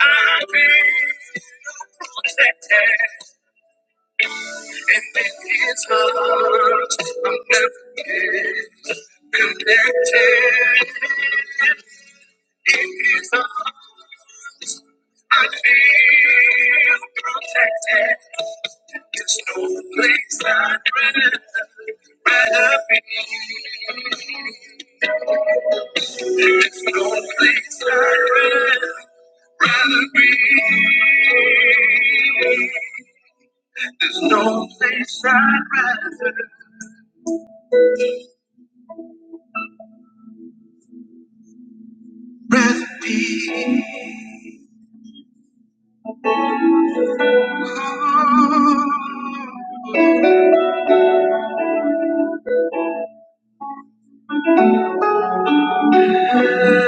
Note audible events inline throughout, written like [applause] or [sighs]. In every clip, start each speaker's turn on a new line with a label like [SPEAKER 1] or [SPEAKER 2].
[SPEAKER 1] I've protected, and in His arms I'm never connected. In His arms I feel protected. There's no place I'd rather rather be. There's no place I'd rather rather be. There's no place I'd rather. Rest peace.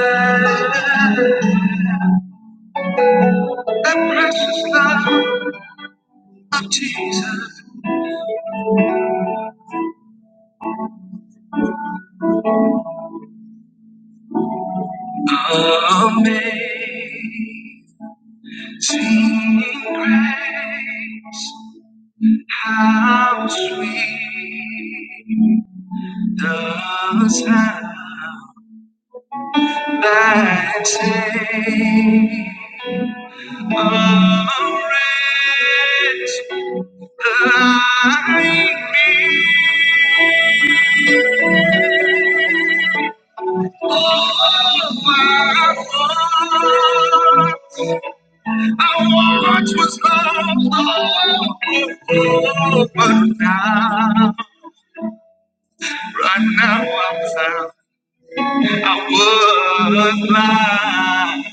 [SPEAKER 1] That precious love of Jesus. Amazing grace. How sweet the sound. that saved a wretch like me. I watch what's going on, but now. Right now I'm found. I was blind.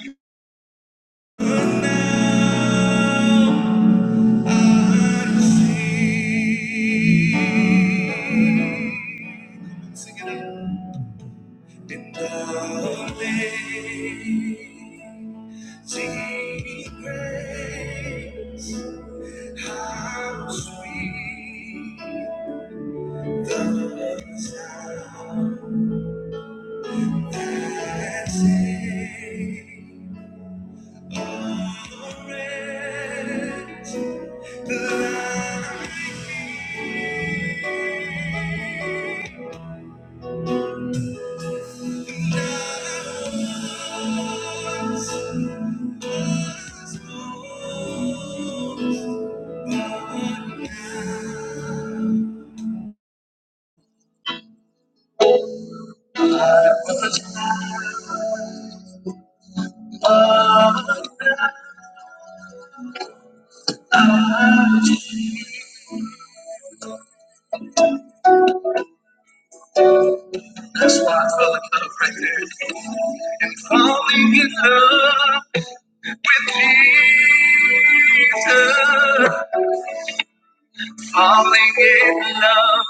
[SPEAKER 1] Falling in love with Jesus. Falling in love.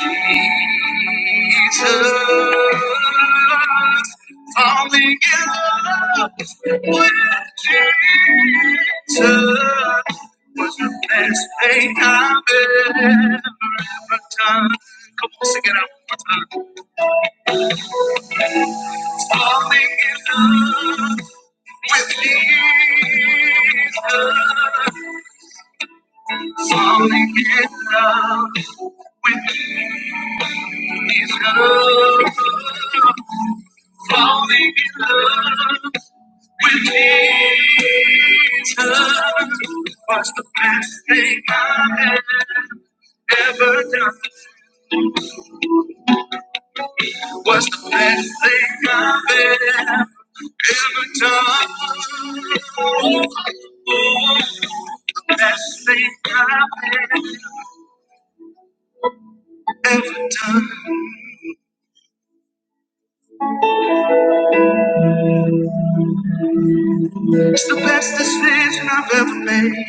[SPEAKER 1] Jesus, falling in love with Jesus was the best thing I've ever, ever done. Come on, sing it out one more time. Falling in love with Jesus, falling in love with Jesus, falling in love. When Jesus was the best thing I've ever done. Was the best thing I've ever ever done. Oh, oh, The best thing I've ever done. It's the best decision I've ever made.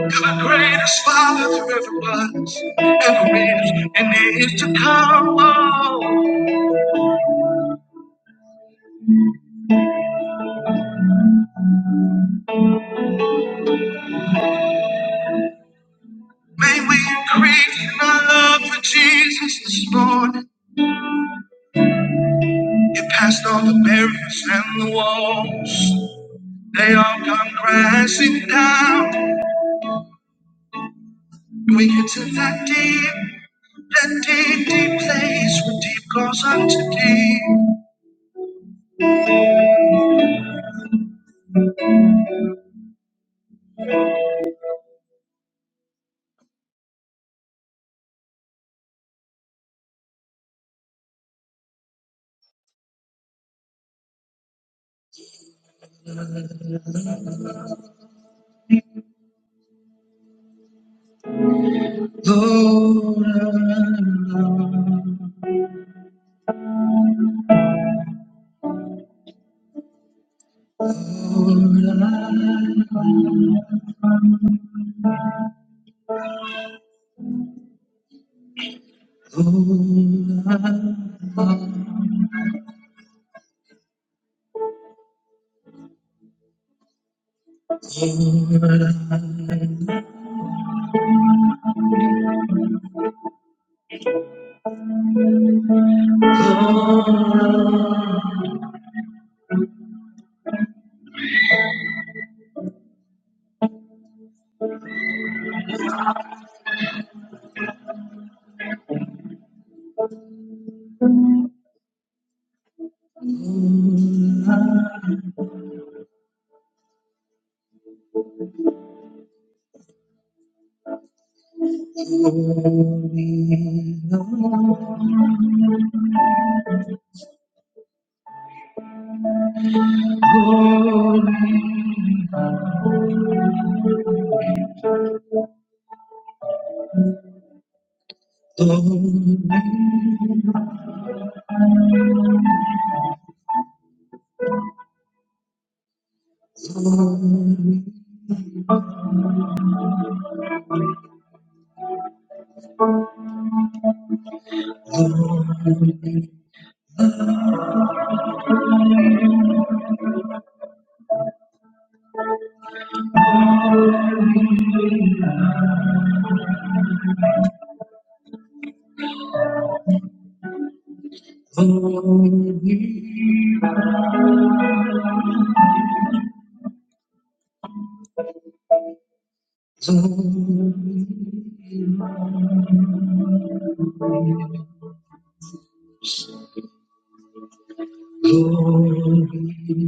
[SPEAKER 1] The greatest father there ever was, ever is, and is to come. Oh. May we create in our love for Jesus this morning. You passed all the barriers and the walls. They all come crashing down. We get to that deep, that deep, deep place where deep goes unto deep. Lord, I love, Lord, I love, Lord, I love, Lord, I love. Lord, Glory, glory, glory,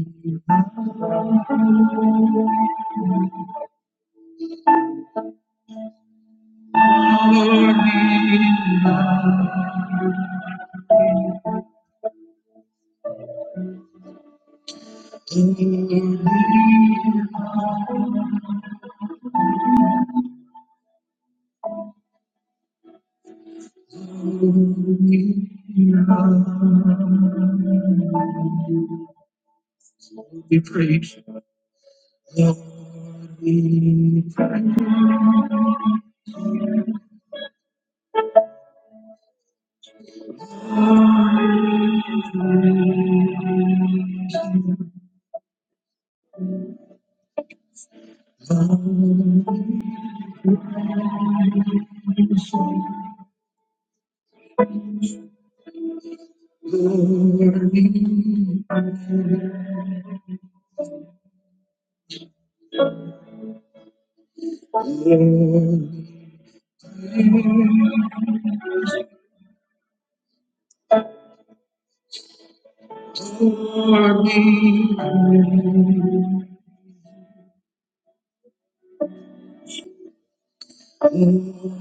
[SPEAKER 1] glory, we praise. Lord, we praise. Glory, glory, glory,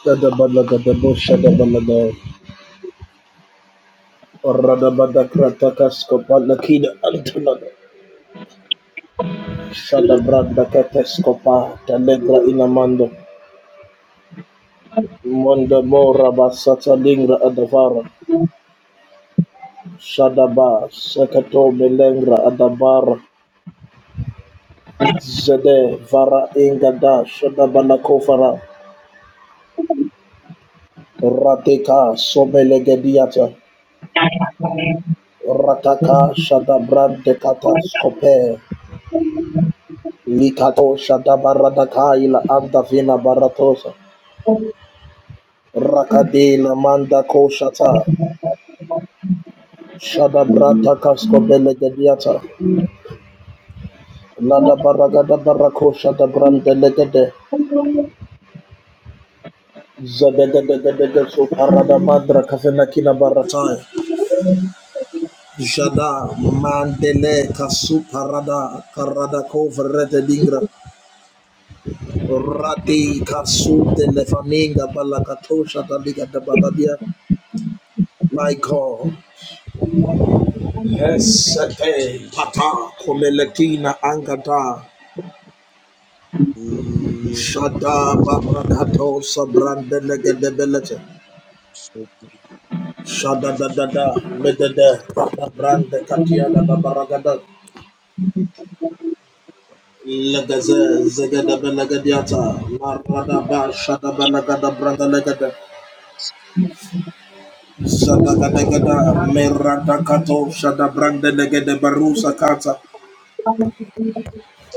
[SPEAKER 2] Kadabalaga Shadabalaga Radabada Kratakaskopa Lakida Antulada Shadabranda Kateskopa Telegra Inamando Monda Mora Basata Lingra Adavara Shadaba Sekato Belengra Adabara Zede Vara Ingada Shadabana Kofara Rateka Sobelegediata Rataka Shadabrande Kataskope Likatosha da barada kaila baratosa. Rakadina manda koshata. Shada brata kasko belegediata. Lada baraga barakosha da brande legede. Zadegedegedege so parada baratai. Jada mandele kasu parada karada kovrete dingra. Rati kasu telefaninga balakatosha da liga da baradia. My God. Hesate pata komeletina angata shada barakato sabrande legedebelete shada da da da medede bata brande katia da da baragada legeze zegedebe legediata marada ba shada balagada brande legede shada gada gada
[SPEAKER 1] glory,
[SPEAKER 2] merada
[SPEAKER 1] glory.
[SPEAKER 2] kato shada brande legede barusa kata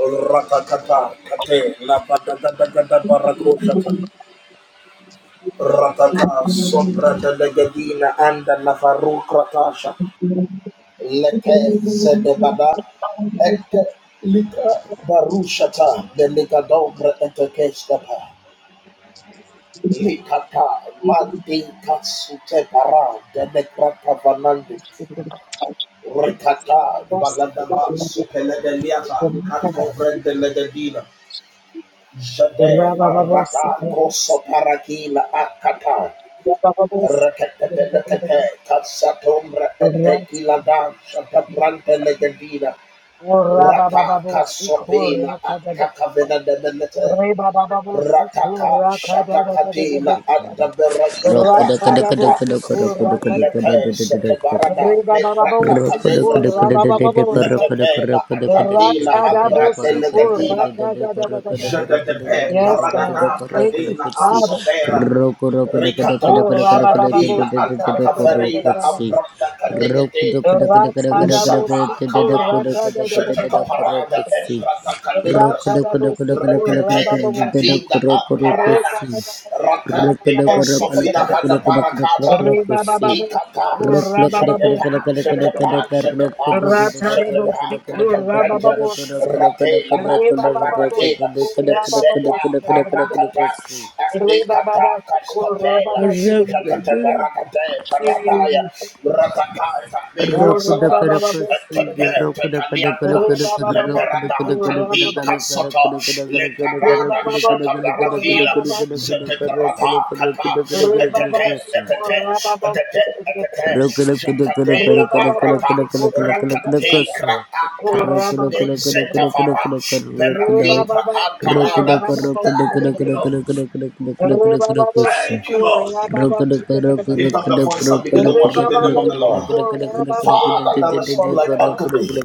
[SPEAKER 2] Ratakata kate la bada gada gada barako Ratata sombra de legadina anda la faru kratasha leke zedebada eke lika barushata de ligadobre etekestapa likata mandi katsute para de nekrata vanandi rikata baladaba supelegeliata katobre de legadina jade arata koso parakila akata Rakatetelekete, Kasatombre etekilada, Shatabrante legedina, Rata kasopina, Atakavena demenete, Rataka shatakatina,
[SPEAKER 3] Rock,
[SPEAKER 2] Ataberakubra, Ata, Lete setebarada, Metrakata negras, Letepela, Atatila, Abra delegadina, Jadadepe paradana kadena asopera Ricada shadadina ata kaferina ambrata kadegede Rusata Kapa Shetakaparada Emprata Kalendas Rekete Katinga Aparada
[SPEAKER 3] Rock rock
[SPEAKER 2] Ratande
[SPEAKER 3] rock rock rock
[SPEAKER 2] Exofina Hada
[SPEAKER 3] rock rock
[SPEAKER 2] Barakata
[SPEAKER 3] rock rock see.
[SPEAKER 2] Ikata
[SPEAKER 3] Rock rock rock rock rock rock
[SPEAKER 2] Shetapa Shetapa
[SPEAKER 3] rock rock rock
[SPEAKER 2] Shetapa
[SPEAKER 3] the the the the rock do do do do rock
[SPEAKER 2] Shetapa
[SPEAKER 3] rock rock rock rock
[SPEAKER 2] Katapreta
[SPEAKER 3] rock the
[SPEAKER 2] Ratela
[SPEAKER 3] the the the the
[SPEAKER 2] Ataparatela
[SPEAKER 3] the the the the
[SPEAKER 2] Neseta
[SPEAKER 3] the see.
[SPEAKER 2] Parakata Nikata Kaskopela
[SPEAKER 3] rock
[SPEAKER 2] Jatata
[SPEAKER 3] the
[SPEAKER 2] Paradaya, Ratakata,
[SPEAKER 3] the rock
[SPEAKER 2] Mikrasata,
[SPEAKER 3] the rock see
[SPEAKER 2] Etebe,
[SPEAKER 3] rock the the the look the rock the
[SPEAKER 2] Leperada,
[SPEAKER 3] the the the the
[SPEAKER 2] Kaika Soto, Leperada,
[SPEAKER 3] the
[SPEAKER 2] Shatabarakila, Zeteperata, Kata,
[SPEAKER 3] the the the
[SPEAKER 2] Etete,
[SPEAKER 3] the see.
[SPEAKER 2] Etete, Etete,
[SPEAKER 3] Rock
[SPEAKER 2] Etete,
[SPEAKER 3] Rock the
[SPEAKER 2] Jatate,
[SPEAKER 3] Rock the
[SPEAKER 2] La
[SPEAKER 3] Rock the Rock the
[SPEAKER 2] Barata,
[SPEAKER 3] Rock the Rock the
[SPEAKER 2] Rakate,
[SPEAKER 3] Rock
[SPEAKER 2] Kraata,
[SPEAKER 3] the Rock the Rock
[SPEAKER 2] Menzetavara,
[SPEAKER 3] the
[SPEAKER 2] Berakitra,
[SPEAKER 3] Rock the Rock the
[SPEAKER 2] Antarada. Thank you, Lord. Thank you, Lord. Lift up the voice and begin to worship the name of the Lord. Father, there is none like unto thee.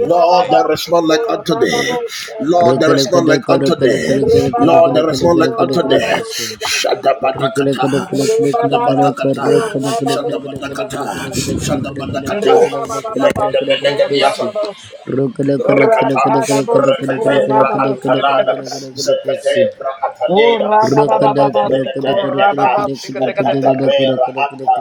[SPEAKER 2] Lord, there is none like unto thee. Lord, there is none like unto thee. Lord, there is none like
[SPEAKER 3] Rock the
[SPEAKER 2] unto thee.
[SPEAKER 3] Rock Rock,
[SPEAKER 2] Shadabadakata, Shadabadakata, Shadabadakata, Shadabadakata. Let the men Rakata, Rakatebra Antalana, Zakatebra Atalena, Rakatebelete Eta, Etatapera Ata,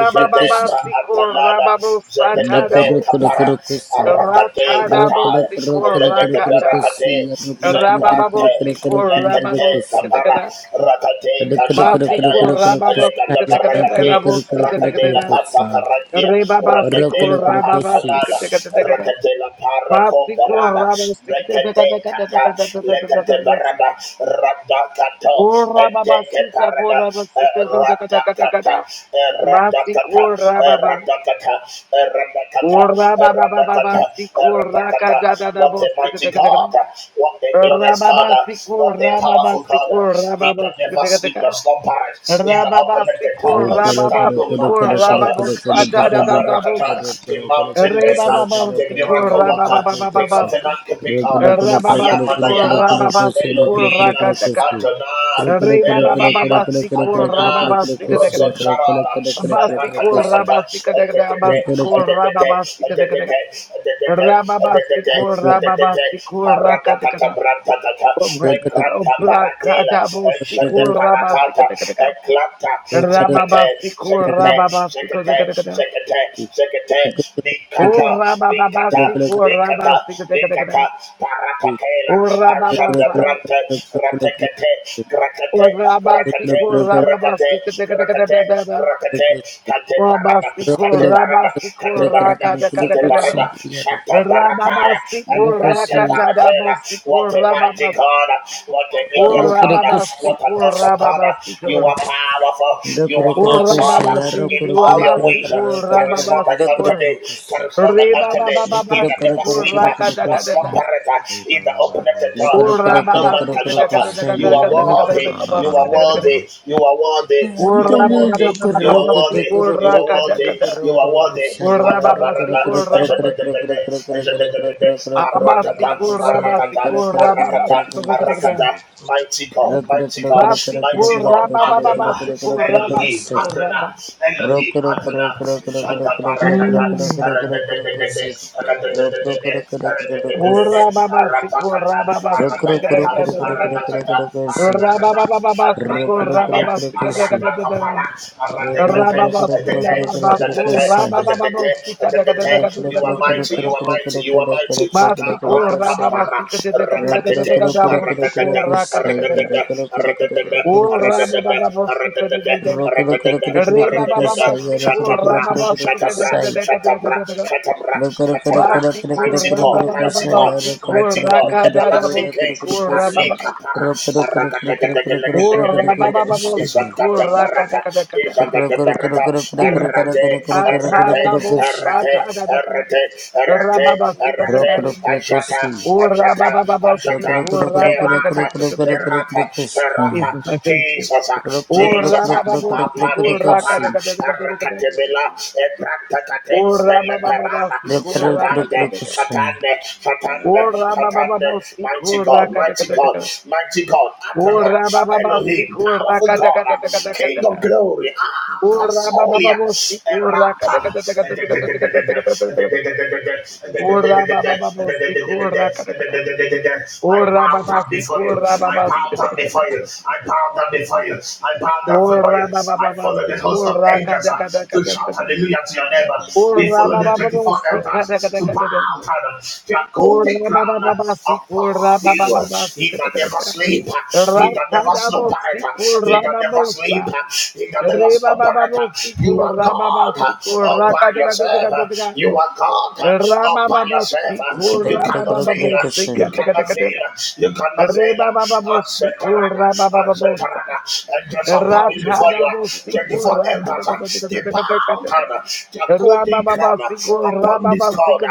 [SPEAKER 2] Jatebra Atalana, Zakatepe Kapara, Arakate Kataya, Legateberakate, Zekrante, Lekate Kapara,
[SPEAKER 3] Rock
[SPEAKER 2] Rakate Kashantanaya, Legatebarakate, Rakate Lakata Karadia, Rakate Rahan antalada rekete la para comperada rekete kata lekete barada rada kato ete ke parada E rada kata E rada kata E rada kata what a mighty God what a glorious God what a powerful God he that never sleep nor slumber he that opened the door that no man can shut Ikata Barakata, the mountain maker, the miracle worker, the covenant keeping God. I am and I am Elohim, Adonai, Elohim, Adonai, Rosa Sharada, Barakatata, Edetete, Edetete, Edetete, Edetete, Edetete, Edetete, Paradakata Brantakata, Ekrata Paratela, Eshede Parakata, Zekete zekete zekete zekete
[SPEAKER 3] Look
[SPEAKER 2] zekete
[SPEAKER 3] at
[SPEAKER 2] Nikata, Nikata,
[SPEAKER 3] the
[SPEAKER 2] Nikata, Nikata, Parapakela, Ashada Brante, Gratekate, Grakate, Grakate, Grakate, Grakate, Grakate, Kate Barada, Kate Barada, Kate Barada, Kate Barada, Shanta Barataya, and Grate Baratela, what a mighty God, what a glorious God, what a awesome God. uh, You are powerful. You are awesome in all your ways. uh, There is none like unto thee. There is none like unto thee. He that never sleepeth, nor slumbereth. He that openeth the door that no man can shut. uh, You are worthy. You are worthy. You are worthy. You are worthy. You are worthy. You are worthy. You are worthy. Atabarada. Ejadadadada. Ejadadadada. Aratata. Aratata. Aratata. Aratata. Mighty God, mighty God, mighty God, Adonai, Elohim, Adonai, Elohim, Adonai, Shanta Parakata, Aradadadadade, Aradadadadade, Aradadadadade, Aratakata, Aradakata, Aradakata, Aradakata, Shatrakatalia, Aradakapara,
[SPEAKER 3] Rock, rock rock
[SPEAKER 2] Aradakate,
[SPEAKER 3] rock rock rock
[SPEAKER 2] Adate,
[SPEAKER 3] rock rock rock
[SPEAKER 2] Adate,
[SPEAKER 3] say.
[SPEAKER 2] Adate,
[SPEAKER 3] Rock
[SPEAKER 2] Adate,
[SPEAKER 3] rock
[SPEAKER 2] you are
[SPEAKER 3] rock rock rock
[SPEAKER 2] mighty, you are
[SPEAKER 3] rock rock
[SPEAKER 2] mighty,
[SPEAKER 3] rock
[SPEAKER 2] you are mighty,
[SPEAKER 3] rock rock rock rock rock say.
[SPEAKER 2] Karatapara. Ara,
[SPEAKER 3] Rock
[SPEAKER 2] Rakatete,
[SPEAKER 3] rock rock rock rock
[SPEAKER 2] Aradagada,
[SPEAKER 3] rock rock say.
[SPEAKER 2] Aradagada, Aradagada, Aradagada, Aradagada,
[SPEAKER 3] Rock rock rock
[SPEAKER 2] Aradagada,
[SPEAKER 3] rock rock rock rock
[SPEAKER 2] Aradagada,
[SPEAKER 3] say. Rock rock rock rock
[SPEAKER 2] Shatabra,
[SPEAKER 3] rock rock rock
[SPEAKER 2] Shatabra,
[SPEAKER 3] say.
[SPEAKER 2] Shatabra, Shatabra,
[SPEAKER 3] Rock rock rock
[SPEAKER 2] Shatabra,
[SPEAKER 3] rock
[SPEAKER 2] Mighty God,
[SPEAKER 3] rock rock
[SPEAKER 2] Mighty
[SPEAKER 3] say.
[SPEAKER 2] God,
[SPEAKER 3] Rock rock rock
[SPEAKER 2] Mighty
[SPEAKER 3] rock rock
[SPEAKER 2] God,
[SPEAKER 3] rock rock rock
[SPEAKER 2] Everlasting King,
[SPEAKER 3] rock
[SPEAKER 2] and
[SPEAKER 3] say.
[SPEAKER 2] Lekapara,
[SPEAKER 3] Rock rock rock rock rock rock rock rock rock rock say. Rock rock rock rock rock rock rock rock rock
[SPEAKER 2] Aradagadagadagadagadagadaga,
[SPEAKER 3] rock say.
[SPEAKER 2] Isagada Barata, Isagada Barata, Arate, Arate, Arate, Arate, Arate, Erete, erete, ajata, ajata, ajata, perata, perata, perata, Jesus, ah, Jesus, ah, Altanica para, Aracatebela, Ebrantakate, El Perana, satande, satande, satande, satande, mighty God, mighty God, mighty God, Adonai, Elohim, powerful God, ah, King of glory, Ah, Casolia, Erata, I bow down before you. I bow down before you. I bow down before you fire. I bow down for you. I follow the host of angels uh, to shout hallelujah to your neighbor. We follow the 24 elders to bow down uh, their golden crown uh, upon you. uh, He that never sleep, uh, he that never slumbereth, uh, he that never sleep, uh, he that never slumbereth. uh, You are God uh, all by yourself. uh, You are God uh, all by yourself. uh, you cannot fail. You
[SPEAKER 3] The
[SPEAKER 2] cannot fail. You cannot fail. Asetarada. Asetarada. And just a bowing before you. 24 elders. They bow down. Their golden crown upon this cloud.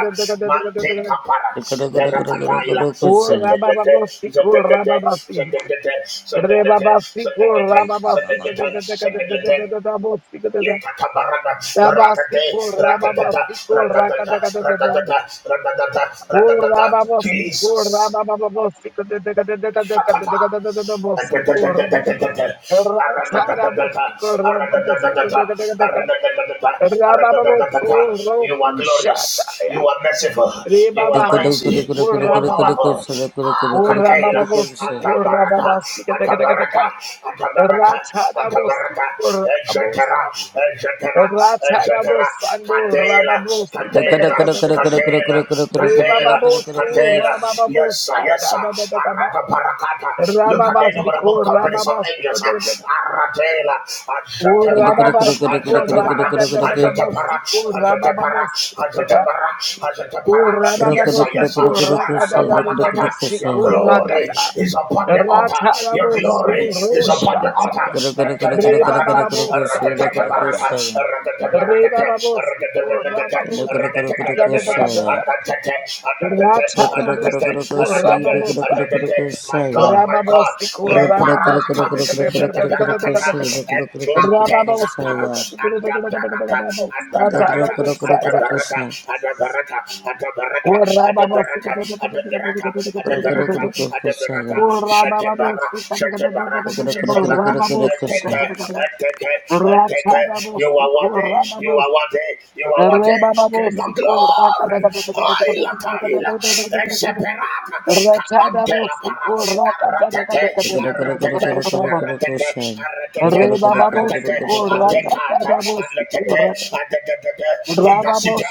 [SPEAKER 2] Mante kapara. Perakataila. Zetete. Zetete. Zetete. Zetete. Zetete. Zetete. Zetete. Zetete. Likatabarada, rakate, rakatata, rakatata, rakatata, rakatata, rakatata. Jesus. You are glorious. You are merciful. You are mighty. You are powerful. Ah, Kakaila. Atabaraka. Atabaraka. Atabaraka. Atabaraka. Ejetera. Ejetera. Ejetera. Katela. Katela. Katela. Katela. katela, Yes, sir, yes, sir. Arata parakata. Look at the innumerable companies of angels. uh, Aratela. Ajatapara. Ajatapara. Ajatapara. Ajatapara. Ajatapara. Ajatapara.
[SPEAKER 3] Saya,
[SPEAKER 2] Yes, sir, yes, sir. Arata parakata. Your glory is upon the altar. Your glory is upon the altar. Ekatabarata. Aratatabarata. Aratatabarata. Aratatabarata. My God, my God, le parata, je te parakata, et clate capara, adabarata, adabarata, adabarata, adabarata, adabarata, adabarata, adabarata, adabarata, adabarata, shatebara, shatebara, shatebara, eteke, eteke, eteke, you are worthy worthy. You are worthy. You are worthy. King of glory. Oil taila. Exeperata. Camantela para. Arratete. Arratete. Arratete. Arratete. Arratete. Atekata. Atekate. Atekate. In the city.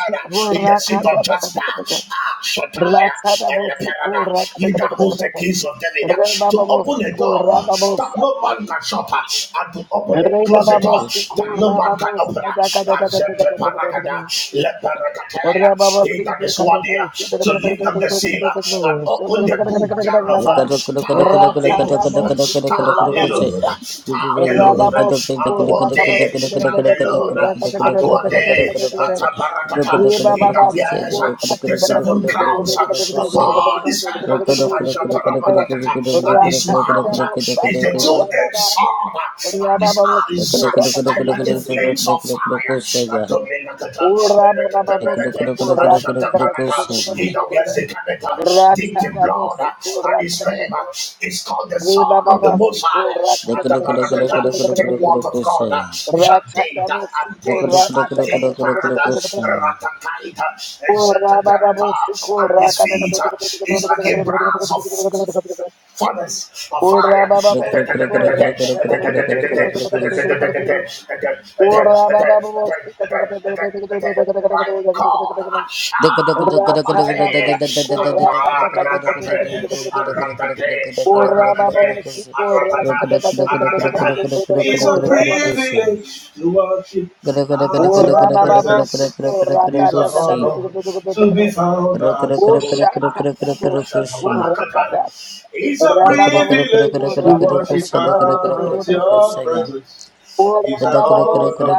[SPEAKER 2] In the seat of Jasper. Ah, Shotaya. Eleperada. You that holds the keys of David. To open a door that no man can shut. And to open it. Close the door that no man can open it. Accept the paragada, let paragatea, he that is worthy uh, to lift up the seal uh, and open the book
[SPEAKER 3] Thank you.
[SPEAKER 2] thereof. uh, Hallelujah, hallelujah, hallelujah. And one day, hallelujah, and one day, at the paragata, he that wears uh, the seven crowns uh, upon his head, uh, and shut up and his mind out is the two-edged sword, uh, and his eyes are like the flames of fire. He now wears the character dipped in blood, uh, and his name is called the Son of the Most High. The word of God, Jadeda and Te Ante Parada Ratakaita, and his feet uh, is like a brass of Furnace of fire.
[SPEAKER 3] Rock,
[SPEAKER 2] My God, Asha, Amate, Aparate, Aratate, Aratate, Aratata, Aratata. It's a privilege to worship at your presence. It is an honor to be found as your own. It's a privilege to worship at your presence. It's an honor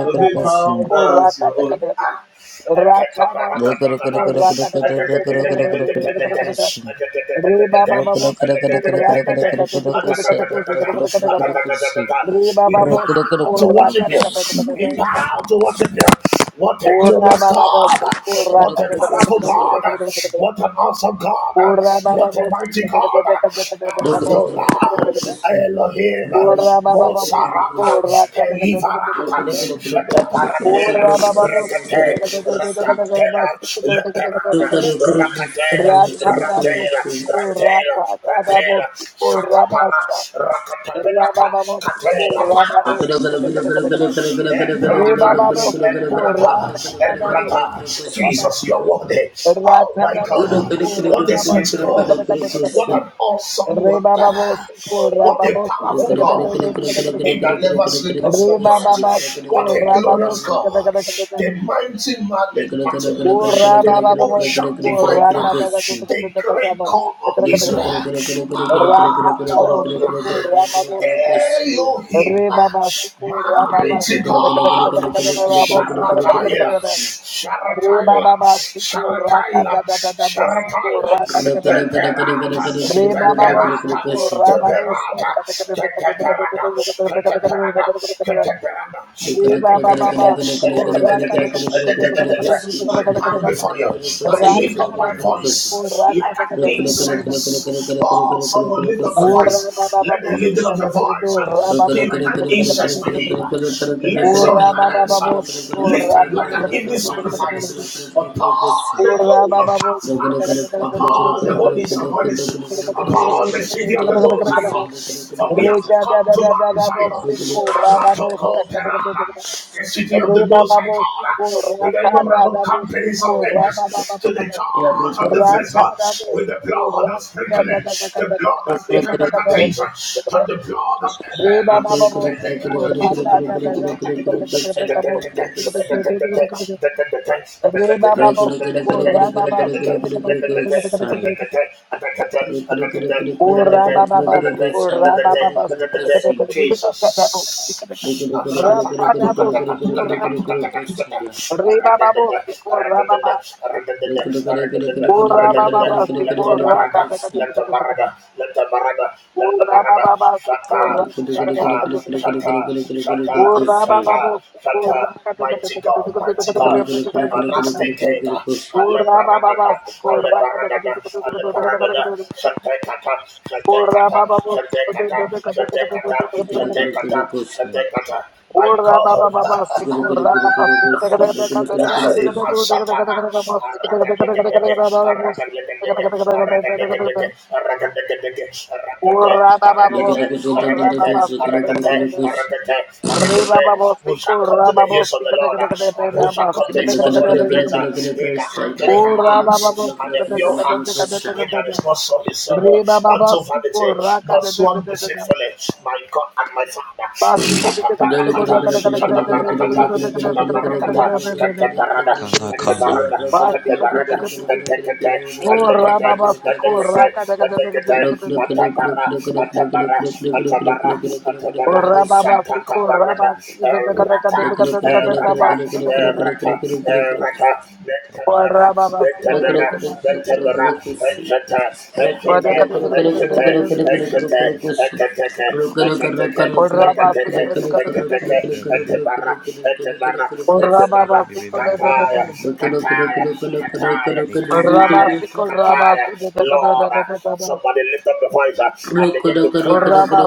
[SPEAKER 2] to be found as your own. Ah.
[SPEAKER 3] Rock,
[SPEAKER 2] We bow to worship you. We bow to worship you. What a glorious God. What a powerful God. What an awesome God. What a mighty God. Adonai Elohim Mosarata Kelivarata Shetaparatela Rakate Ratatela Leperana Rakatela Ratela Ratela Ratela Shatapara Rakatabelata Katela Para Emperor, Emperor, Emperor. Jesus, you are worthy. Oh my
[SPEAKER 3] Question.
[SPEAKER 2] God. What a sweet God. What an awesome wonder. What a powerful God. He that never sleep nor slumber. What a glorious God. The mighty man in battle. The ocean divider. The great God of Israel. Ah, Elohim, mighty God, Sharatayla, Sharatayla, Sharatayla, Sharatayla, Teperata, Teperata, Teperata, Teperata, Teperata,
[SPEAKER 3] Rock,
[SPEAKER 2] Teperata, Teperata. I bow before you. I lift up my voice like an incense Oh, someone lift up your voice. Let the lifting of your voice uh, be like an incense to him. Let your hands uh, lifted like an evening sacrifice upon the throne of Jasper, upon the holies of holies, upon the city of the Most High God. For we have come to Mount Zion, Aratoko Perana, the city of the Most High God, with the innumerable companies of angels to the God out of the vessel with the blood of sprinkling, the blood that speaketh better things than the blood of Abel.
[SPEAKER 3] Look!
[SPEAKER 2] Jesus. Shata, shata, shata, shata, shata, Mighty God, mighty God, everlasting King, Aleparadada, Aleparadada, Aleparadada, Shatekata, Shatekata, Shatekata, Shatekata, Shatekata, Shatekata, my God,
[SPEAKER 3] Guru Guru Guru Guru Kush, Guru Guru Guru
[SPEAKER 2] Hey,
[SPEAKER 3] Kush,
[SPEAKER 2] my satana. Arakatakataka, arakatakataka, arakatakataka, arakatakataka, arakata,
[SPEAKER 3] Guru
[SPEAKER 2] arakata,
[SPEAKER 3] Guru Guru Guru Kush, Guru Guru Guru
[SPEAKER 2] arakata, arakata,
[SPEAKER 3] Kush,
[SPEAKER 2] Who shall come to the ears of the Lord uh, and who shall come to
[SPEAKER 3] Guru
[SPEAKER 2] his most
[SPEAKER 3] Guru Guru Guru
[SPEAKER 2] holy
[SPEAKER 3] Guru Guru
[SPEAKER 2] place uh, in the
[SPEAKER 3] Kush, Guru
[SPEAKER 2] heart, clean
[SPEAKER 3] Guru Guru Guru Guru Guru Guru Guru
[SPEAKER 2] hands and the pure
[SPEAKER 3] Kush,
[SPEAKER 2] hearts? He that is not so his son uh, unto vanity, nor sworn deceitfully, my God and my Father.
[SPEAKER 3] Guru Guru
[SPEAKER 2] Shatabarakata,
[SPEAKER 3] Guru Guru Guru Guru Guru
[SPEAKER 2] shatabarakata,
[SPEAKER 3] Guru Guru Guru Guru Guru Guru
[SPEAKER 2] shatabarakata.
[SPEAKER 3] Guru Guru
[SPEAKER 2] Ekateke,
[SPEAKER 3] Guru Guru Kush, Guru Guru Guru Guru Guru Guru Guru Guru Guru Guru Guru Guru Kush. Rock,
[SPEAKER 2] ekateke, ekateke, ekateke, ekateke, ekateke, ekateke, Etibara, Etibara, Kataya, Kataya, Kataya, Kataya, Kataya. Lord, uh, somebody lift up the voice uh, and begin to cry.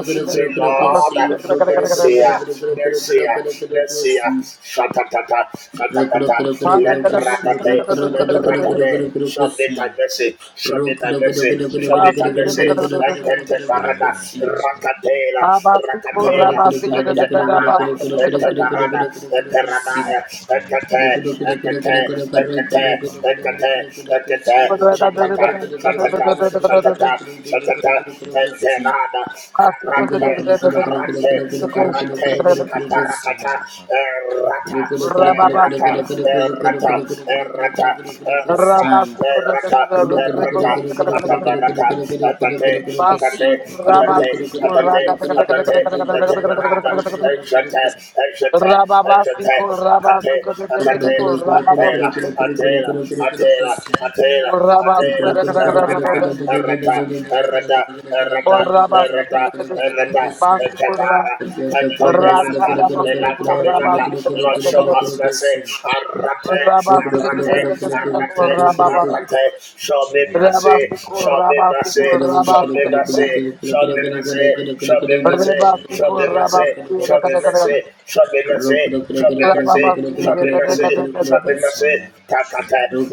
[SPEAKER 2] Say, Lord, uh, mercy, uh, mercy, uh, mercy. uh, Shatatata, shatatata, let ratate, let ratate. Show me thy mercy, show me thy mercy, show me thy mercy. Ekete barada, rakatela, rakatela, ete barada, ete barada, Eperanaya, Ekate, Ekate, Ekate, Ekate, Ekate, Shatata, Shatata, Shatata, Shatata, Teterada, Karate, Karate, Karate, Kaparakata, Erata, Erata, Erata, Erata, Erata,
[SPEAKER 3] rock,
[SPEAKER 2] Erata,
[SPEAKER 3] Thank
[SPEAKER 2] Erata, Katabarata, Atate, Atate, Atate, Atate, Atate, Teperada, Ejate, Eshete, Eshete, Akate, Akate, Atela, Atela, Atela, Atela, Atela, Erata, Erata, Erata, Erata, Erata, Erata, Ekegara, Keto Melata, Melata, Melata, Lord show us mercy, Arate, Arate, Arate,
[SPEAKER 3] you.
[SPEAKER 2] Arate, show me mercy, show me
[SPEAKER 3] Rock,
[SPEAKER 2] mercy, show me mercy, show me mercy, show me mercy, show me mercy, show me mercy, mercy, show me mercy, show me mercy, show me mercy, show me mercy. Takate,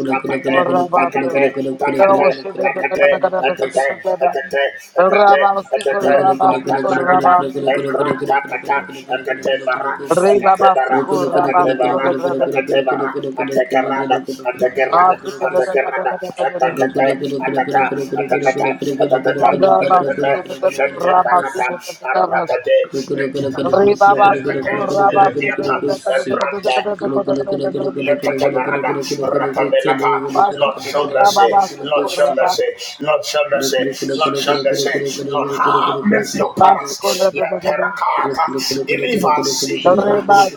[SPEAKER 2] takate, takate, takate, takate, atate, atate, atate, atate, ataparata, ekratakata, akatebara, akatebara, akatebara, akatebara, atekerada, atekerada, atekerada, atakate, atata, atatata, atatata, atatata, shete parata, aratate, etikata, Brante, Lord, show mercy. Lord, show mercy.
[SPEAKER 3] rock
[SPEAKER 2] Lord, show mercy. Lord, show mercy. Lord, have mercy upon us. Let
[SPEAKER 3] Thank
[SPEAKER 2] Perakata, even if our sin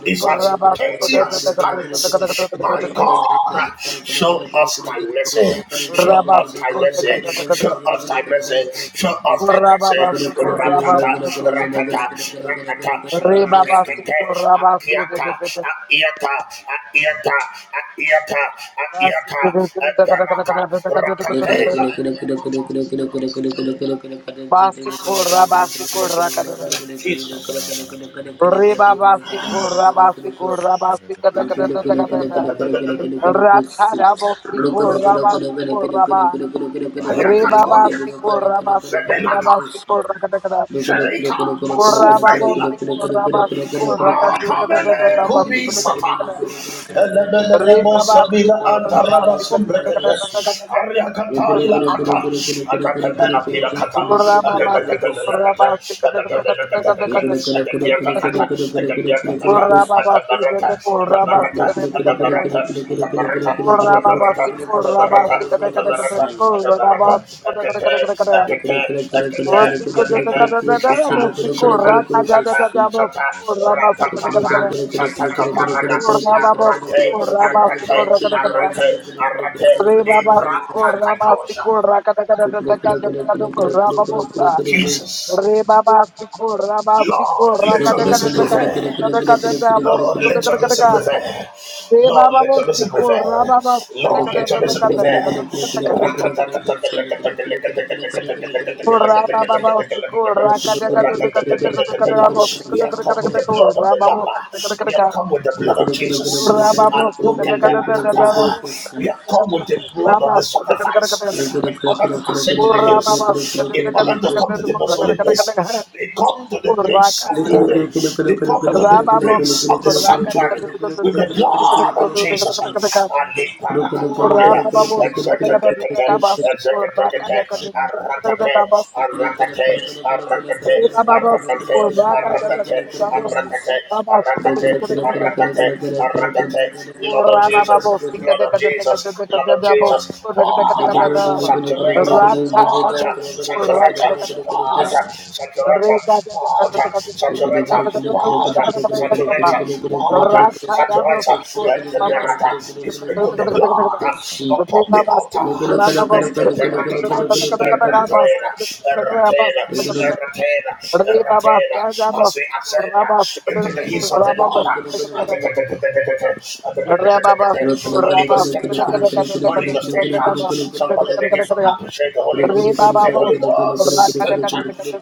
[SPEAKER 2] is as petty as scarlet, my God, show us us thy mercy. Show us thy mercy. Show us thy mercy. Show us thy mercy. Ratata, ratata, ratata, ratatete, akiata, akiata, akiata, akiata, akiata, akarata, ratatela. Jesus.
[SPEAKER 3] you. Thank
[SPEAKER 2] Ayakatoya, Sebenata, Sherika, Basufa, Hila. Atamele kubi sata. Elemelele mosomina antaraba sumbrekete. Ariakata ila ata. Akakepena pira kata. Akakakakakakata. Akakakakakakata. Akakiakakata. Akakiakakata.
[SPEAKER 3] you.
[SPEAKER 2] Atabarata.
[SPEAKER 3] Thank
[SPEAKER 2] Atabarata. Atabarata.
[SPEAKER 3] you.
[SPEAKER 2] Jesus, Lord, let your mercy prevail. Lord, let your mercy prevail. Lord, let your mercy prevail.
[SPEAKER 3] Thank
[SPEAKER 2] Lord, let your mercy prevail. We have come with the blood of the Lamb. We have come with the blood of Jesus. We have come with the blood of the sacrifice in order to ascend to the hills, in order to come to the most holy place. We come to the place of glory. We come to the place of the sanctuary with the blood of Jesus. Aliparakataya, exegetekete,
[SPEAKER 3] you.
[SPEAKER 2] exegetekete, arakate,
[SPEAKER 3] Thank
[SPEAKER 2] Blood of Jesus, blood of Jesus, blood of Jesus. Father, Saturator, Father, Saturator, Father,
[SPEAKER 3] you.
[SPEAKER 2] saturate, Potter, saturator, Potter, saturator, Potter, saturator, at the berata, you sprinkle the blood upon the altar, at the berata, eratena, eratena, eratena, eratena, as we ascend into the hills of the Lord,
[SPEAKER 3] Rock,
[SPEAKER 2] Holy Ghost take charge, Holy Ghost take charge, somebody begin to appreciate the Holy Ghost, say Holy Ghost take charge.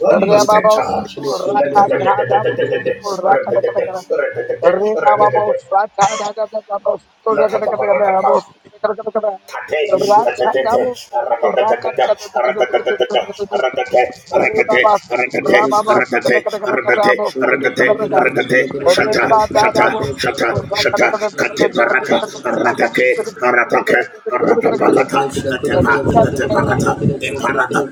[SPEAKER 2] Holy Ghost, take charge. Let the- the- the- the- the- the- the- the- the- the- the- the- the- the- the- the- the- let the- the- the- the- Kate, the- the- the- the- the- the- the- the- Shata, shata, shata, shata, kate barata, ratake, ratake, ratabalata, atepa, ateparata,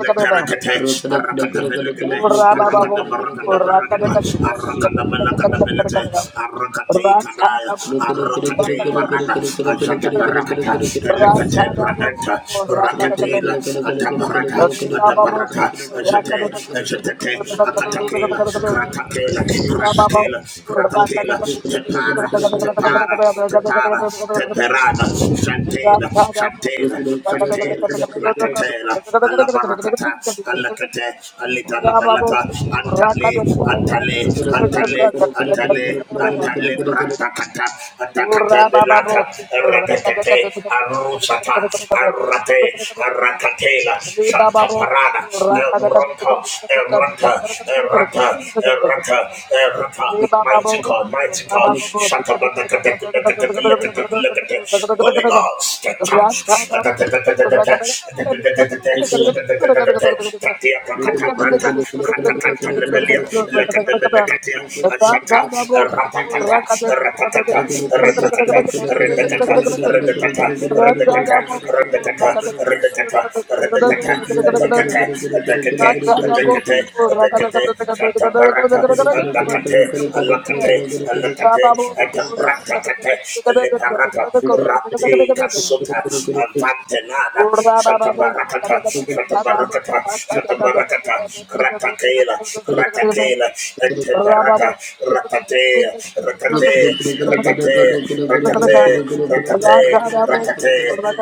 [SPEAKER 2] Leperakate, Arakatabelegade, Arakadabaragadabaragada, Arakadabalakadabilate, Arakate Kadaya,
[SPEAKER 3] Thank you.
[SPEAKER 2] Arakate Barada, Ashadabarakata, Elecate Brananta, Rakatela, Adabarata, Adabarata, Ashate, Ashate, Akatakela, Kratakela, Kratakela, Kratakela, Tepara, Tepara, Tepara, Teperada, Shantela, Shantela, Shantela, Lakatela, Alabarakata, Alakate, Alitana Balata, Antale, Antale, Antale, Antale, Antale, Ratakata, Atakata Belata, Ratakate, Arusata, Arate, Arakatela, Shanta Parada, Erata, Erata, Erata, Erata, Erata, Mighty God, mighty God, Shatabata, Holy Ghost, take charge. Tatia Kakata Rata, Katakata Lebelia, Lekatebelekatia, Ashata, Ratakata, Ratakata,
[SPEAKER 3] Thank you.
[SPEAKER 2] Ratakata, Redekata, Redekata, Redekata, Redekata, Redekata, Redekata, Atakata, Atakate, Atakate, Atakate, Shanta Baraka, Alakate, Alakate, Alakate, and Bratakate, Leparata, Rate Casuta, Avantenada, Shatabarakata, Shatabarakata, Shatabarakata, Kratakela, Kratakela, and Teparata, Ratate, Ratate, Ratate, Ratate, Ratate, Ratate,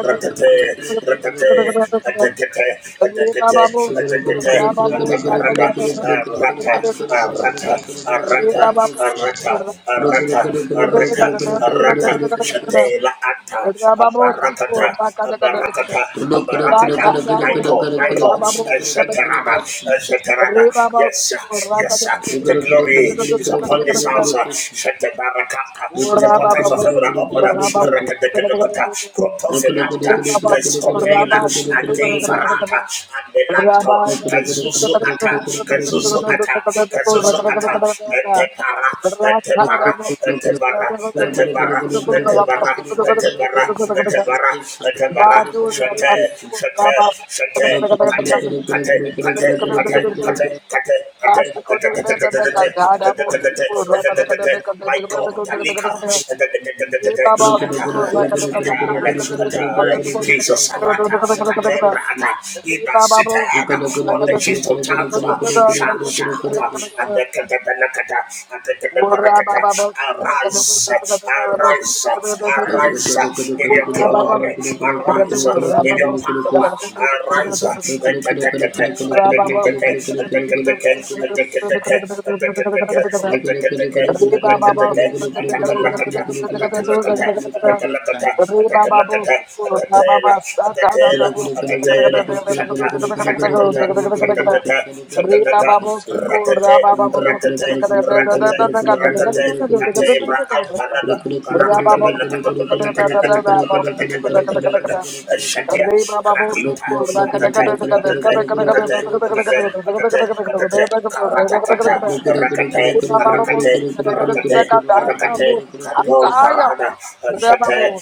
[SPEAKER 2] Ratate, Ratate, Atakate,
[SPEAKER 3] Look,
[SPEAKER 2] Atakate, Atakate, Atabarada, arata, arata, arata, arata, arata, arata, arata, shatela ata, abarakata, abarakata, abarakata, Michael, Michael, Shatarada, Shatarada, yes, sir, yes, sir, the glory is upon this house, Shatabarakata, the portals of heaven are open, Rekadekadekata, Krotofinanta, the Scopela, and Devarata, and the Elanto, Kazuzu Ata, Kazuzu Ata, Kazuzu Ata, Etepara,
[SPEAKER 3] Thank
[SPEAKER 2] Etepara,
[SPEAKER 3] you.
[SPEAKER 2] Etebara, Etebara, Etebara, Etebara, Etebara, Etebara, Shate, Shate, Shate, Kate, Kate, Kate, Kate, Kate, Kate, Kate, my God, Alika, Jesus, Arata, Katebra, he must sit down on the feast of transfer, shout, shout, and the Katabalakata, and the Katabarakata, arise, arise, arise in your glory, arise in your power, arise, and the Katakata, and the Kataka, and the Kataka, and the Kataka, and the
[SPEAKER 3] Question.
[SPEAKER 2] Kataka, and the Kataka, and the Kataka, and the Kalakata, and the Kalakata, and the Kalakata, and the Kalakata, and the Taylor. and the Akatela, Akatela, Shata, Shatatata, Shatatata, Shatatata, Ratate, Ratate, Ratate, Ratate, Katebra, Ampanada, Paracata, Shatia, Krainta, Atate, Atate, Atate, Atate, Atate, Atate, Karatata, Rakate, Rakate, Rakate, Rakate, Kato Parada, Shate,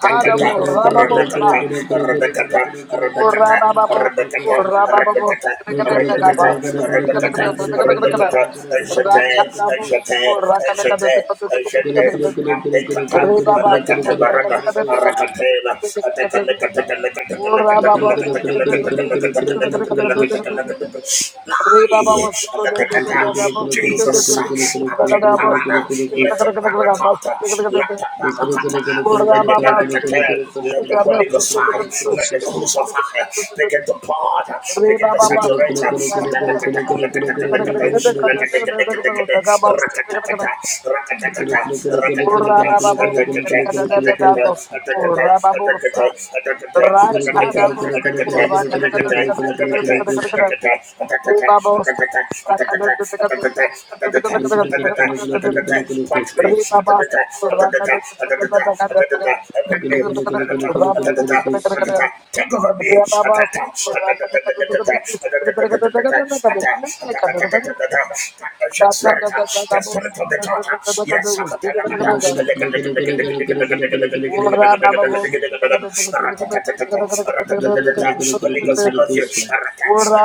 [SPEAKER 3] Question.
[SPEAKER 2] Rebekata, Rebekata, Rebekata, Rebekata, Rebekata, Rebekata, Rebekata, Rebekata, Eshete, Eshete, Eshete, Eshete, Abekata, Alekata Barada, Arakatela, Atekalekateka, Jesus, let the parada, let the barakata, let the barakata, let the barakatel, let the Holy Ghost fire, let the cruise of fire begin to pour, begin to
[SPEAKER 3] Question.
[SPEAKER 2] saturate. [laughs] Touch me. Equip me. Take over me. Partnership spirit. The spirit of the daughter. Yes. Holy Ghost, I love you. I love you,
[SPEAKER 3] Question.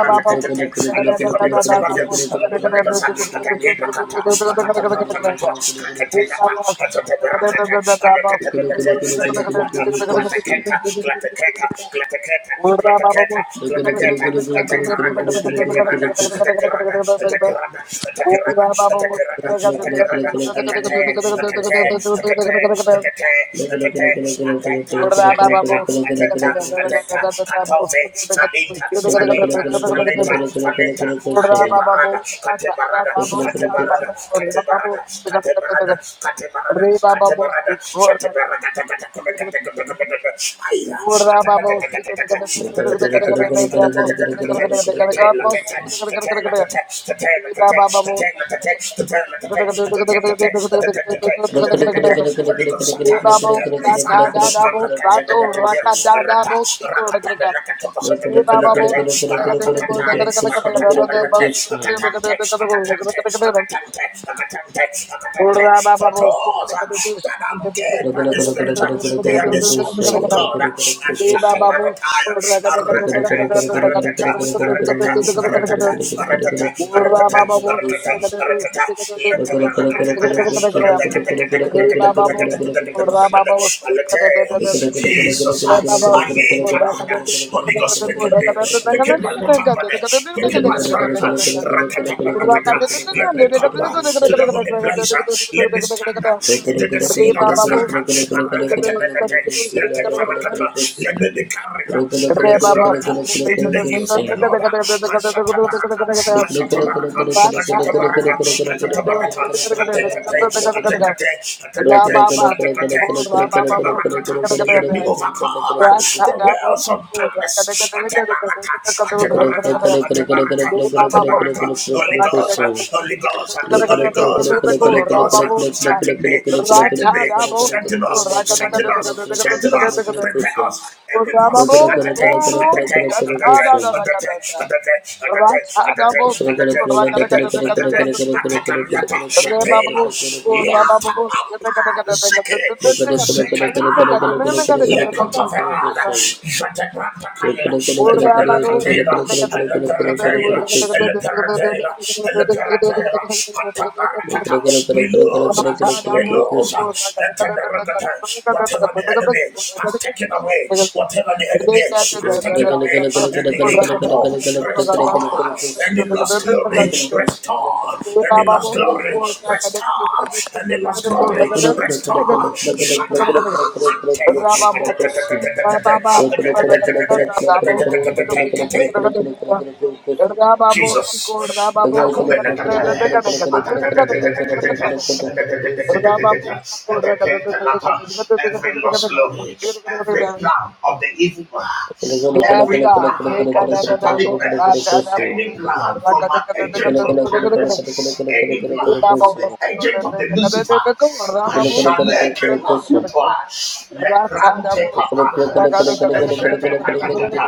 [SPEAKER 2] Holy Ghost, I love you. I love you, Holy Ghost. I can't give a cut. I got a brand, I got what? I can't tell a cut. I don't have a rat, I can't. I don't get a bit of it. I can't quarter. Quarter keta. Quarter keta. Quarter keta. Quarter keta. Quarter keta. I take a run. I take a run. I take a run. I take a run. I take a run. I take a run. I take a run. I can't. Catella, catella, catella, catella, touch, The turn of the touch, the turn of the touch, the turn of the touch, the turn of the
[SPEAKER 3] Thank
[SPEAKER 2] touch, the turn of the
[SPEAKER 3] you.
[SPEAKER 2] touch, Holy Ghost, sometimes, Heavenly Father, I'm looking at him and look at him. Rata, rakata, and look at him, look at him, Rakatai, Rakata, and look at him, Akatante, Akatante, Akatante, Akatante, Akatante, for those uh, that are dead by the Spirit, uh, they are the sons of God. Uh, Jesus, I need Tarada, Holy Ghost, quicken me, quicken my mortal body,
[SPEAKER 3] Saya
[SPEAKER 2] quicken my spirit. Rakata, rakata. Let me come to the holy place. Let me stand into the scene of the spirit. Rakata, rakata. Rakata, Rakata, let me be carried uh, by the Spirit uh, into the hills of the Lord. uh, Ashatabaraka, Ashatabaraka, Ashatabaraka, Ashatabaraka, Atekate, Atekate, Atekate, Atekate, Lakatabarakata. Let me overcome uh, the wells of darkness. Atebaraka, Atebaraka, Atebaraka, Atebaraka. Holy Ghost, uh, Holy
[SPEAKER 3] rock
[SPEAKER 2] Ghost, uh, Holy Ghost, uh, Holy Ghost, uh, strengthen me, strengthen me, strengthen us, strengthen us, strengthen us, prepare us. Every pass, atake, atake, atake, atake, atake, atake, atake, atake, atake, atake, atake, the shatela, yata, The zeke, zekatara, lekotaverada, jategranta kaila, etebenekatela, eleperetela, eleperetela, we lose, uh, we lose. uh, Whatever the enemy has taken away, whatever the enemy
[SPEAKER 3] Thank
[SPEAKER 2] has taken away, any ikapo, restore, any lost
[SPEAKER 3] you.
[SPEAKER 2] glory, restore, any lost glory, restore, any lost glory, restore. Shatter. Ate. Ate. Jesus. Every lost glory, every plan of the evil one, every plan of the satanic man, any plan from an agent of darkness, any plan from the agent of the Lucifer,
[SPEAKER 3] Thank you.
[SPEAKER 2] I shall let Le grande papa. Ezebecatatata.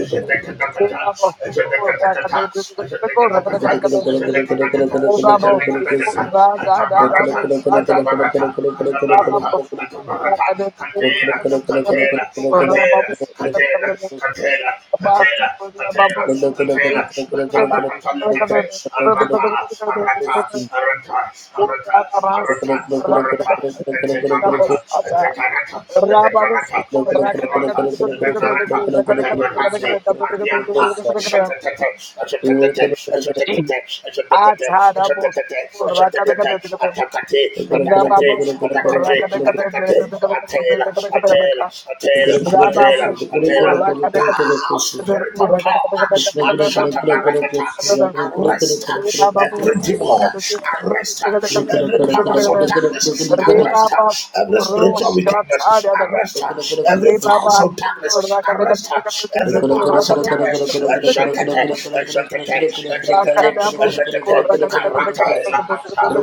[SPEAKER 2] Ezebecatatata. Ezebecatatata. Ezebecatatata. Ezebecatatata. Ezebecatatata. Katabarata. Katabarata. Katabarata. Katabarata. Katera. Katera. Katera. Katera. Katera. Katera. Katera. Katera. Katabarata. Lekate. Arata arata, arata, arata, arata, arata, etekarata, etekarata, etekarata, etekarata, etekarata, etekarata, atiata, shatatata, ashatatata, ashatatata, ashatatata, ashatatata, ashatatata, atakate,
[SPEAKER 3] Thank
[SPEAKER 2] atakate, atakate, atakate, atela, atela, atela, atela, atela, Thou spirit of God, I shut up a record. Arrest every demon, arrest every powers of darkness, arrest every spiritual wickedness, arrest every
[SPEAKER 3] you.
[SPEAKER 2] powers of darkness, arrest
[SPEAKER 3] Rock,
[SPEAKER 2] every powers of darkness. And shut it, and shut it, and shut it, and shut it, karate la altar.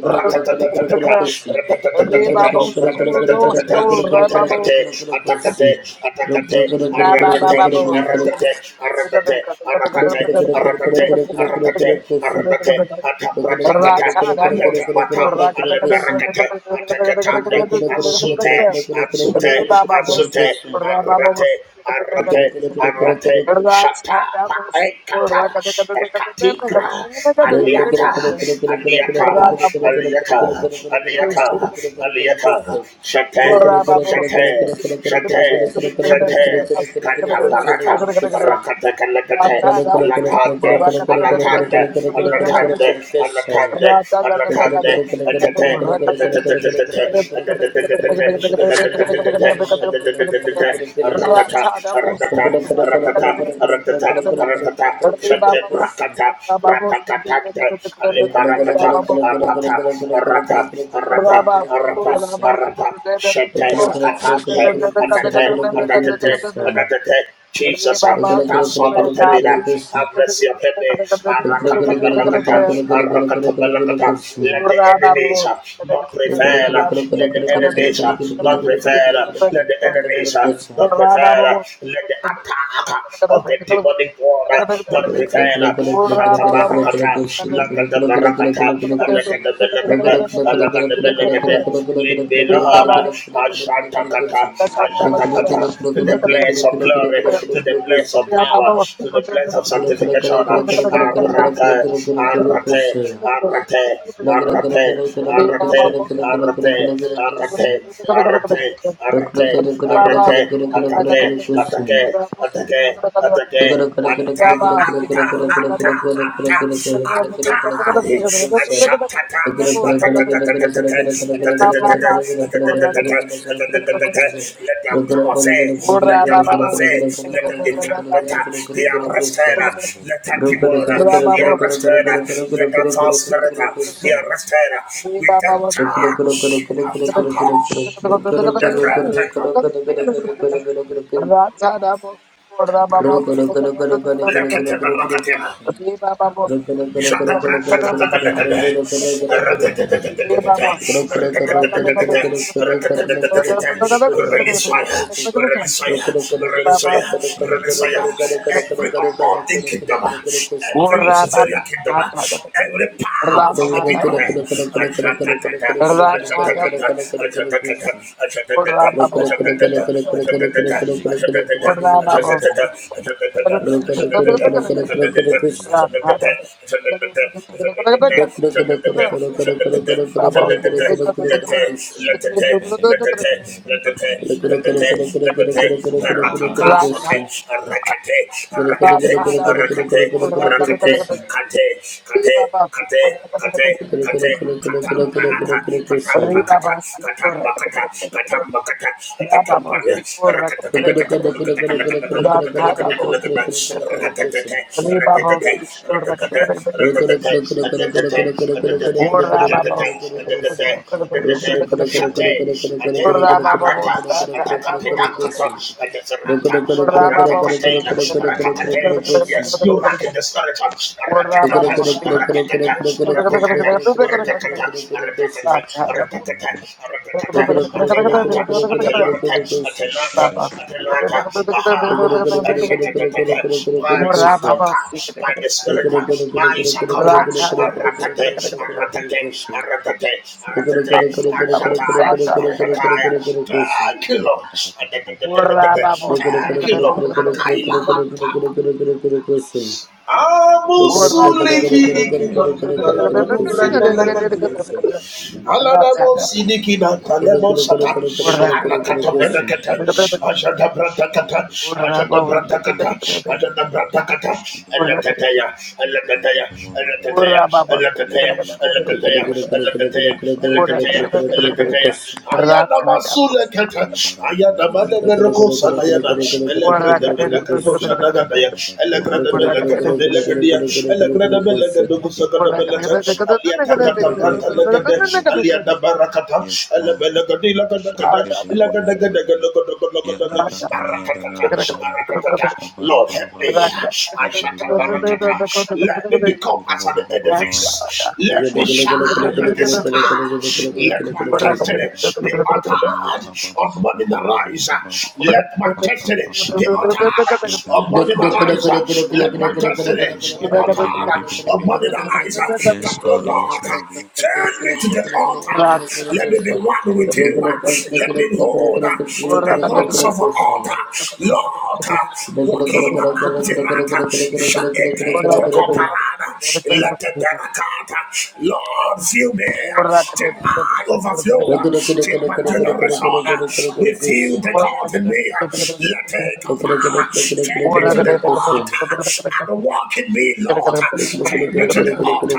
[SPEAKER 2] Ratatatatata, ratatatatata, ratatatatata, atakate, atakate, atakate, aratate, aratate, aratate, aratate, aratate, aratate, aratate, atapratatata, aletabata, aleberakate, atakatande, azute, azute, azute, arate, Arate, arate, shata, pa, ekata, ekatigra,
[SPEAKER 3] Thank
[SPEAKER 2] aliata, aliata, aliata, aliata, aliata, shate, shate, shate, shate, katabarata, rakata, kalakate, alatande, alatande, alatande, alatande, alatande, atete, Rakata, rakata, rakata, rakata, rakata, shete
[SPEAKER 3] you.
[SPEAKER 2] rakata, ratakatante,
[SPEAKER 3] Thank
[SPEAKER 2] alibarakata, rata, rata, rata, rata, rata, shete katante, atate, atate, atate, atate, Jesus, uh, that son of David, uh, have mercy upon me. Arakatabalakata, arakatabalakata. Let the enemies uh, not prevail. uh, Let the enemies uh, not prevail. uh, Let the enemies uh, not prevail. uh, Let the attack uh, of the demonic world uh,
[SPEAKER 3] Thank
[SPEAKER 2] not prevail. uh. Shatabarakata, lakatabarakata, alakatabalakata, Ashantakata, to the place of glory, to the place of power, to the place of sanctification. Arate, arate, arate, arate, arate, arate, arate, arate, arate, arate, atake,
[SPEAKER 3] you.
[SPEAKER 2] atake, atake, atake,
[SPEAKER 3] Rock,
[SPEAKER 2] atake. Anta, anta, anta, anta, anta. Ashatata, Let the power fail. Let the power fail. Let the entrapment uh, be arrested. uh, Let the demon uh, be arrested. uh, Let the false spirit uh, be arrested. uh, With the charge. Ashata. Let them take them.
[SPEAKER 3] Rock
[SPEAKER 2] Let them take them. We release fire, we release fire, we release fire, we release fire. Every ungodly kingdom, every Luciferian kingdom, every power power from the people [laughs] here. Ajadadada, ajadadada, ajadadada, ajadadada, ajadadada, ajadadada, ajadadada, ajadadada, ajadadada, ajadadada, ajadadada, ajadadada, ajadadada,
[SPEAKER 3] Question.
[SPEAKER 2] ajadadada, ajadadada, ajadadada, ajadadada, Rakata, Shate,
[SPEAKER 3] rock
[SPEAKER 2] Atela, Arata, Atakapedankato, Adeferata, Aratakatela, Ratakatel. Yes, you rock in the spirit. Ratakata, Ratakata, Ratakata, Ratakata, Ratakata, Aratata, aratata, atelata, atelata, atelata, atelata. Aha. Ashatatata. My Sakoka, by the Spirit, my Sakoka, aratate, aratate, aratate,
[SPEAKER 3] Thank
[SPEAKER 2] aratate, ashataya, ashataya. Thank you, Lord. Thank
[SPEAKER 3] you.
[SPEAKER 2] you, Lord. Akaila. Amusulikinikima. Dalamanubra dalagadia. Alanabo Sidikina Talebo Sata Hanakata Berakata Ajada Brantakata Ajada Brantakata Ajada Brantakata Elatatea Elatatea Elatatea Elatatea Elatatea Elatatea Elatatea Elatatea Ayana Masule Kata Ayana Male Beroko Sanayana Elegra de Benakato Shanagaya Elegra de Benakato Belakadia Elegrede belegede gusegede belete. Aliata kata branta legede. Alianda barakata. Elebelegede ilegede gede. Ilegede Arakatata. Arakatata. Lord, help me. Ashata barakata. Let me become as an edifice.
[SPEAKER 3] Look,
[SPEAKER 2] Let me shine like a star. Let my testimony be uttered on morning arise. Let my testimony destiny be altered upon the rise. Let my destiny be altered upon the rise. That the Lord turn me to the altar. Let me be one with you. Let me hold to the horns of an altar. Lord, Joaquin Angelata, Jaeke to Coparada, Let the Barakata, Lord, fill me till I overflow flow. Take my generation. with you, the God in me. Let it apart. Take me to the altar and walk in me, Lord.
[SPEAKER 3] Yara
[SPEAKER 2] Take me to the altar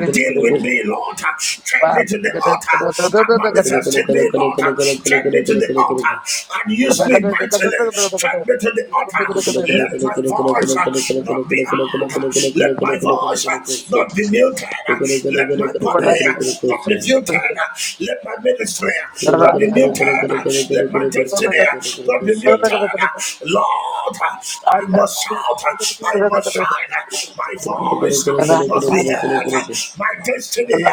[SPEAKER 2] and deal with me, Lord. Take me to the altar and manifest in me, Lord. Take me to the altar and use me mightily. Take me to the altar. Let my voice uh, not be hard. Let my voice not be muted. Let my body not be muted. Let my ministry not be muted. Let my destiny not be muted. Lord, I must shout. I must shine. My voice must be heard. My destiny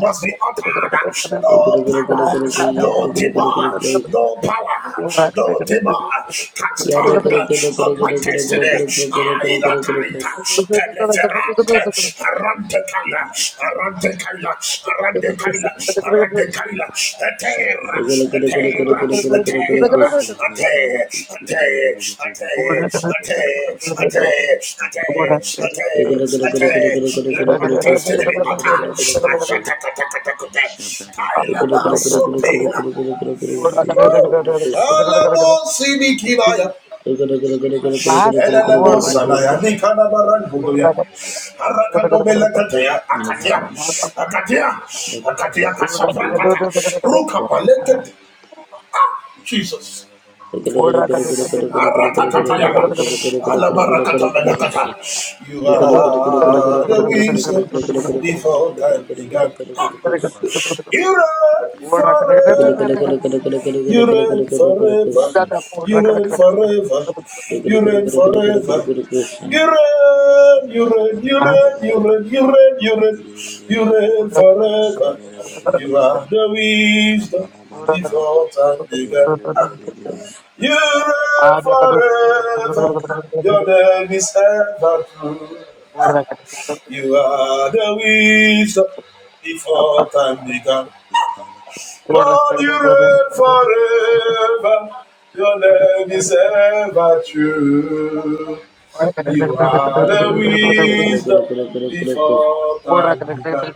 [SPEAKER 2] must be uttered. No power, no demon, no power, no demon can stand of my destiny. I Ah, ilakaita, teleferante, arante kaila, arante kaila, arante kaila, arante kaila, atera,
[SPEAKER 3] Thank you.
[SPEAKER 2] atera, atera, ate, ate, ate, ate, ate, ate, ate, ate. Let my destiny be uttered. Ashatakatakatakuta, kaila masopela. Woo! Shalabo sinikibaya. Elelemo sanaya, nikana barangudoya, arakadobelekateya, akatia, akatia, akatia kasapratata, rukapaleket- Ah, Jesus. Arakatatayaga, alabarakatabalakata. You are the wisdom before time began. Ah, You
[SPEAKER 3] Thank
[SPEAKER 2] reign forever, you reign forever,
[SPEAKER 3] you.
[SPEAKER 2] you reign forever, you reign forever. You you reign, you reign, you reign, you reign, you reign, you reign forever. You are the wisdom before time began. You reign forever. Your name is ever true. You are the wisdom before time began. Lord, you reign forever. Your name is ever true. You are the wisdom before time began.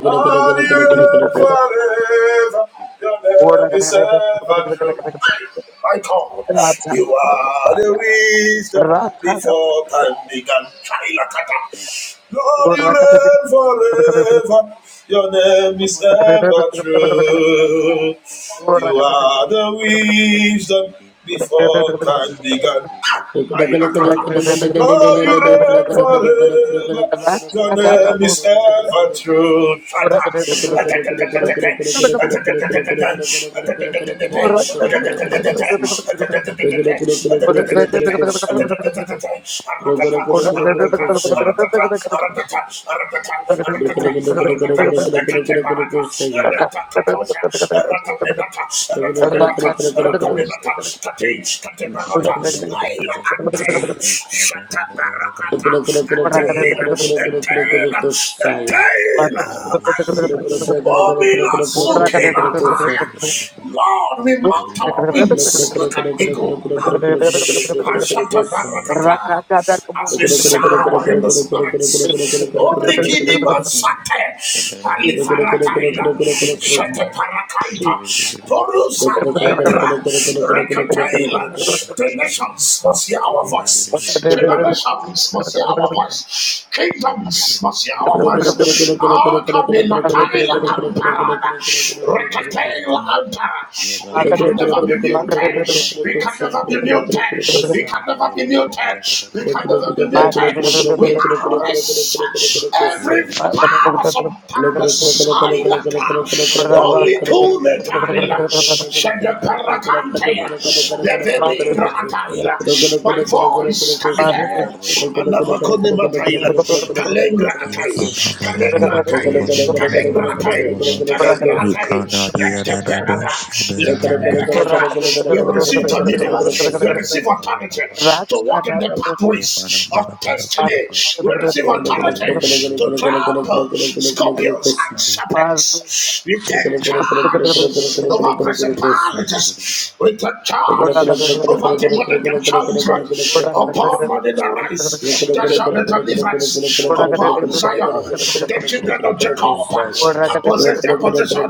[SPEAKER 2] Lord, you reign forever. Your name is ever true. My God, you are the wisdom before time began. Lord, you reign forever. Your name is ever true. You are the wisdom before time began. Lord, you reign forever. Your name is ever true. [laughs] Oh,
[SPEAKER 3] Look,
[SPEAKER 2] me la suke la kaya. Lord, we mount our wings like an eagle. Ah, as we shower in the spirits. Orikini Masate. Alifarataila. Shateparakaita. Porusa Negra. Rekataila. The nations must hear our voice. Generations must hear our voice. Kingdoms must
[SPEAKER 3] Look
[SPEAKER 2] hear our voice. Akabila Taila Amparada. Rekataila Ampara. We can never be muted. We can never be never be muted. We can never be muted. We can never be muted. We arrest every power of darkness. Silent. Only cool metal. Shed the paracante. Levering ratile. My voice can be heard. Alabacone matail. Talengra atai. Talengra
[SPEAKER 3] Thank
[SPEAKER 2] atai. Talengra atai. Talengra atai. Ecteperada. Leteperecata. We receive dominion. We receive authority to walk in the pathways of destiny. We receive authority to trample scorpions and serpents. We take charge over principalities. We take charge over demonic enchantment.
[SPEAKER 3] you.
[SPEAKER 2] Upon money the
[SPEAKER 3] Thank
[SPEAKER 2] rise, there shall be deliverance. Upon Zion, the children of Jacob shall possess their possession.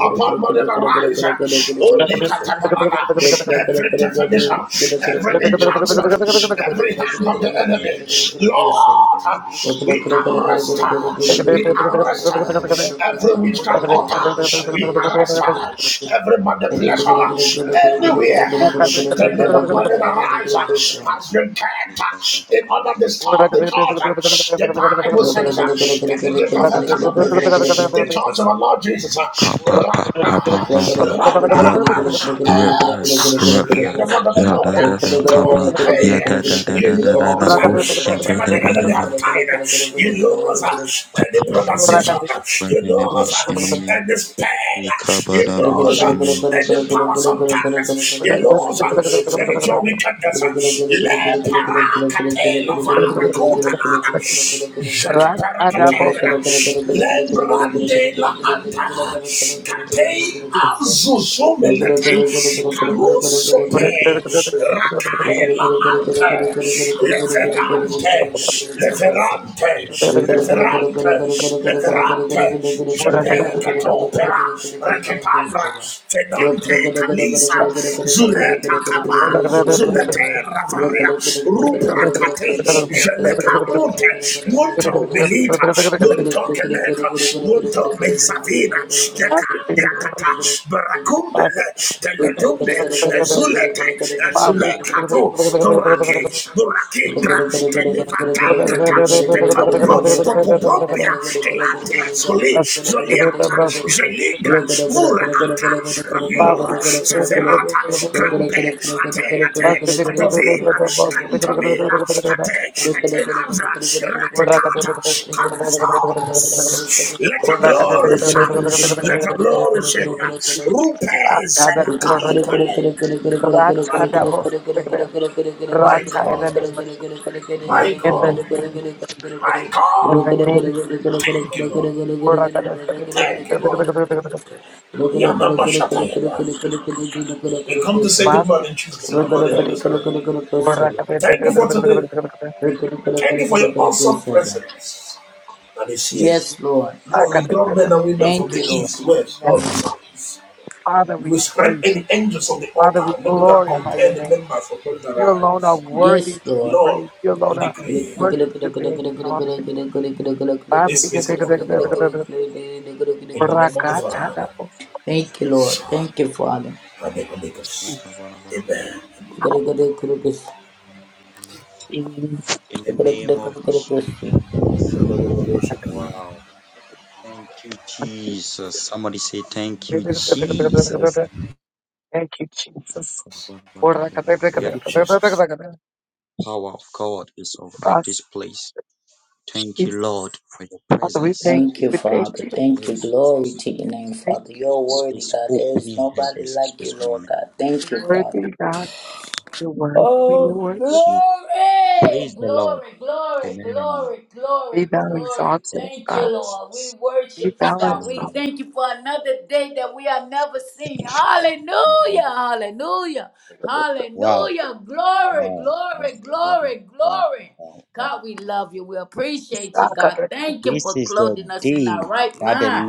[SPEAKER 2] Upon money the rise, only Katabarana, every day definition, every enchantment, every hand of the enemy. Lord, we arrest her. We arrest her. Every witchcraft altar, we arrest her. Every manipulation, anywhere. The name of money that rise
[SPEAKER 3] you.
[SPEAKER 2] has been kept in order to stop the church. The Bible says that the gate of hell cannot prevail. The church of our Lord Jesus, right now, right now, else, hear the word of the Lord. Don't pay. You lose uh, whatever the enemy have tied. uh, You lose uh, any pronunciation. uh, You lose uh, any spell. uh, You
[SPEAKER 3] Thank
[SPEAKER 2] lose uh, any powers of darkness. You lose uh, spiritual wickedness. uh, Le parakatela varakutalana. Jete parakatela. Lembrandela anta. Katei azuzumelete. Caruso sote rakae la ante leferante
[SPEAKER 3] you.
[SPEAKER 2] leferante
[SPEAKER 3] Thank
[SPEAKER 2] leferante leferante jepe katopera reketandra fedante kanisa zuleta kapa zulete ravaria rupra kate jeleka mute munto milita munto keleta munto bensavina tekandia kata barakumbele teletumbe ez Zulete, Zulekatu, Burake,
[SPEAKER 3] you. Thank
[SPEAKER 2] Burakingra, Tenivatangata, Petombo, Popopombia, Telandia, Zoli, Zolianta, Zeligra, Vurata, Ramilo, Zeferata, Crampe, Ate, Ate, Adovila, Cantomila,
[SPEAKER 3] you.
[SPEAKER 2] Tate, Atenavra, Ratakata, come forth, let your glory shine, let your glory shine, Rupes and
[SPEAKER 3] Yes,
[SPEAKER 2] Kaipalen. Michael, Michael, Michael, Michael. Thank you, Lord. Thank you, Lord. Ayana Bashatayana. We come to say good morning, Jesus, in the morning, Holy Spirit. Thank you for today. Thank you for your awesome presence that is here.
[SPEAKER 3] Lord.
[SPEAKER 2] Lord, we draw men and women from
[SPEAKER 3] Thank
[SPEAKER 2] the
[SPEAKER 3] you, Lord.
[SPEAKER 2] east, west, north, south. We spread any angels on the altar and then we can compare the members of both their eyes.
[SPEAKER 3] Yes, Lord.
[SPEAKER 2] Lord, we
[SPEAKER 3] Thank
[SPEAKER 2] decree
[SPEAKER 3] you,
[SPEAKER 2] this meeting open, Lord, in the name of the Father,
[SPEAKER 3] Lord.
[SPEAKER 2] Son,
[SPEAKER 3] Thank you, Father. Thank you, Father.
[SPEAKER 2] Amen.
[SPEAKER 3] Thank you. Glory to your name, Father. You're worthy, God. There is nobody like you, Lord God. Thank you, Father. Oh, glory, glory, glory, glory, glory, glory. Thank you, Lord. We worship you, God. We thank you for another day that we have never seen. Hallelujah, hallelujah, hallelujah. Glory, glory, glory, glory. God, we love you. We appreciate you, God. Thank you for clothing us in our right mind,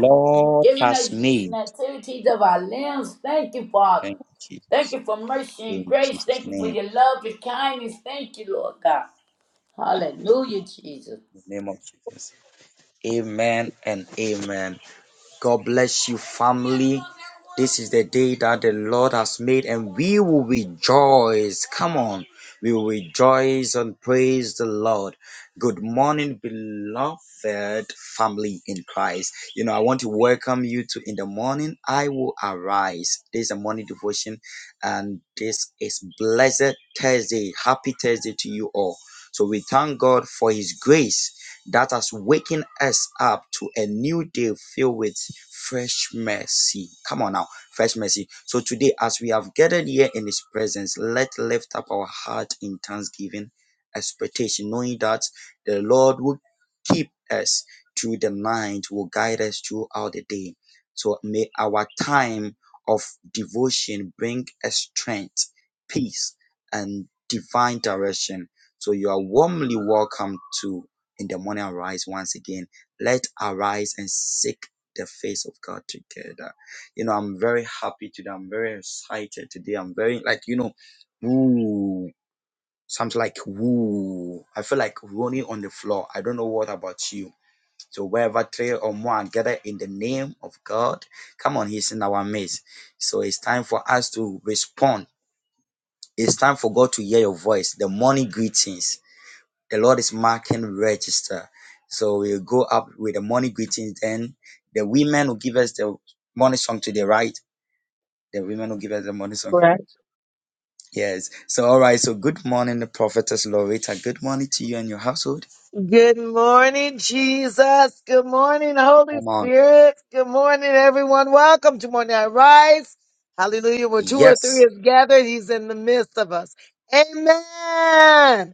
[SPEAKER 3] giving us use and activities of our limbs. Thank you, Father. Thank you for mercy and grace. Thank you for your love and kindness. Thank you, Lord God. Hallelujah, Jesus.
[SPEAKER 1] in the midst of us. Amen.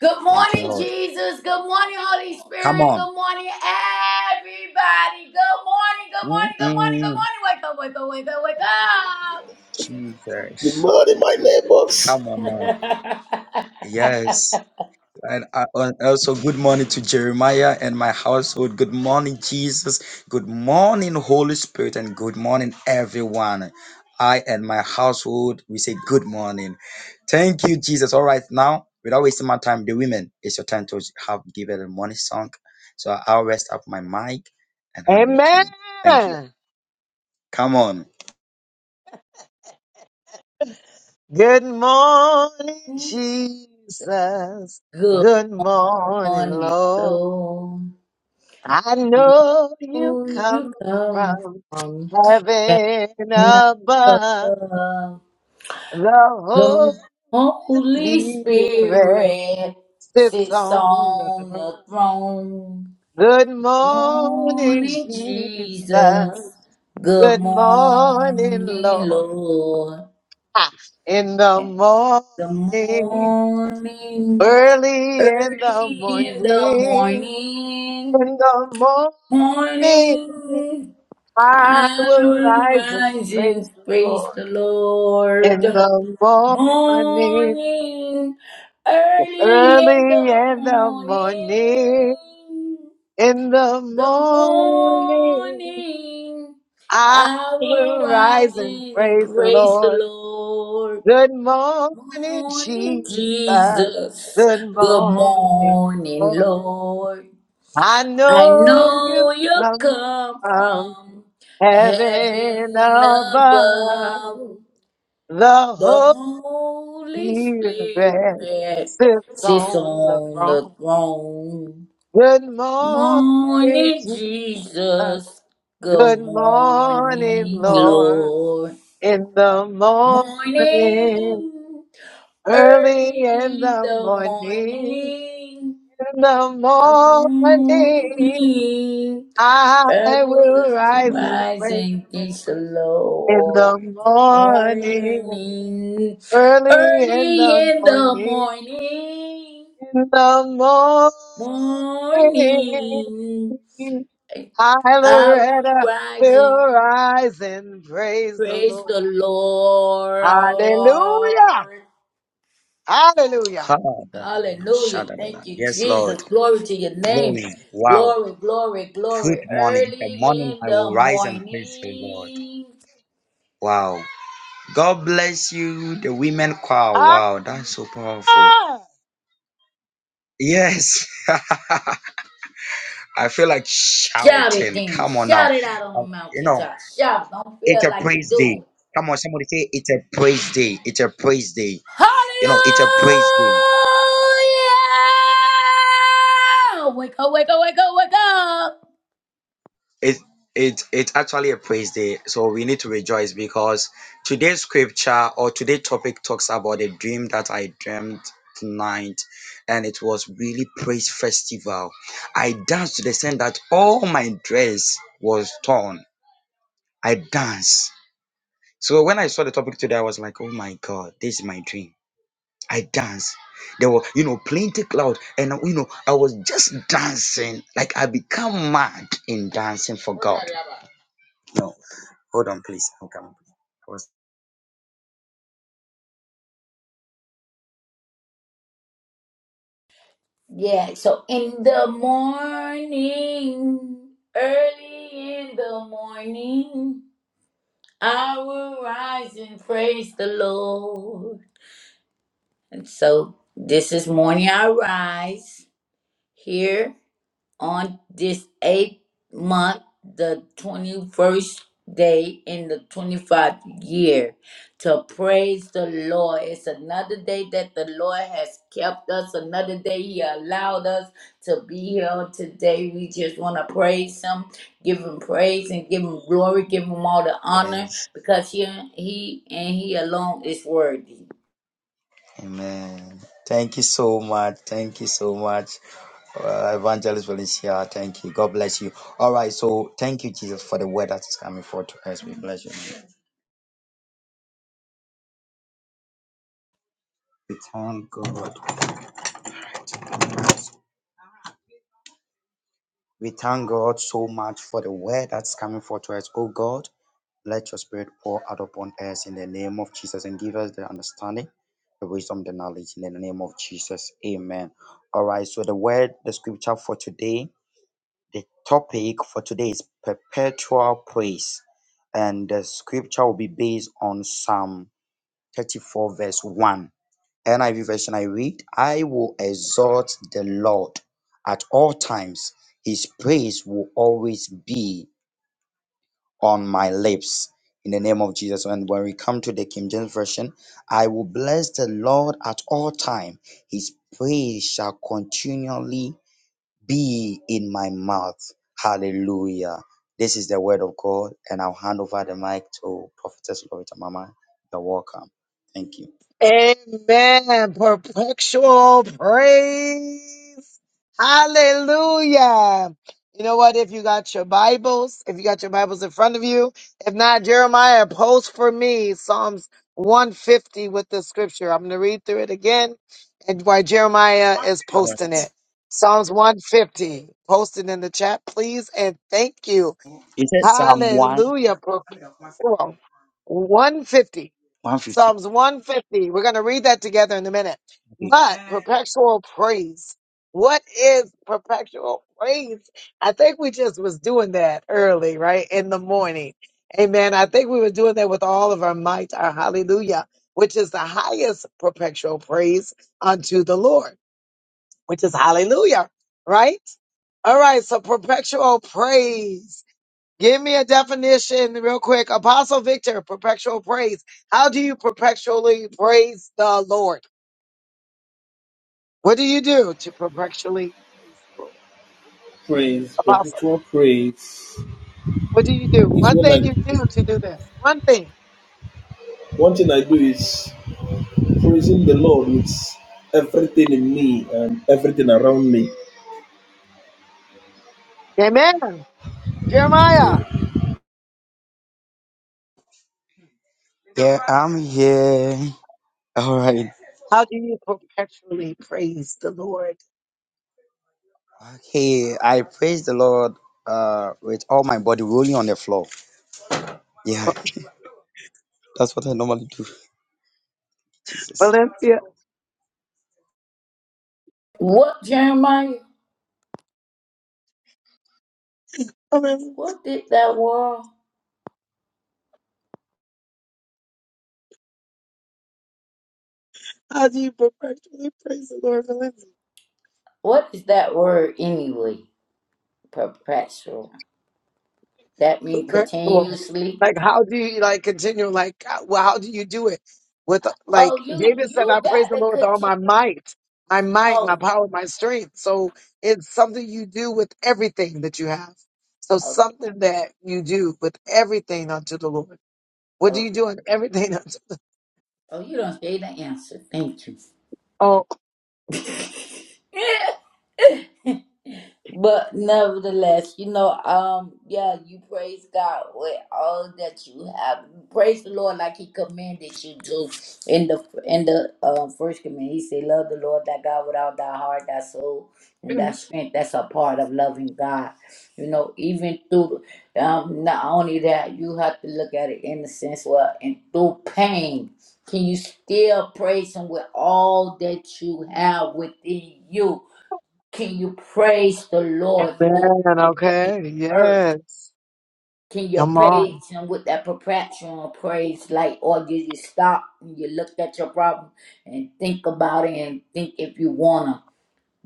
[SPEAKER 3] Good morning, Jesus. Good morning, Holy Spirit. Good morning, everybody. Good morning, good morning, good morning, good morning. Wake up, wake up, wake up,
[SPEAKER 1] Amen. Good morning,
[SPEAKER 3] wake up.
[SPEAKER 1] Jesus.
[SPEAKER 3] [laughs] good
[SPEAKER 1] Good morning,
[SPEAKER 3] morning,
[SPEAKER 1] Lord.
[SPEAKER 3] Lord.
[SPEAKER 1] I know you
[SPEAKER 3] Oh, you
[SPEAKER 1] come
[SPEAKER 3] come
[SPEAKER 1] from
[SPEAKER 3] from
[SPEAKER 1] heaven
[SPEAKER 3] heaven
[SPEAKER 1] above.
[SPEAKER 3] above.
[SPEAKER 1] The
[SPEAKER 3] The Holy
[SPEAKER 1] Holy Spirit
[SPEAKER 3] Spirit
[SPEAKER 1] sits
[SPEAKER 3] sits
[SPEAKER 1] on the
[SPEAKER 3] on the
[SPEAKER 1] throne.
[SPEAKER 3] throne.
[SPEAKER 1] Good morning,
[SPEAKER 3] Morning, Jesus.
[SPEAKER 1] Jesus.
[SPEAKER 3] Good
[SPEAKER 1] Good morning,
[SPEAKER 3] morning,
[SPEAKER 1] Lord.
[SPEAKER 3] Lord.
[SPEAKER 1] in the
[SPEAKER 3] The
[SPEAKER 1] morning,
[SPEAKER 3] morning,
[SPEAKER 1] early in the
[SPEAKER 3] early in the
[SPEAKER 1] morning,
[SPEAKER 3] morning,
[SPEAKER 1] in the morning,
[SPEAKER 3] morning,
[SPEAKER 1] I
[SPEAKER 3] I
[SPEAKER 1] will
[SPEAKER 3] will
[SPEAKER 1] rise and
[SPEAKER 3] rise and
[SPEAKER 1] praise the
[SPEAKER 3] praise
[SPEAKER 1] Lord.
[SPEAKER 3] the
[SPEAKER 1] In
[SPEAKER 3] Lord.
[SPEAKER 1] the morning,
[SPEAKER 3] Morning, early in
[SPEAKER 1] early
[SPEAKER 3] the
[SPEAKER 1] in the
[SPEAKER 3] morning,
[SPEAKER 1] morning, in the
[SPEAKER 3] the
[SPEAKER 1] morning,
[SPEAKER 3] morning,
[SPEAKER 1] I
[SPEAKER 3] I will
[SPEAKER 1] will
[SPEAKER 3] rise
[SPEAKER 1] rise and
[SPEAKER 3] and
[SPEAKER 1] praise the
[SPEAKER 3] praise the
[SPEAKER 1] Lord.
[SPEAKER 3] Lord.
[SPEAKER 1] Good morning,
[SPEAKER 3] Morning,
[SPEAKER 1] Jesus.
[SPEAKER 3] Jesus.
[SPEAKER 1] Good
[SPEAKER 3] Good
[SPEAKER 1] morning, Lord.
[SPEAKER 3] morning, Lord.
[SPEAKER 1] I
[SPEAKER 3] I
[SPEAKER 1] know you
[SPEAKER 3] know you
[SPEAKER 1] come
[SPEAKER 3] come
[SPEAKER 1] from
[SPEAKER 3] from
[SPEAKER 1] heaven
[SPEAKER 3] heaven
[SPEAKER 1] above.
[SPEAKER 3] above. The
[SPEAKER 1] The
[SPEAKER 3] Holy
[SPEAKER 1] Holy Spirit
[SPEAKER 3] Spirit
[SPEAKER 1] sits
[SPEAKER 3] sits
[SPEAKER 1] on the
[SPEAKER 3] on the
[SPEAKER 1] throne.
[SPEAKER 3] throne.
[SPEAKER 1] Good morning,
[SPEAKER 3] Morning,
[SPEAKER 1] Jesus.
[SPEAKER 3] Jesus. Good
[SPEAKER 1] Good morning,
[SPEAKER 3] morning,
[SPEAKER 1] Lord.
[SPEAKER 3] Lord.
[SPEAKER 1] In the morning,
[SPEAKER 3] Morning,
[SPEAKER 1] early
[SPEAKER 3] early
[SPEAKER 1] in
[SPEAKER 3] in
[SPEAKER 1] the
[SPEAKER 3] the
[SPEAKER 1] morning,
[SPEAKER 3] morning
[SPEAKER 1] in the morning,
[SPEAKER 3] morning,
[SPEAKER 1] I
[SPEAKER 3] I
[SPEAKER 1] will
[SPEAKER 3] was
[SPEAKER 1] rise and praise.
[SPEAKER 3] rising
[SPEAKER 1] the Lord.
[SPEAKER 3] this
[SPEAKER 1] In the
[SPEAKER 3] Lord.
[SPEAKER 1] morning,
[SPEAKER 3] Morning,
[SPEAKER 1] early in
[SPEAKER 3] early
[SPEAKER 1] the
[SPEAKER 3] in the
[SPEAKER 1] morning,
[SPEAKER 3] morning,
[SPEAKER 1] in the
[SPEAKER 3] morning,
[SPEAKER 1] morning, I,
[SPEAKER 3] I will
[SPEAKER 1] Loretta,
[SPEAKER 3] rise and
[SPEAKER 1] will rise and praise the
[SPEAKER 3] praise
[SPEAKER 1] Lord.
[SPEAKER 3] the
[SPEAKER 1] Hallelujah!
[SPEAKER 3] Lord.
[SPEAKER 1] Hallelujah!
[SPEAKER 3] Hallelujah. Thank you, Jesus. Glory to your name. Glory, glory, glory. Early in the morning.
[SPEAKER 1] Hallelujah!
[SPEAKER 3] Shout it then. Shout it out on the mountaintop. Shout. Don't feel like you do. it. Hallelujah. Wake up, wake up, wake up, wake up. Yeah, so in the morning, early in the morning. I will rise and praise the Lord. And so this is morning I rise here on this eighth month, the 21st day in the 25th year, to praise the Lord. It's another day that the Lord has kept us, another day He allowed us to be here on today. We just want to praise Him, give Him praise, and give Him glory, give Him all the honor, because He, he and He alone is worthy.
[SPEAKER 1] Amen. Perpetual praise. Hallelujah. You know what? If you got your Bibles, if you got your Bibles in front of you, if not, Jeremiah, post for me Psalms 150 with the scripture. I'm going to read through it again and why Jeremiah is posting it. Psalms 150, post it in the chat, please. And thank you. Hallelujah. Perpetual. 150. Psalms 150. We're going to read that together in a minute. But perpetual praise. What is perpetual praise? I think we just was doing that early, right? In the morning. Amen. I think we were doing that with all of our might, our hallelujah, which is the highest perpetual praise unto the Lord, which is hallelujah, right? All right. So perpetual praise. Give me a definition real quick. Apostle Victor, perpetual praise. How do you perpetually praise the Lord? What do you do to perpetually praise the Lord?
[SPEAKER 2] Praise,
[SPEAKER 1] Apostle,
[SPEAKER 2] perpetual praise
[SPEAKER 1] what do you do?
[SPEAKER 2] is
[SPEAKER 1] One
[SPEAKER 2] when
[SPEAKER 1] thing you do
[SPEAKER 2] I
[SPEAKER 1] to do this. One thing.
[SPEAKER 2] one thing I do is praising the Lord with everything in me and everything around me.
[SPEAKER 1] Amen. Jeremiah, how do you perpetually praise the Lord? Valencia?
[SPEAKER 3] What, Jeremiah? What did that word? What is that word anyway? perpetual. That mean
[SPEAKER 1] Very cool.
[SPEAKER 3] continuously.
[SPEAKER 1] Like, how do you like continue? Like, uh, well, how do you do it? With uh,
[SPEAKER 3] Oh,
[SPEAKER 1] like
[SPEAKER 3] you
[SPEAKER 1] David said,
[SPEAKER 3] you
[SPEAKER 1] I praise
[SPEAKER 3] got
[SPEAKER 1] the
[SPEAKER 3] to
[SPEAKER 1] Lord with all
[SPEAKER 3] continue.
[SPEAKER 1] my might, my might, my
[SPEAKER 3] Oh,
[SPEAKER 1] power, my strength. So it's something you do with everything that you have. So
[SPEAKER 3] okay.
[SPEAKER 1] something that you do with everything unto the Lord. What do
[SPEAKER 3] Oh,
[SPEAKER 1] you do in everything [laughs] unto
[SPEAKER 3] oh, you don't say the answer. Thank you. [laughs] But nevertheless, you know, um, yeah, you praise God with all that you have. You Praise the Lord like He commanded you to in the in the um, first command. He said, "Love the Lord thy God with all thy heart, thy soul, and thy strength." That's a part of loving God. You know, even through um, not only that, you have to look at it in the sense where, and through pain, can you still praise Him with all that you have within you? Can you praise the Lord through the earth?
[SPEAKER 1] this?
[SPEAKER 3] Can you
[SPEAKER 1] Come on.
[SPEAKER 3] praise Him with that perpetual praise? Like, or do you stop and you look at your problem and think about it and think if you wanna?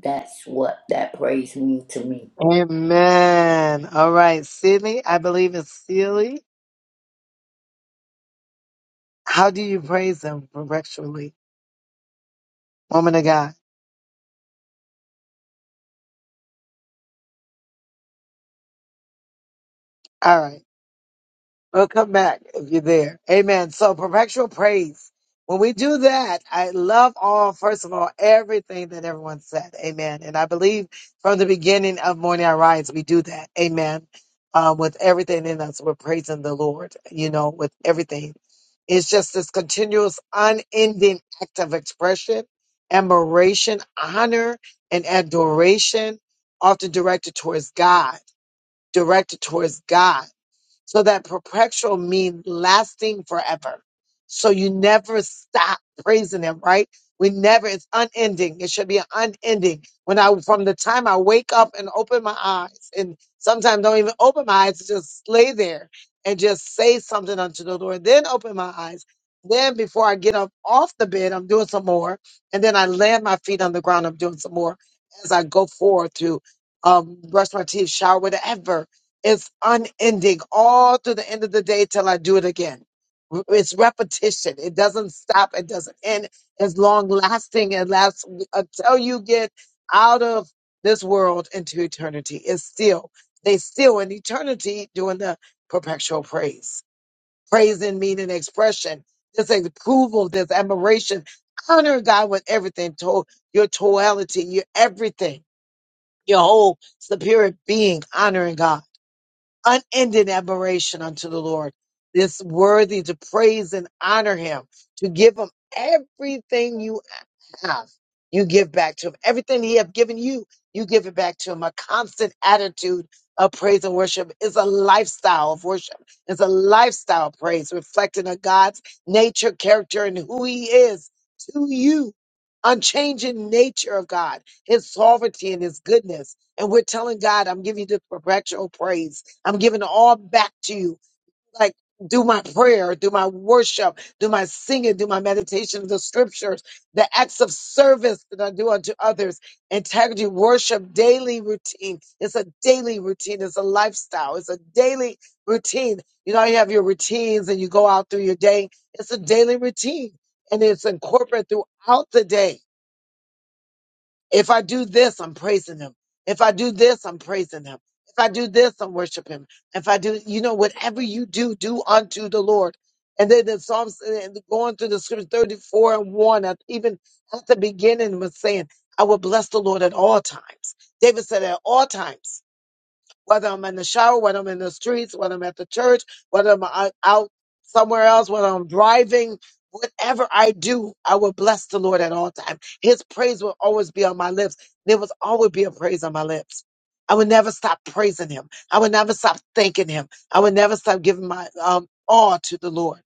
[SPEAKER 3] That's what that praise means to me.
[SPEAKER 1] Amen. All right. Sydney, I believe it's Sealy. How do you praise him virtually? Woman of God. All right. We'll come back if you're there. Amen. So perpetual praise. When we do that, I love all, first of all, everything that everyone said. Amen. And I believe from the beginning of Morning I Rise, we do that. Amen. Um, with everything in us, we're praising the Lord, you know, with everything. It's just this continuous, unending act of expression, admiration, honor, and adoration, often directed towards God, directed towards God. So that perpetual means lasting forever. So you never stop praising him, right? We never, it's unending. It should be an unending. When I, from the time I wake up and open my eyes, and sometimes don't even open my eyes, just lay there and just say something unto the Lord, then open my eyes. Then before I get up off the bed, I'm doing some more. And then I land my feet on the ground, I'm doing some more as I go forward to um, brush my teeth, shower, whatever it's unending all through the end of the day till I do it again. R- It's repetition. It doesn't stop. It doesn't end. It's long lasting and lasts until you get out of this world into eternity. It's still, they still in eternity doing the perpetual praise. Praise in meaning expression. This approval, this admiration. Honor God with everything, to- your totality, your everything, your whole superior being, honoring God unending admiration unto the Lord. It's worthy to praise and honor him, to give him everything you have. You give back to him. Everything he have given you, you give it back to him. A constant attitude of praise and worship is a lifestyle of worship. It's a lifestyle of praise, reflecting on God's nature, character, and who he is to you. Unchanging nature of God, his sovereignty and his goodness. And we're telling God, I'm giving you this perpetual praise I'm giving it all back to you. Like, do my prayer, do my worship, do my singing, do my meditation of the scriptures, the acts of service that I do unto others, integrity, worship, daily routine. It's a daily routine. It's a lifestyle. It's a daily routine. You know, you have your routines and you go out through your day. It's a daily routine and it's incorporated throughout the day. If I do this, I'm praising him. If I do this, I'm praising him. If I do this, I'm worshiping him. If I do, you know, whatever you do, do unto the Lord. And then the Psalms, uh, and going through the scripture 34 and 1, at- even at the beginning was saying, I will bless the Lord at all times. David said at all times whether I'm in the shower, whether I'm in the streets, whether I'm at the church, whether I'm out out somewhere else, whether I'm driving, whatever I do, I will bless the Lord at all times. His praise will always be on my lips. There will always be a praise on my lips. I will never stop praising him. I will never stop thanking him. I will never stop giving my um, all to the Lord.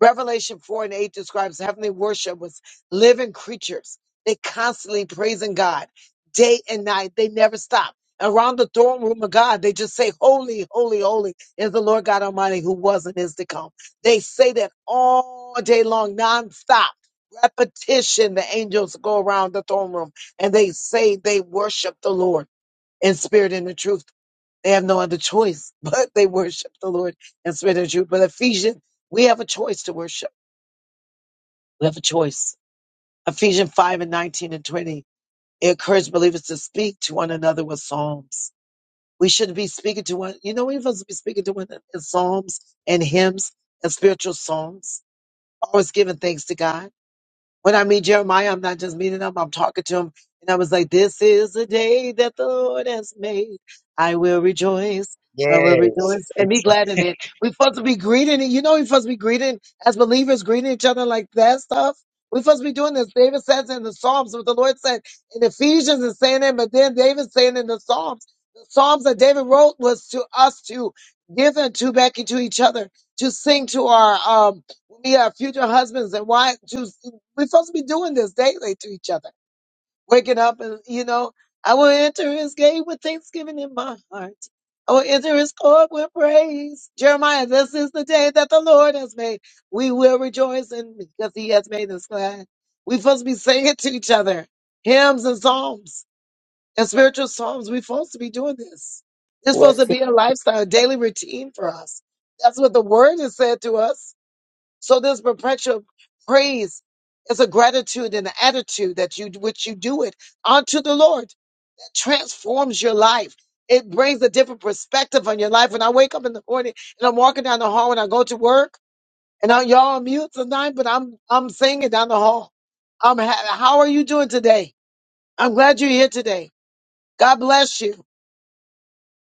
[SPEAKER 1] Revelation 4 and 8 describes heavenly worship with living creatures. They constantly praising God day and night. They never stop. Around the throne room of God, they just say, Holy, holy, holy is the Lord God Almighty who was and is to come. They say that all day long, nonstop. Repetition, the angels go around the throne room and they say they worship the Lord in spirit and in truth. They have no other choice, [laughs] but they worship the Lord in spirit and truth. But Ephesians, we have a choice to worship. We have a choice. Ephesians 5 and 19 and 20. It encouraged believers to speak to one another with psalms. We shouldn't be speaking to one, you know, we're supposed to be speaking to one another in psalms and hymns and spiritual songs, always giving thanks to God. When I meet Jeremiah, I'm not just meeting him, I'm talking to him. And I was like, This is the day that the Lord has made. I will rejoice. I will rejoice and be glad in it. We're supposed to be greeting it. You know, we're supposed to be greeting as believers, greeting each other like that stuff. We're supposed to be doing this. David says in the Psalms what the Lord said in Ephesians is saying it, but then David's saying in the Psalms. The Psalms that David wrote was to us to give and to back into each other, to sing to our um we are future husbands and wives. We're supposed to be doing this daily to each other. Waking up and, you know, I will enter his gate with thanksgiving in my heart. I will enter his court with praise. Jeremiah, this is the day that the Lord has made. We will rejoice in because he has made us glad. We're supposed to be singing to each other hymns and psalms and spiritual psalms. We're supposed to be doing this. It's
[SPEAKER 3] Well,
[SPEAKER 1] supposed to be a
[SPEAKER 3] see,
[SPEAKER 1] lifestyle, a daily routine for us. That's what the word has said to us. So this perpetual praise is a gratitude and an attitude that you which you do it unto the Lord that transforms your life. It brings a different perspective on your life. When I wake up in the morning and I'm walking down the hall and I go to work, and I, y'all are mute tonight, but I'm I'm singing down the hall. I'm ha- how are you doing today? I'm glad you're here today. God bless you.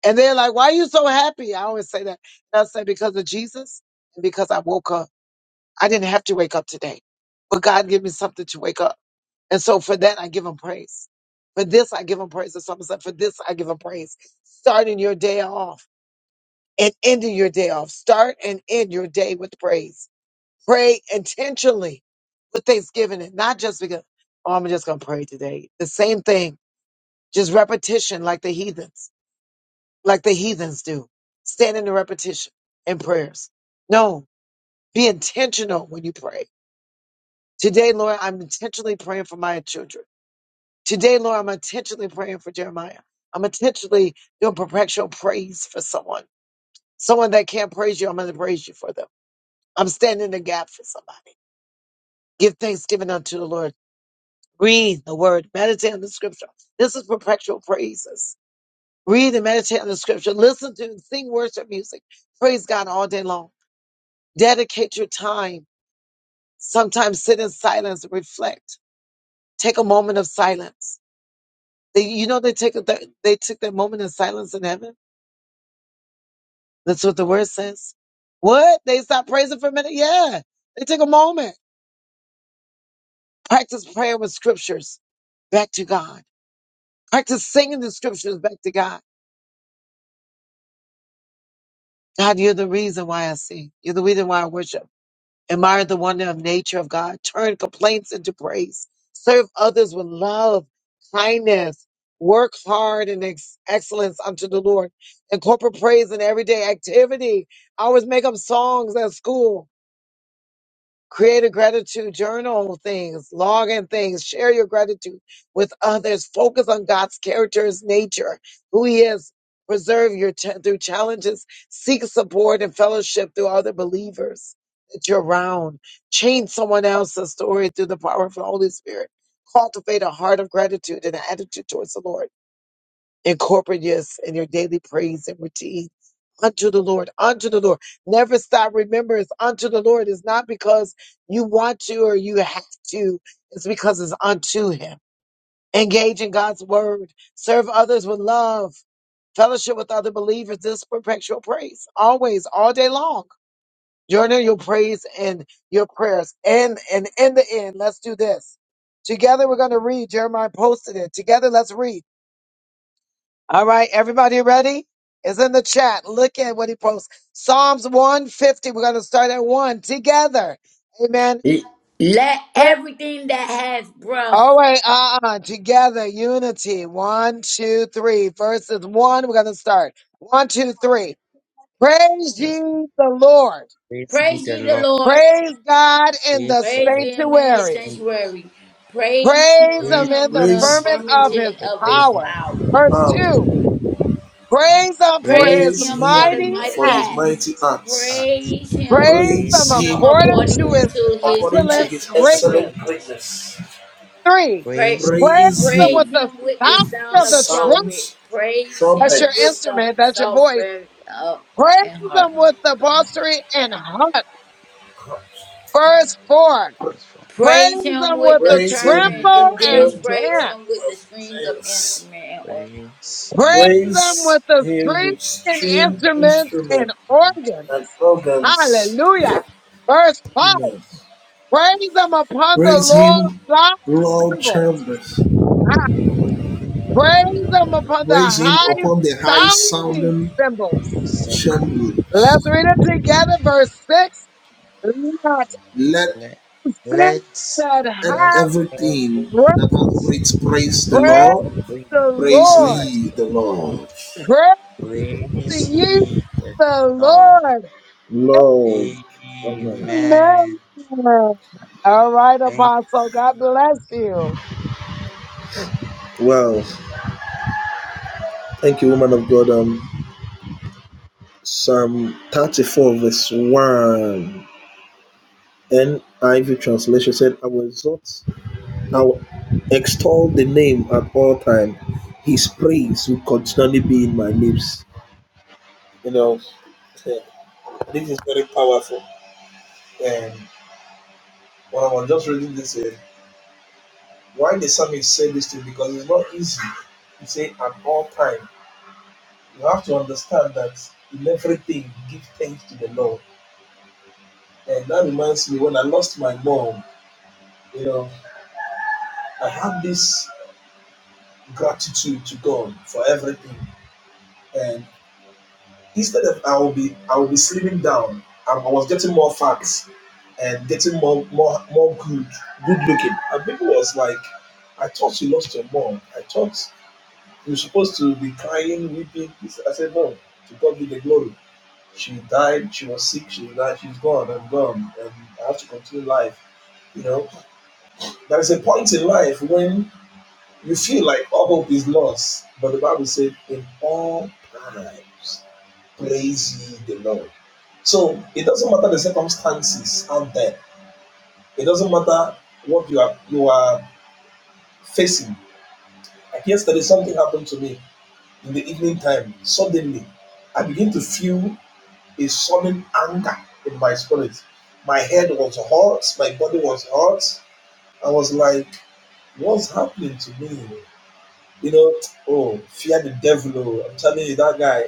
[SPEAKER 1] And they're like, why are you so happy? I always say that. And I say because of Jesus and because I woke up. I didn't have to wake up today, but God gave me something to wake up. And so for that, I give him praise. For this, I give him praise. Or someone said, for this, I give him praise. Starting your day off and ending your day off. Start and end your day with praise. Pray intentionally with thanksgiving and not just because, oh, I'm just going to pray today. The same thing, just repetition like the heathens, like the heathens do. Stand in the repetition and prayers. No, be intentional when you pray Today, Lord, I'm intentionally praying for my children. Today, Lord, I'm intentionally praying for Jeremiah. I'm intentionally doing perpetual praise for someone. Someone that can't praise you, I'm going to praise you for them. I'm standing in the gap for somebody. Give thanksgiving unto the Lord. Read the word. Meditate on the scripture. This is perpetual praises. Read and meditate on the scripture. Listen to and sing worship music. Praise God all day long. Dedicate your time. Sometimes sit in silence and reflect. Take a moment of silence They, you know, they take that they took that moment in silence in heaven. That's what the word says. What? They stopped praising for a minute? Yeah. They took a moment. Practice prayer with scriptures back to God. Practice singing the scriptures back to God. God, you're the reason why I sing. You're the reason why I worship. Admire the wonder of nature of God. Turn complaints into praise. Serve others with love, kindness. Work hard and ex- excellence unto the Lord. Incorporate praise in everyday activity. I always make up songs at school create a gratitude journal things, log in things, share your gratitude with others, focus on God's character, his nature, who he is, preserve your ch- through challenges, seek support and fellowship through other believers that you're around, change someone else's story through the power of the Holy Spirit, cultivate a heart of gratitude and an attitude towards the Lord Incorporate yes in your daily praise and routine unto the Lord, unto the Lord. Never stop Remember, it's unto the Lord. It's not because you want to or you have to. It's because it's unto Him. Engage in God's word. Serve others with love. Fellowship with other believers. This perpetual praise. Always, all day long. Journal your praise and your prayers. And and in the end, let's do this. Together we're going to read. Jeremiah posted it. Together, let's read. All right, everybody ready? It's in the chat. Look at what he posts. Psalms 150. We're going to start at one together. Amen.
[SPEAKER 3] let everything that has breath
[SPEAKER 1] Oh, wait, uh uh Together, unity. One, two, three. Verses one, we're going to start. One, two, three. Praise ye the Lord.
[SPEAKER 3] praise ye the Lord.
[SPEAKER 1] Praise God in the
[SPEAKER 3] Praise Him in His
[SPEAKER 1] sanctuary.
[SPEAKER 3] sanctuary. Praise
[SPEAKER 1] Praise him in
[SPEAKER 3] Him in
[SPEAKER 1] the
[SPEAKER 3] the
[SPEAKER 2] Praise
[SPEAKER 1] firmament of
[SPEAKER 2] your
[SPEAKER 1] his
[SPEAKER 3] affirmation of His
[SPEAKER 1] power.
[SPEAKER 3] power.
[SPEAKER 1] Verse
[SPEAKER 2] power.
[SPEAKER 1] two. Praise him for his
[SPEAKER 3] Praise
[SPEAKER 2] Praise
[SPEAKER 3] him for the
[SPEAKER 2] him
[SPEAKER 1] mighty
[SPEAKER 2] for
[SPEAKER 3] mighty
[SPEAKER 2] his
[SPEAKER 1] acts.
[SPEAKER 3] acts.
[SPEAKER 2] mighty acts.
[SPEAKER 3] Praise him,
[SPEAKER 1] Praise him
[SPEAKER 2] Praise
[SPEAKER 3] him
[SPEAKER 2] him.
[SPEAKER 1] according to
[SPEAKER 3] according
[SPEAKER 1] his
[SPEAKER 3] to his
[SPEAKER 1] excellent
[SPEAKER 3] excellent
[SPEAKER 1] greatness.
[SPEAKER 3] greatness.
[SPEAKER 1] Three,
[SPEAKER 3] Pray,
[SPEAKER 1] praise him with
[SPEAKER 3] praise
[SPEAKER 1] the
[SPEAKER 3] him with the
[SPEAKER 1] sound
[SPEAKER 3] sound
[SPEAKER 1] of
[SPEAKER 3] of
[SPEAKER 1] the trumpet.
[SPEAKER 3] trumpet. Praise
[SPEAKER 1] That's
[SPEAKER 3] him
[SPEAKER 1] your
[SPEAKER 3] with the
[SPEAKER 1] instrument. That's your voice.
[SPEAKER 3] software of
[SPEAKER 1] Praise
[SPEAKER 3] and
[SPEAKER 1] him
[SPEAKER 3] heart.
[SPEAKER 1] with the psaltery and harp. Verse four, praise
[SPEAKER 3] Praise him
[SPEAKER 1] him with
[SPEAKER 3] with
[SPEAKER 1] the
[SPEAKER 3] the trumpet
[SPEAKER 1] tremble
[SPEAKER 3] and dance.
[SPEAKER 1] and
[SPEAKER 3] Praise him with the
[SPEAKER 1] dance.
[SPEAKER 3] string of instrument and organ.
[SPEAKER 1] Praise him with the strings and instruments and organs. Hallelujah. Verse five, praise him upon the Lord's loud cymbals. Praise him upon the high sounding cymbals. Let's read it together, verse 6. Let sing that have breath, praise the Lord. Praise ye the Lord. Amen. All right, Apostle. God bless you.
[SPEAKER 2] You know, eh, this is very powerful. And when I was just reading this, eh, why the psalmist said this thing because it's not easy. He said at all times. You have to understand that in everything, give thanks to the Lord. And that reminds me when I lost my mom, you know, I had this gratitude to God for everything. And instead of I will be I will be slimming down, I, I was getting more fat and getting more more more good, good looking. And people was like, I thought you lost your mom. I thought you were supposed to be crying, weeping. I said, No, to God be the glory. she died, she was sick, she was died, she's gone, I'm gone, and I have to continue life. You know, there is a point in life when you feel like all hope is lost, but the Bible said, in all times, praise ye the Lord. So it doesn't matter the circumstances out there, it doesn't matter what you are you are facing. Like yesterday, something happened to me in the evening time. Suddenly, I begin to feel a sullen anger in my spirit. My head was hot, my body was hot. I was like, what's happening to me? You know, oh, fear the devil. oh, I'm telling you, that guy.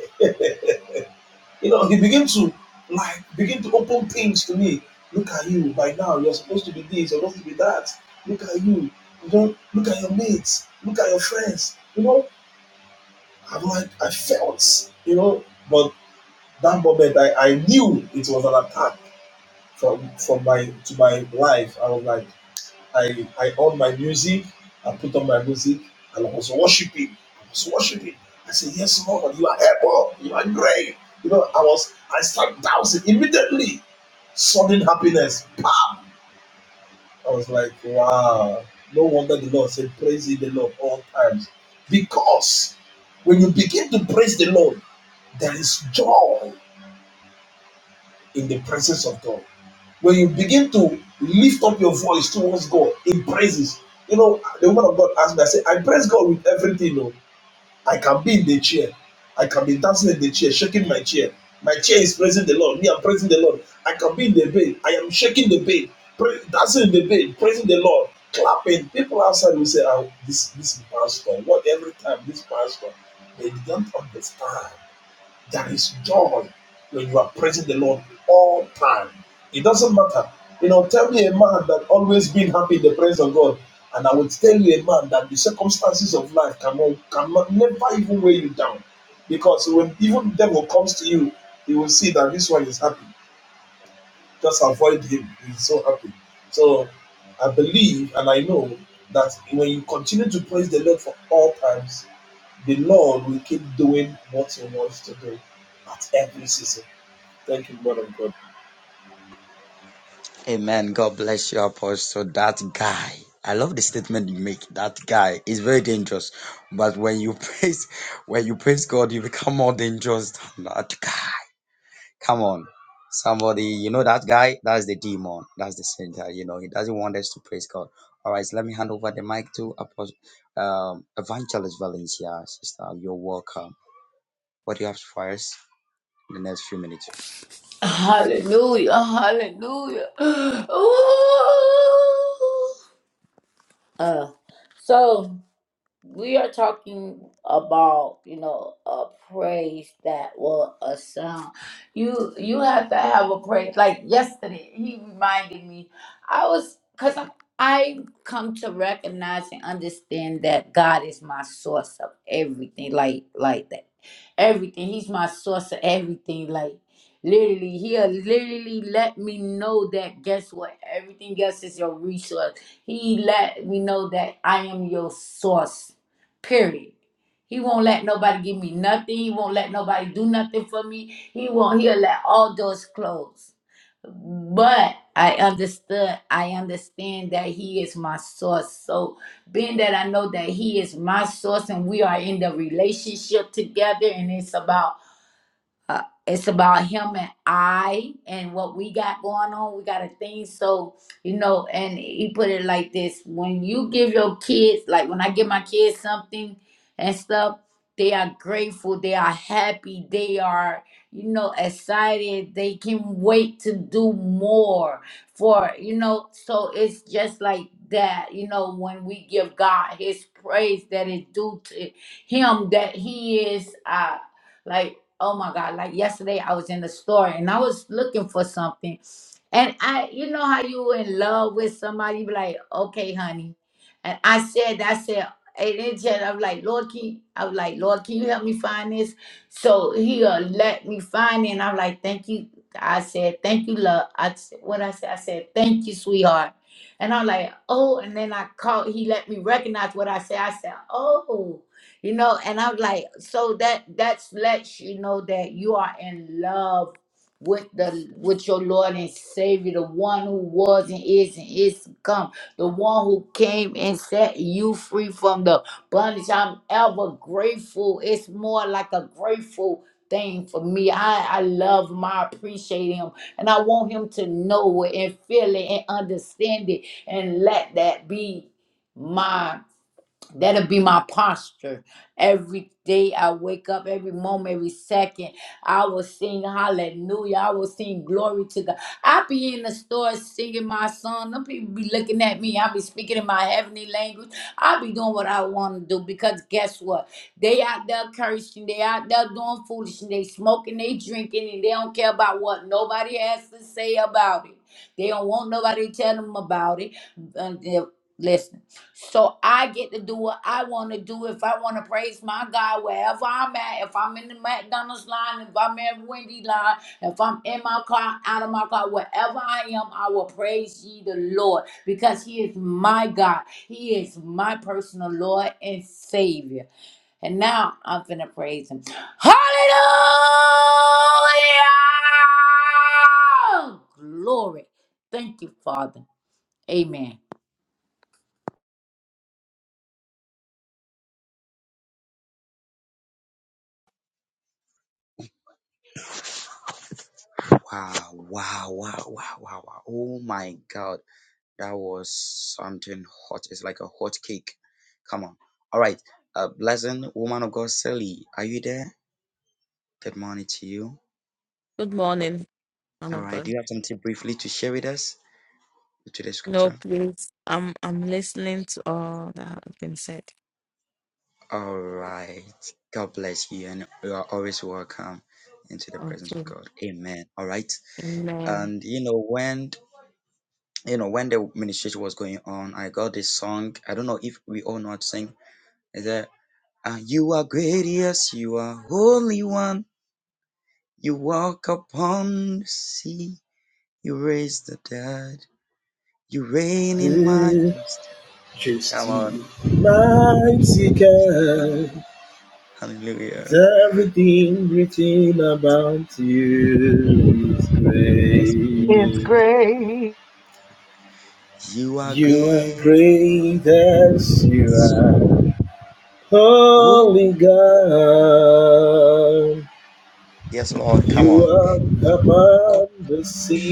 [SPEAKER 2] You know, he began to like begin to open things to me. Look at you by now, you're supposed to be this, you're supposed to be that. Look at you. You know, look at your mates, look at your friends. You know, I'm like I felt, you know, but that moment I, I knew it was an attack from from my to my life. I was like, I I on my music, I put on my music, and I was worshiping. I was worshiping. I said, Yes, Lord, you are able, you are great. You know, I was I started dancing immediately. Sudden happiness. Pow! I was like, Wow. No wonder the Lord said, Praise ye the Lord all times. Because when you begin to praise the Lord, there is joy in the presence of God. When you begin to lift up your voice towards God in praises, you know, the woman of God asked me, I said, I praise God with everything. Oh, I can be in the chair. I can be dancing in the chair, shaking my chair. My chair is praising the Lord. Me, I'm praising the Lord. I can be in the bed. I am shaking the bed, pra- dancing in the bed, praising the Lord, clapping. People outside will say, oh, this, this pastor, what every time this pastor, they don't understand. There is joy when you are praising the Lord all time. It doesn't matter. You know, tell me a man that always been happy in the presence of God, and I will tell you a man that the circumstances of life cannot, cannot never even weigh you down. Because when even the devil comes to you, you will see that this one is happy. Just avoid him. He's so happy. So I believe and I know that when you continue to praise the Lord for all times, the Lord will keep doing what He wants to do at every season. Thank you, Lord of God.
[SPEAKER 3] Hallelujah, hallelujah. [gasps] Ooh. Uh, so. we are talking about you know a praise that will sound you you have to have a praise like yesterday he reminded me i was because i I come to recognize and understand that god is my source of everything like like that everything he's my source of everything like literally he'll literally let me know that guess what everything else is your resource he let me know that i am your source Period. He won't let nobody give me nothing. He won't let nobody do nothing for me. He won't. He'll let all doors close. But I understood. I understand that He is my source. So, being that I know that He is my source, and we are in the relationship together, and it's about uh, it's about him and I and what we got going on. We got a thing. So, you know, and he put it like this when you give your kids, like when I give my kids something and stuff, they are grateful, they are happy, they are, you know, excited, they can wait to do more for, you know, so it's just like that, you know, when we give God his praise that is due to him, that he is. uh, like, oh my God, like yesterday I was in the store and I was looking for something. And I, you know how you in love with somebody, you be like, okay, honey. And I said, I said, and then just, I'm like, Lord, can you-" I was like, Lord, can you help me find this? So he uh, let me find it. And I'm like, thank you. I said, thank you, love. I said, what I said, I said, thank you, sweetheart. And I'm like, oh, and then I called, he let me recognize what I said. I said, oh you know and i'm like so that that's lets you know that you are in love with the with your lord and savior the one who was and is and is to come the one who came and set you free from the bondage i'm ever grateful it's more like a grateful thing for me i i love him i appreciate him and i want him to know it and feel it and understand it and let that be my. That'll be my posture. Every day I wake up, every moment, every second, I will sing hallelujah. I will sing glory to God. I be in the store singing my song. Them people be looking at me. I be speaking in my heavenly language. I be doing what I want to do because guess what? They out there cursing. They out there doing foolishness. They smoking, they drinking, and they don't care about what nobody has to say about it. They don't want nobody to tell them about it. Um, yeah, listen. So I get to do what I want to do. If I want to praise my God wherever I'm at, if I'm in the McDonald's line, if I'm in Wendy line, if I'm in my car, out of my car, wherever I am, I will praise ye the Lord because He is my God. He is my personal Lord and Savior. And now I'm finna praise him. Hallelujah! Glory. Thank you, Father. Amen.
[SPEAKER 4] Good morning, man of God. No, please. I'm I'm listening to all that has been said. Okay. Amen.
[SPEAKER 2] Everything
[SPEAKER 1] It's great.
[SPEAKER 2] you are great as you only God who are upon the sea.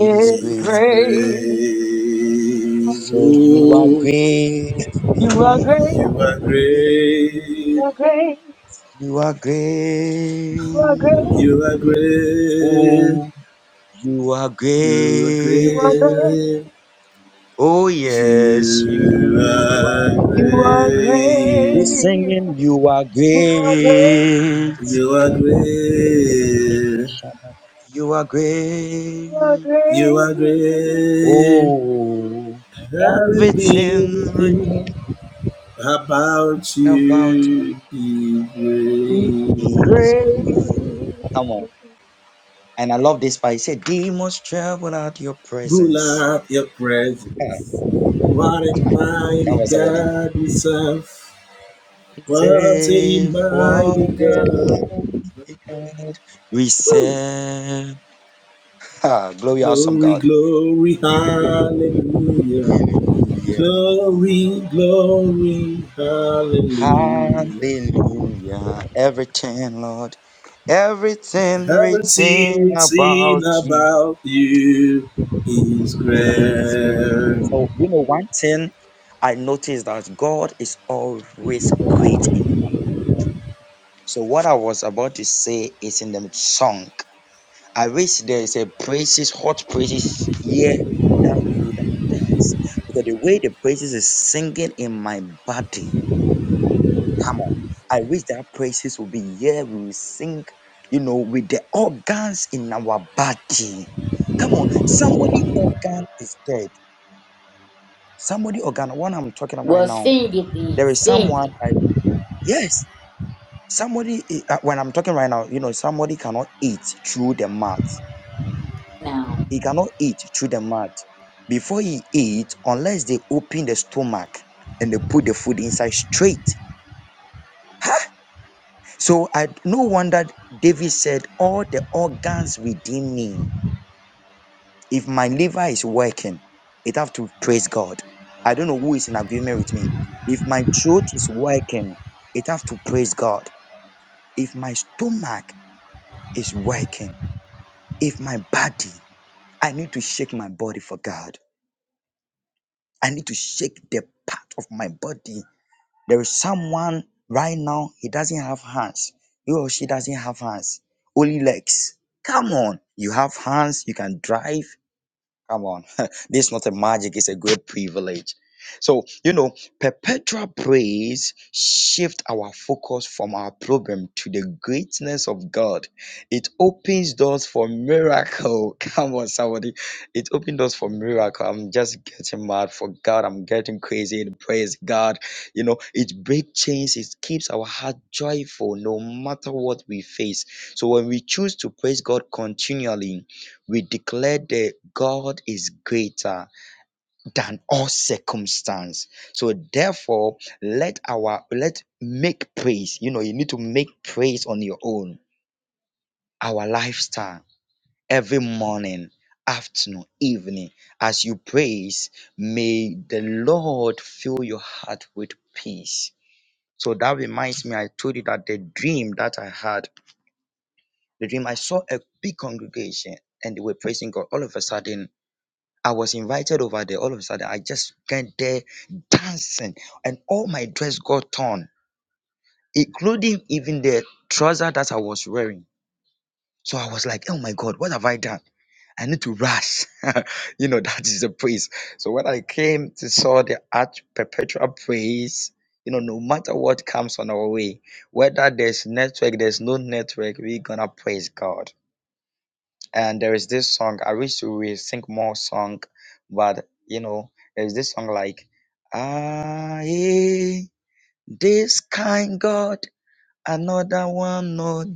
[SPEAKER 1] It's great. You are great. You are great. You are great. You are great. You are great. You are great. You are great. He's great.
[SPEAKER 3] Well, sing it then. Sing it now.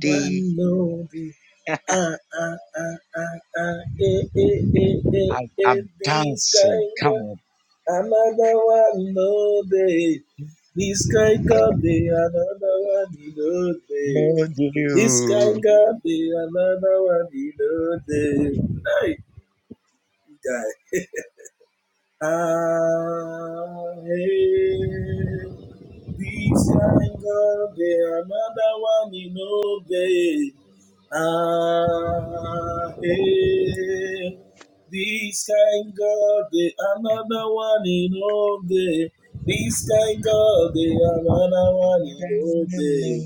[SPEAKER 2] I know the ah ah ah ah ah eh eh eh eh eh eh, this kind of another one no day. This kind of day another one no day. This kind God be another one in a day. Hey, guy. I This anger, there another one in obey. Ah, hey. This kind God, they another one in all day. This kind God, they another one in all day.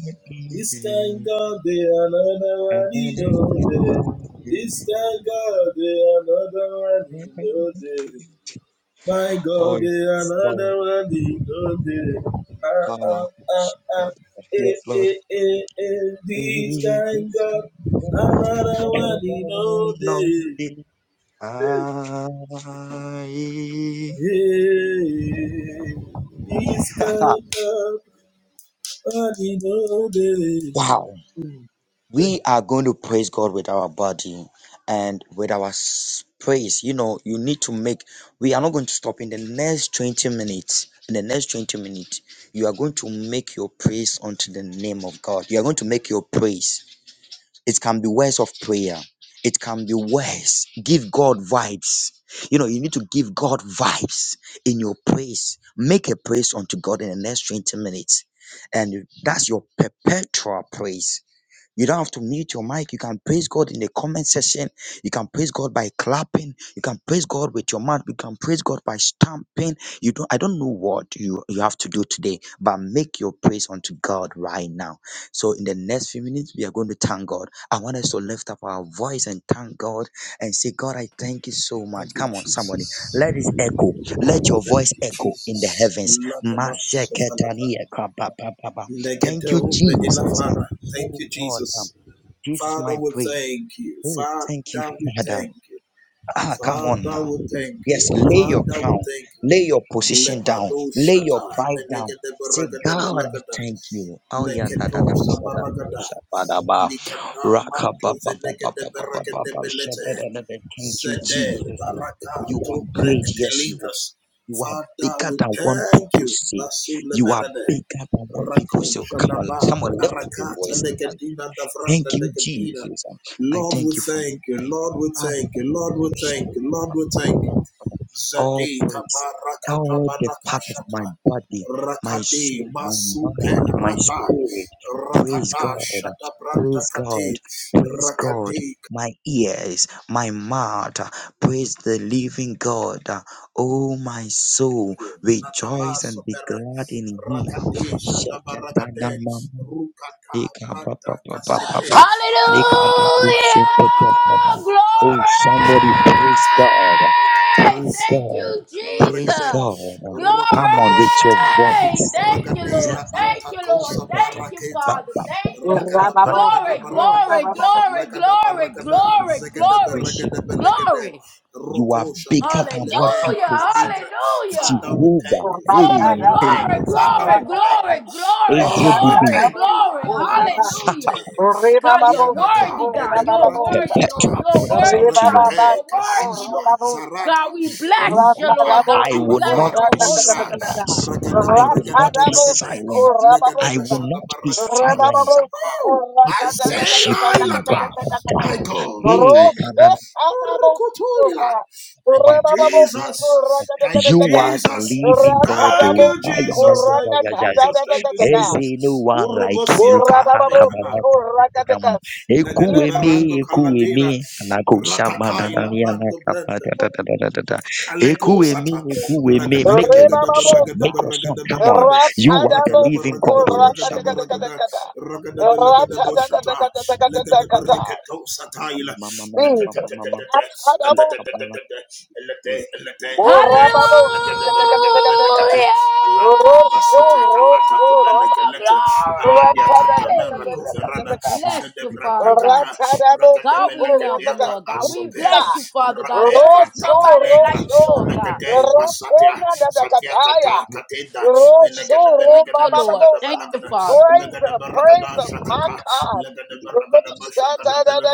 [SPEAKER 2] This kind God, they another one in all day. This kind God, they another one in all day. My God, there another one is on there. Ah, ah, ah, ah. Eh, eh, eh, eh. This kind God, another one is on there. Eh, eh. Likata, provenegede, beregede, belete, zede, baraka, tobre, eteligras. Father, we thank you. Basu leberede, rako shadaba, barakata legedina davranda lekedina. Lord, we thank you. Lord, we thank you. Lord, we thank you. Lord, we thank you. Adi kabarakata banakashata. Adi masupe Rakata shata branta kati. Rakati Ladabaso pere. Rakati shata barakate. Rukata branta kasete. Barakada
[SPEAKER 3] Hallelujah!
[SPEAKER 2] barakada banakada.
[SPEAKER 3] Glory!
[SPEAKER 2] Balakada bashakada banata. Lakatas.
[SPEAKER 3] Thank you,
[SPEAKER 2] Regade,
[SPEAKER 3] Jesus. Glory!
[SPEAKER 2] Rakadaboshata,
[SPEAKER 3] Thank you, Lord.
[SPEAKER 2] Ragadela
[SPEAKER 3] Thank you, Lord.
[SPEAKER 2] Antacosa
[SPEAKER 3] Thank you,
[SPEAKER 2] Baraketa,
[SPEAKER 3] Father. Thank you.
[SPEAKER 2] Rakada Barakada
[SPEAKER 3] Glory,
[SPEAKER 1] Rababosiko,
[SPEAKER 2] Barakada,
[SPEAKER 3] glory,
[SPEAKER 1] rababosiko,
[SPEAKER 3] glory,
[SPEAKER 2] Lagada
[SPEAKER 3] glory,
[SPEAKER 2] Barakada,
[SPEAKER 3] glory,
[SPEAKER 2] Zegada
[SPEAKER 3] glory,
[SPEAKER 2] Barakada Belegade,
[SPEAKER 3] glory.
[SPEAKER 2] Roko Shada, Lepe
[SPEAKER 3] Hallelujah!
[SPEAKER 2] Radadigra.
[SPEAKER 3] Hallelujah!
[SPEAKER 2] Father, we thank
[SPEAKER 1] rababosiko,
[SPEAKER 2] you.
[SPEAKER 3] Glory,
[SPEAKER 2] Father, we thank
[SPEAKER 3] glory,
[SPEAKER 2] you. Father,
[SPEAKER 3] glory,
[SPEAKER 2] we thank
[SPEAKER 3] glory,
[SPEAKER 2] you.
[SPEAKER 1] rababosiko,
[SPEAKER 3] glory,
[SPEAKER 2] Lord, we
[SPEAKER 3] glory,
[SPEAKER 2] thank you.
[SPEAKER 3] glory.
[SPEAKER 1] rababosiko,
[SPEAKER 2] Alama Sute,
[SPEAKER 1] rababosiko,
[SPEAKER 3] Hallelujah. God, you're
[SPEAKER 2] Aliadaka,
[SPEAKER 3] worthy,
[SPEAKER 1] rababosiko,
[SPEAKER 3] God. You're
[SPEAKER 2] Tedebrako
[SPEAKER 1] rababosiko,
[SPEAKER 3] worthy, Lord.
[SPEAKER 2] Shata,
[SPEAKER 3] You're
[SPEAKER 1] Jesus.
[SPEAKER 3] worthy, God.
[SPEAKER 2] Rakate,
[SPEAKER 3] You're worthy,
[SPEAKER 2] Kazizwa,
[SPEAKER 3] Lord.
[SPEAKER 2] Zarata.
[SPEAKER 3] God, we bless you, Lord
[SPEAKER 2] Rukupa,
[SPEAKER 3] God. We bless
[SPEAKER 2] Talavara,
[SPEAKER 3] your holy
[SPEAKER 2] Mengra,
[SPEAKER 3] name, God.
[SPEAKER 2] Ragadaba, Ragadaba, Lagada, Lagadaba, Shada, Barakata. Oh, my Sailor Ilata. My God, we thank you. Rukutu ila. Thank you, Jesus. Thank you, God. Urakata ila mando brenda. Kaleko sata. ragada, ragada, ragada, ragada,
[SPEAKER 1] Rebabosa,
[SPEAKER 2] Ragadagadagadabaragadabaragadabaragadab.
[SPEAKER 1] Ratadabosico,
[SPEAKER 2] Rakadabaragadabaragadabaragada.
[SPEAKER 1] Ratadakadakadakada,
[SPEAKER 2] Ragadabelagadaboshata.
[SPEAKER 1] Ratadakadakadakadakada,
[SPEAKER 2] Lagadabaragato sataila.
[SPEAKER 1] Jesus,
[SPEAKER 2] Atatatatatatata.
[SPEAKER 1] Ratadabosa,
[SPEAKER 2] Atatatatata. Elete, elete,
[SPEAKER 3] Hallelujah.
[SPEAKER 2] elete. Lagadabaragadabelagata.
[SPEAKER 1] Rababosikadakadakadakada,
[SPEAKER 2] Alanta,
[SPEAKER 1] Rosho,
[SPEAKER 2] basuta, Kalata,
[SPEAKER 1] Rosho,
[SPEAKER 2] Kobele, Kalete, Aladia, Katamara,
[SPEAKER 3] Glory.
[SPEAKER 2] Koverada,
[SPEAKER 1] Ratadakadakadakada,
[SPEAKER 3] Bless you,
[SPEAKER 2] Shedebra,
[SPEAKER 3] Father God.
[SPEAKER 2] Takata,
[SPEAKER 3] God, we love you,
[SPEAKER 1] Ratadabosikoratata.
[SPEAKER 2] Ragadabelagadiata,
[SPEAKER 3] Lord God. We
[SPEAKER 1] Tata.
[SPEAKER 2] Asopera,
[SPEAKER 3] bless you, Father God.
[SPEAKER 2] Rae,
[SPEAKER 3] There is
[SPEAKER 1] Rosso,
[SPEAKER 3] nobody
[SPEAKER 2] takalegra.
[SPEAKER 3] like you,
[SPEAKER 1] rosso.
[SPEAKER 3] Lord God.
[SPEAKER 2] Regade Basatia Satia
[SPEAKER 1] Ratenadadakataya.
[SPEAKER 2] Kata Katenda Benagada
[SPEAKER 1] Rosso,
[SPEAKER 3] Thank
[SPEAKER 2] Benagada
[SPEAKER 3] you, Lord.
[SPEAKER 2] Bashagada
[SPEAKER 3] Thank
[SPEAKER 1] robababosa.
[SPEAKER 3] you,
[SPEAKER 2] Balagada
[SPEAKER 3] Father.
[SPEAKER 1] Praise
[SPEAKER 2] Legada
[SPEAKER 1] him, praise
[SPEAKER 2] Baragada
[SPEAKER 1] him, my
[SPEAKER 2] Shakata
[SPEAKER 1] God.
[SPEAKER 2] Legada Baragada
[SPEAKER 1] Rosso,
[SPEAKER 2] Bashagada Belad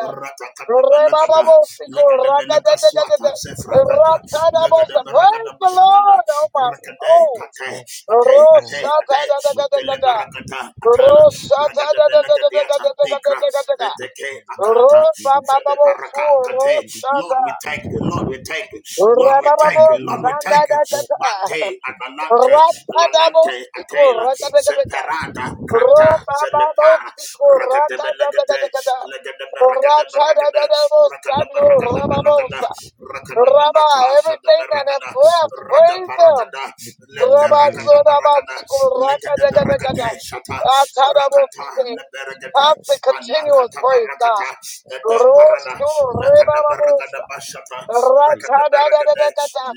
[SPEAKER 2] Ratakata Benakata
[SPEAKER 1] Rebababosiko,
[SPEAKER 2] Legada Benaka Swata
[SPEAKER 1] rakadadadadada.
[SPEAKER 2] Sefrakata
[SPEAKER 1] Ratadabosa.
[SPEAKER 2] Legada
[SPEAKER 1] Praise
[SPEAKER 2] Baragada
[SPEAKER 1] the
[SPEAKER 2] Bashagada
[SPEAKER 1] Lord, oh my
[SPEAKER 2] Rakade
[SPEAKER 1] soul.
[SPEAKER 2] Kate Ate Ate Ate
[SPEAKER 1] Rosso,
[SPEAKER 2] Telebarakata Atala Ragada Benagadiata Bikra
[SPEAKER 1] Rosata-da-da-da-da-da-da-da-da-da-da-da.
[SPEAKER 2] Reteke Akata Jade
[SPEAKER 1] Ro-ba-ba-ba-bo-fu,
[SPEAKER 2] Baraka Kate Lord we
[SPEAKER 1] Rosata.
[SPEAKER 2] thank you Lord we thank you Lord we thank you Lord we thank you
[SPEAKER 1] Ra-ba-ba-bo-sanda-da-da-da.
[SPEAKER 2] Mate Atalante Alalante
[SPEAKER 1] Ra-ta-da-bo-siko,
[SPEAKER 2] Atela
[SPEAKER 1] ra-ta-da-da-da-da.
[SPEAKER 2] Separata Krata Selepara
[SPEAKER 1] Ro-ba-ba-bo-siko,
[SPEAKER 2] Ragada Benagade
[SPEAKER 1] ra-ta-da-da-da-da-da.
[SPEAKER 2] Legada Baragada Baragada Rakada
[SPEAKER 1] Ra-ta-da-da-da-bo-sando,
[SPEAKER 2] Baragada Baragada
[SPEAKER 1] ra-ba-bo-sa.
[SPEAKER 2] Rakada
[SPEAKER 1] Rabbi,
[SPEAKER 2] Banaka Shada
[SPEAKER 1] everything that has
[SPEAKER 2] Baragada
[SPEAKER 1] left,
[SPEAKER 2] Rada
[SPEAKER 1] praise them.
[SPEAKER 2] Baragada Leperagada
[SPEAKER 1] Constant,
[SPEAKER 2] Baragada Legede beregede shata. Rakata neberegede.
[SPEAKER 1] continuous
[SPEAKER 2] Anakata
[SPEAKER 1] praise, God.
[SPEAKER 2] barakata. Ede parada. Lakada beregede bashata. Rekede beregede.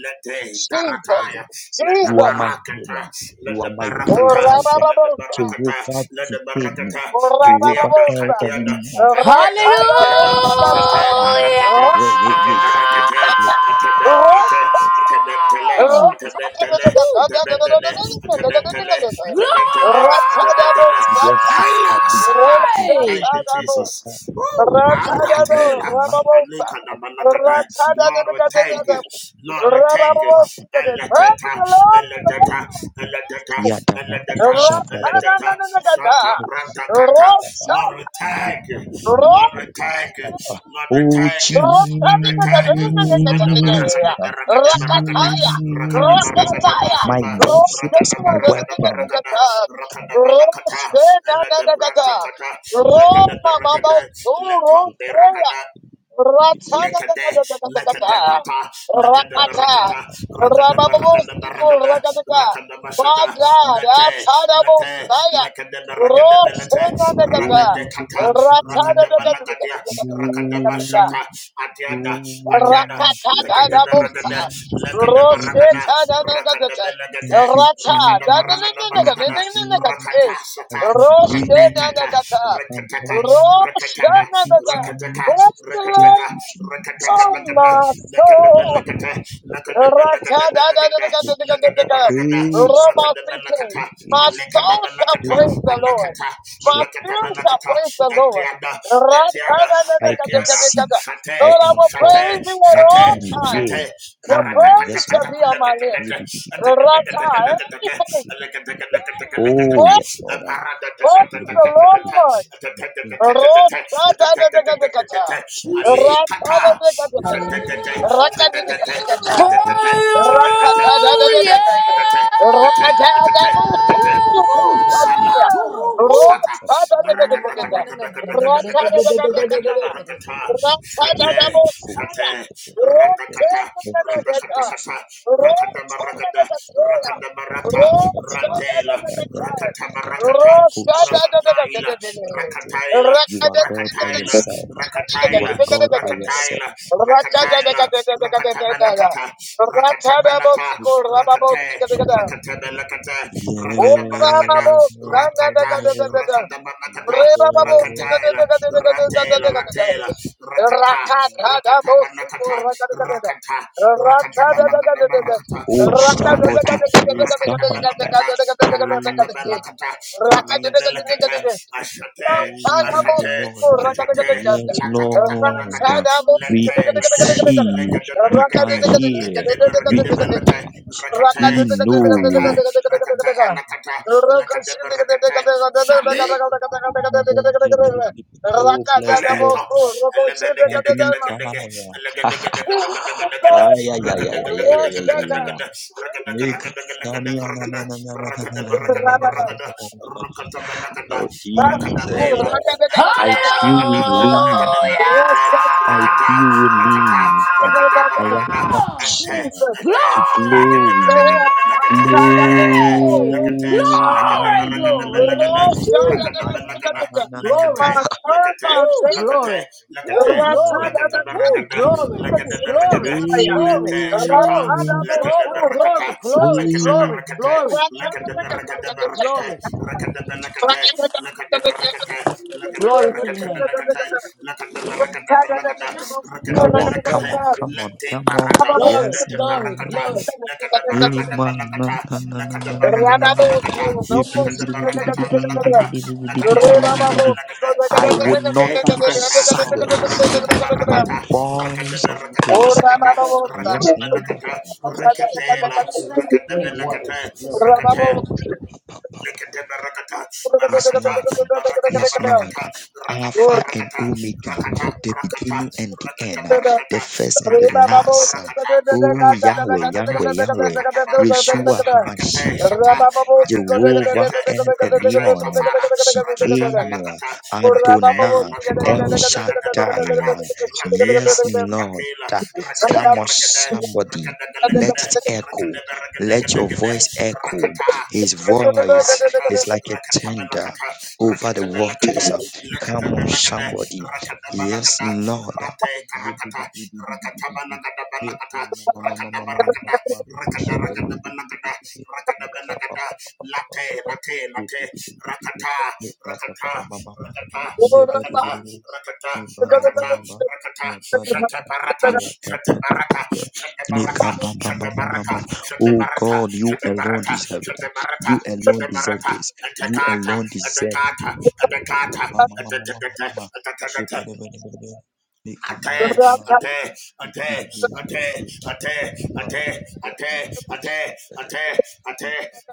[SPEAKER 2] Lete
[SPEAKER 1] Jesus,
[SPEAKER 2] darataya. Lete
[SPEAKER 1] Jesus,
[SPEAKER 2] barakata. Lete barakata. Lete
[SPEAKER 1] Orababosa,
[SPEAKER 2] barakata. Lete barakata. Katiada.
[SPEAKER 1] Orababosa,
[SPEAKER 2] Katiada. Katiada.
[SPEAKER 3] Hallelujah!
[SPEAKER 2] Katiada. Shate
[SPEAKER 1] Ratadabosikataya,
[SPEAKER 2] barakata. Ete beregede. Ete
[SPEAKER 1] Ratata,
[SPEAKER 2] ben. Atabetele, Atabetele,
[SPEAKER 3] Woo!
[SPEAKER 2] Atabetele, Atabetele, Atabetele,
[SPEAKER 3] Glory!
[SPEAKER 2] Atabetele.
[SPEAKER 1] Ratsadabosata.
[SPEAKER 2] Taylor Sapa. Thank you,
[SPEAKER 1] Ratsadabo.
[SPEAKER 2] Jesus. Woo!
[SPEAKER 1] Ratsadabo.
[SPEAKER 2] Maratela.
[SPEAKER 1] Rababosa.
[SPEAKER 2] Alika na manakata. Lord, we thank
[SPEAKER 1] Ratsadadadadadadada.
[SPEAKER 2] you. Lord, we thank you.
[SPEAKER 1] Rababosita. Praise the
[SPEAKER 2] Eleteta,
[SPEAKER 1] Lord. Oh,
[SPEAKER 2] eleteta, eleteta,
[SPEAKER 1] my God.
[SPEAKER 2] eleteta, eleteta, Kata,
[SPEAKER 1] Ratsadadadadadada.
[SPEAKER 2] Shata Branta Kata.
[SPEAKER 1] Rotsa.
[SPEAKER 2] Lord, we thank you. Lord, we thank you.
[SPEAKER 1] Rotsa.
[SPEAKER 2] Lord, we thank you.
[SPEAKER 1] Rakataya,
[SPEAKER 2] Lord, we thank you. Ada barakada barakada barakada. Rakada barakada
[SPEAKER 1] Rakataya,
[SPEAKER 2] bashata. Rakada
[SPEAKER 1] Rosena,
[SPEAKER 2] barakada barakada. Rakada barakata. Elada branta
[SPEAKER 1] Rosena,
[SPEAKER 2] kata. Lekada
[SPEAKER 1] Roma, Mama,
[SPEAKER 2] barakada. Leta
[SPEAKER 1] Rosena,
[SPEAKER 2] barakada.
[SPEAKER 1] Ratana,
[SPEAKER 2] Lekade, lekade pata, lekade
[SPEAKER 1] Rakata,
[SPEAKER 2] barakada, rakada barakada
[SPEAKER 1] Rababostico,
[SPEAKER 2] barakada,
[SPEAKER 1] Rakata,
[SPEAKER 2] rakada bashada,
[SPEAKER 1] Baga,
[SPEAKER 2] lete,
[SPEAKER 1] Ratana,
[SPEAKER 2] lete,
[SPEAKER 1] Bostaya,
[SPEAKER 2] lekade barakada belete,
[SPEAKER 1] Rosena,
[SPEAKER 2] rakade kata, rakada balagadia, rakada
[SPEAKER 1] Ratana,
[SPEAKER 2] bashata, atiada, atiada, lekade
[SPEAKER 1] Rakatadadabosa.
[SPEAKER 2] barakade, lekade barakada, rakada
[SPEAKER 1] Roshetadanagagata.
[SPEAKER 2] belagade, rakada barakada barakada,
[SPEAKER 1] Ratadanaganagata.
[SPEAKER 2] rakata
[SPEAKER 1] Eh.
[SPEAKER 2] sata, rakade kata,
[SPEAKER 1] Roshetanagata.
[SPEAKER 2] Rakataka, Rakataka,
[SPEAKER 1] Roshanagata.
[SPEAKER 2] Rakataka,
[SPEAKER 1] Praise the Lord,
[SPEAKER 2] Rakataka, Rakataka,
[SPEAKER 1] oh
[SPEAKER 2] Lakada,
[SPEAKER 1] my
[SPEAKER 2] Lakada,
[SPEAKER 1] soul.
[SPEAKER 2] Lakata, Lakada, Lakada, Lakada, Lakada, Rakada, Rakada,
[SPEAKER 1] Rabba-speaking.
[SPEAKER 2] Lakata,
[SPEAKER 1] My
[SPEAKER 2] Alekada,
[SPEAKER 1] soul shall
[SPEAKER 2] Lakata,
[SPEAKER 1] praise the Lord.
[SPEAKER 2] Alakata,
[SPEAKER 1] My spirit
[SPEAKER 2] Alakata,
[SPEAKER 1] shall
[SPEAKER 2] Lakata,
[SPEAKER 1] praise the Lord.
[SPEAKER 2] Etiada, Etiada, Etiada,
[SPEAKER 1] Ra-cha-da-da-da-da-da-da-da-da.
[SPEAKER 2] Shate,
[SPEAKER 1] Lord, I will
[SPEAKER 2] Shate,
[SPEAKER 1] praise you at
[SPEAKER 2] Shate,
[SPEAKER 1] all times.
[SPEAKER 2] Shate,
[SPEAKER 1] Your praise shall be on my lips. Rata, everything.
[SPEAKER 2] Baratakatakatakulakataka,
[SPEAKER 1] Praise the Lord.
[SPEAKER 3] Amen. Hallelujah!
[SPEAKER 2] Shut Ooh, Salaturu
[SPEAKER 3] Ooh.
[SPEAKER 2] Sata
[SPEAKER 3] Na, na, na, na, na, na, na, na, na, na, na, na, na, na,
[SPEAKER 2] Rakadakadakadakadakadakada
[SPEAKER 3] na, na, na, na, na, for the
[SPEAKER 2] Rakadabarakata
[SPEAKER 3] system.
[SPEAKER 2] Shate Shate Ratakata Ratakatakata Rakadabaragada Rakadabarata Ratela Rakatabarakata Rakataila
[SPEAKER 1] Rosh
[SPEAKER 2] Rakataila Rakataila Rakataila rakataila, rakataila, rakataila, rakatabanakata, rakatabanata, rakate, rakatabalakata, rakadabarakada, rakata, rakadabanakata, rakataila, ratela, ratela, rakata, rakatabanakata, rakata, rakatabanakata, rakata, Rakata, Rakata Belakata, Barakata Belakata, Rakata Belakata,
[SPEAKER 1] Rakata
[SPEAKER 2] Ashate, Ashate, Ashate, Latakata Belakata, Lete, Lete, Legade Bergade, Legade Bergade Belate, Rakate, Rakate, Rakate, Alakata, Lakade Bergate, Shali. Kaleta, Elebedegadegade,
[SPEAKER 1] Rakadabos,
[SPEAKER 2] Elegadegadegade, Ragadagadagadagadagada, Ragadagadagadagadagadagada, Ragadabaragadabaragadada, Rukatabalagada, Rakadabela,
[SPEAKER 3] Hallelujah!
[SPEAKER 2] Aikatabaragada, Legadabaragate, Rakata,
[SPEAKER 1] Jesus.
[SPEAKER 2] Rakata, Rakadabaragada, Ete, Ete,
[SPEAKER 1] Say, I'm
[SPEAKER 2] Legadabaragadabalagate,
[SPEAKER 1] not a
[SPEAKER 2] Legate,
[SPEAKER 1] fool.
[SPEAKER 3] Glory!
[SPEAKER 2] Legate,
[SPEAKER 3] Glory, glory. Ooh,
[SPEAKER 2] Legadabaragadabalagada, ragada
[SPEAKER 3] glory.
[SPEAKER 1] My
[SPEAKER 2] Lakate, Lakate,
[SPEAKER 3] Woo,
[SPEAKER 1] foundation.
[SPEAKER 2] Lakate,
[SPEAKER 3] glory.
[SPEAKER 2] Lakate,
[SPEAKER 3] Woo, glory.
[SPEAKER 2] Lakate
[SPEAKER 3] Woo,
[SPEAKER 2] Baragada,
[SPEAKER 3] glory.
[SPEAKER 2] Lakate
[SPEAKER 3] Glory.
[SPEAKER 2] Baragada,
[SPEAKER 3] Glory.
[SPEAKER 2] Lete Shata,
[SPEAKER 3] Glory.
[SPEAKER 2] Lakate
[SPEAKER 3] Glory.
[SPEAKER 2] Barakata,
[SPEAKER 3] Glory. Glory.
[SPEAKER 2] Lakate
[SPEAKER 3] Glory.
[SPEAKER 2] Barakate,
[SPEAKER 3] Glory.
[SPEAKER 2] Lakate Barakate Barakate,
[SPEAKER 3] Glory.
[SPEAKER 1] Rather
[SPEAKER 2] Rakate Balakate, Lakate Barakate, Lakate
[SPEAKER 3] Glory to
[SPEAKER 2] Barakate
[SPEAKER 3] your name.
[SPEAKER 2] Balakate, Lakate Barakata Balakata, Rakate
[SPEAKER 3] No, that's right.
[SPEAKER 2] Balakate, Lete Barata,
[SPEAKER 3] glory.
[SPEAKER 2] Lete
[SPEAKER 3] Glory.
[SPEAKER 2] Barakata,
[SPEAKER 3] Glory.
[SPEAKER 2] Lakate Barakata Balakata, Lakadabarakadabalakata. Lakadabarakatabalakata. Lakadabarakadabalakata. Rate,
[SPEAKER 3] They're gonna sell it
[SPEAKER 2] rata.
[SPEAKER 3] at the bottom.
[SPEAKER 2] Barakata, barakata. Rakadabarakadabalakata. Rakadabalakata.
[SPEAKER 3] Go brush your teeth and
[SPEAKER 2] Rakatela.
[SPEAKER 3] wash your face. You need water.
[SPEAKER 2] Rakadabalakata.
[SPEAKER 3] Look.
[SPEAKER 2] Rakate. Lekete barakata, barakata, barakata, barakata, rakata,
[SPEAKER 1] or
[SPEAKER 2] barakata, rakata, rakata,
[SPEAKER 1] Thank
[SPEAKER 2] rakata, barakata, rakata, rakata, rakata, rakata, rakata, barakata, rakata, shata, rakata, belakata, rakata, kafara, rakata, belakata, rakata, lakata, lakata, barakata, Rakela, Rakela, Rakela Garagada, Rakada Galagada, Rakada Baragadagadagada, Rakata, Rakata Barakata, Rakata Balakata, Rakata Balakata, Lakata Balagada, Rakata Balagada, Rate Karakata, Rakata Balagada Balakata, Rakada Barakada, Rakada Banagada, Rakada Balakada, belagada late late late rakata rakata
[SPEAKER 1] you.
[SPEAKER 2] rakata
[SPEAKER 1] Thank
[SPEAKER 2] rakata rakata rakata rakata
[SPEAKER 1] you.
[SPEAKER 2] shate barata shate barata shate barata shate barata shate barata shate barata shate barata shate barata atakata atakata Ate, ate, ate, ate, ate, ate, ate, ate, ate, ate,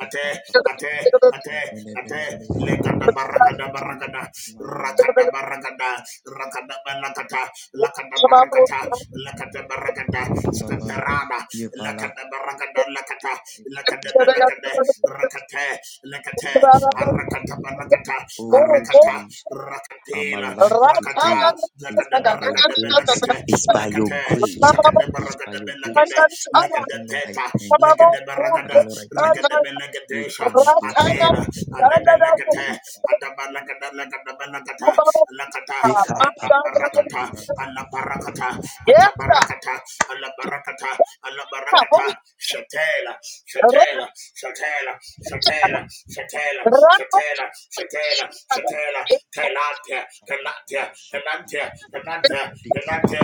[SPEAKER 2] ate, ate, ate, ate, lekata barakada barakada rakada barakada rakada barakata lakada barakata lakada barakata staterada lakada barakada lakata lakada barakada rakate lakate arakata barakata arakata rakatela rakata lakada barakada lakate lakate lakada barakada lakade lakade peta lakade barakada Regedebelegedesha,
[SPEAKER 1] Yes,
[SPEAKER 2] Atela, Alebelegete, Adabalagadalagadabelagata, Lakata, Adabarakata, Alabarakata,
[SPEAKER 1] God.
[SPEAKER 2] Atabarakata, Alabarakata, Alabarakata, Shatela, Shatela, Shatela, Shatela, Shatela, Shatela, Shatela, Shatela, Kelatia, Kelatia, Kelatia, Kelatia,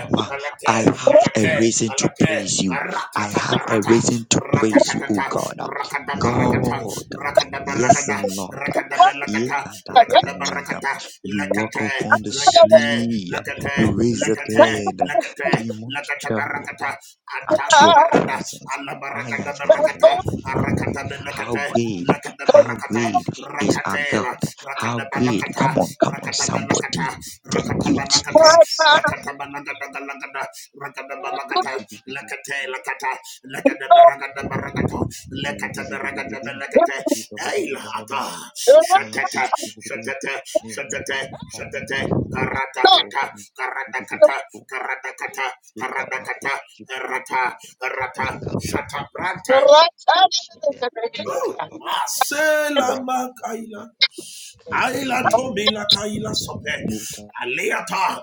[SPEAKER 2] Kelatia, alate, alate, alate, ratata parata, ratatata, rakada barakata, rakada barakada, rakada belagata, rakada barakata, lekate, lekate, lekate, lekate, lekate, lekate barakata, adana barada, ala barakada barakata, arakata belakate, lakada barakata, rakatela, rakada Rakata, Rakatabanakata, Rakatabanakata,
[SPEAKER 1] Holy
[SPEAKER 2] Rakatabanakatagalagada, Rakatabanakata, Lakate, Lakata, lakata, Baragada Baragato, lakata, Lakadabaragadabaragata, Lakatabaragadabalakate, Eilata, Shatata, Shatata, Shatata, Shatata, Karatakata, Karatakata, Karatakata, Karatakata, Rata, Rata, Shatabranta, Masela Makaila. Aila tomi la kaila sope. Aleata.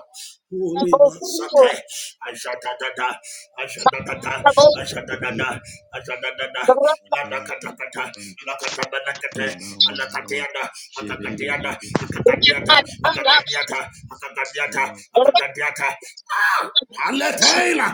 [SPEAKER 2] Holy masate. Ashadadada. Ashadadada. Ashadadada. Ashadadada. La da katakata. La katabanakate. Alakatiana. Akakatiana. Akakatiata. Akakatiata. Akakatiata. Akakatiata. Ah! Aletaila.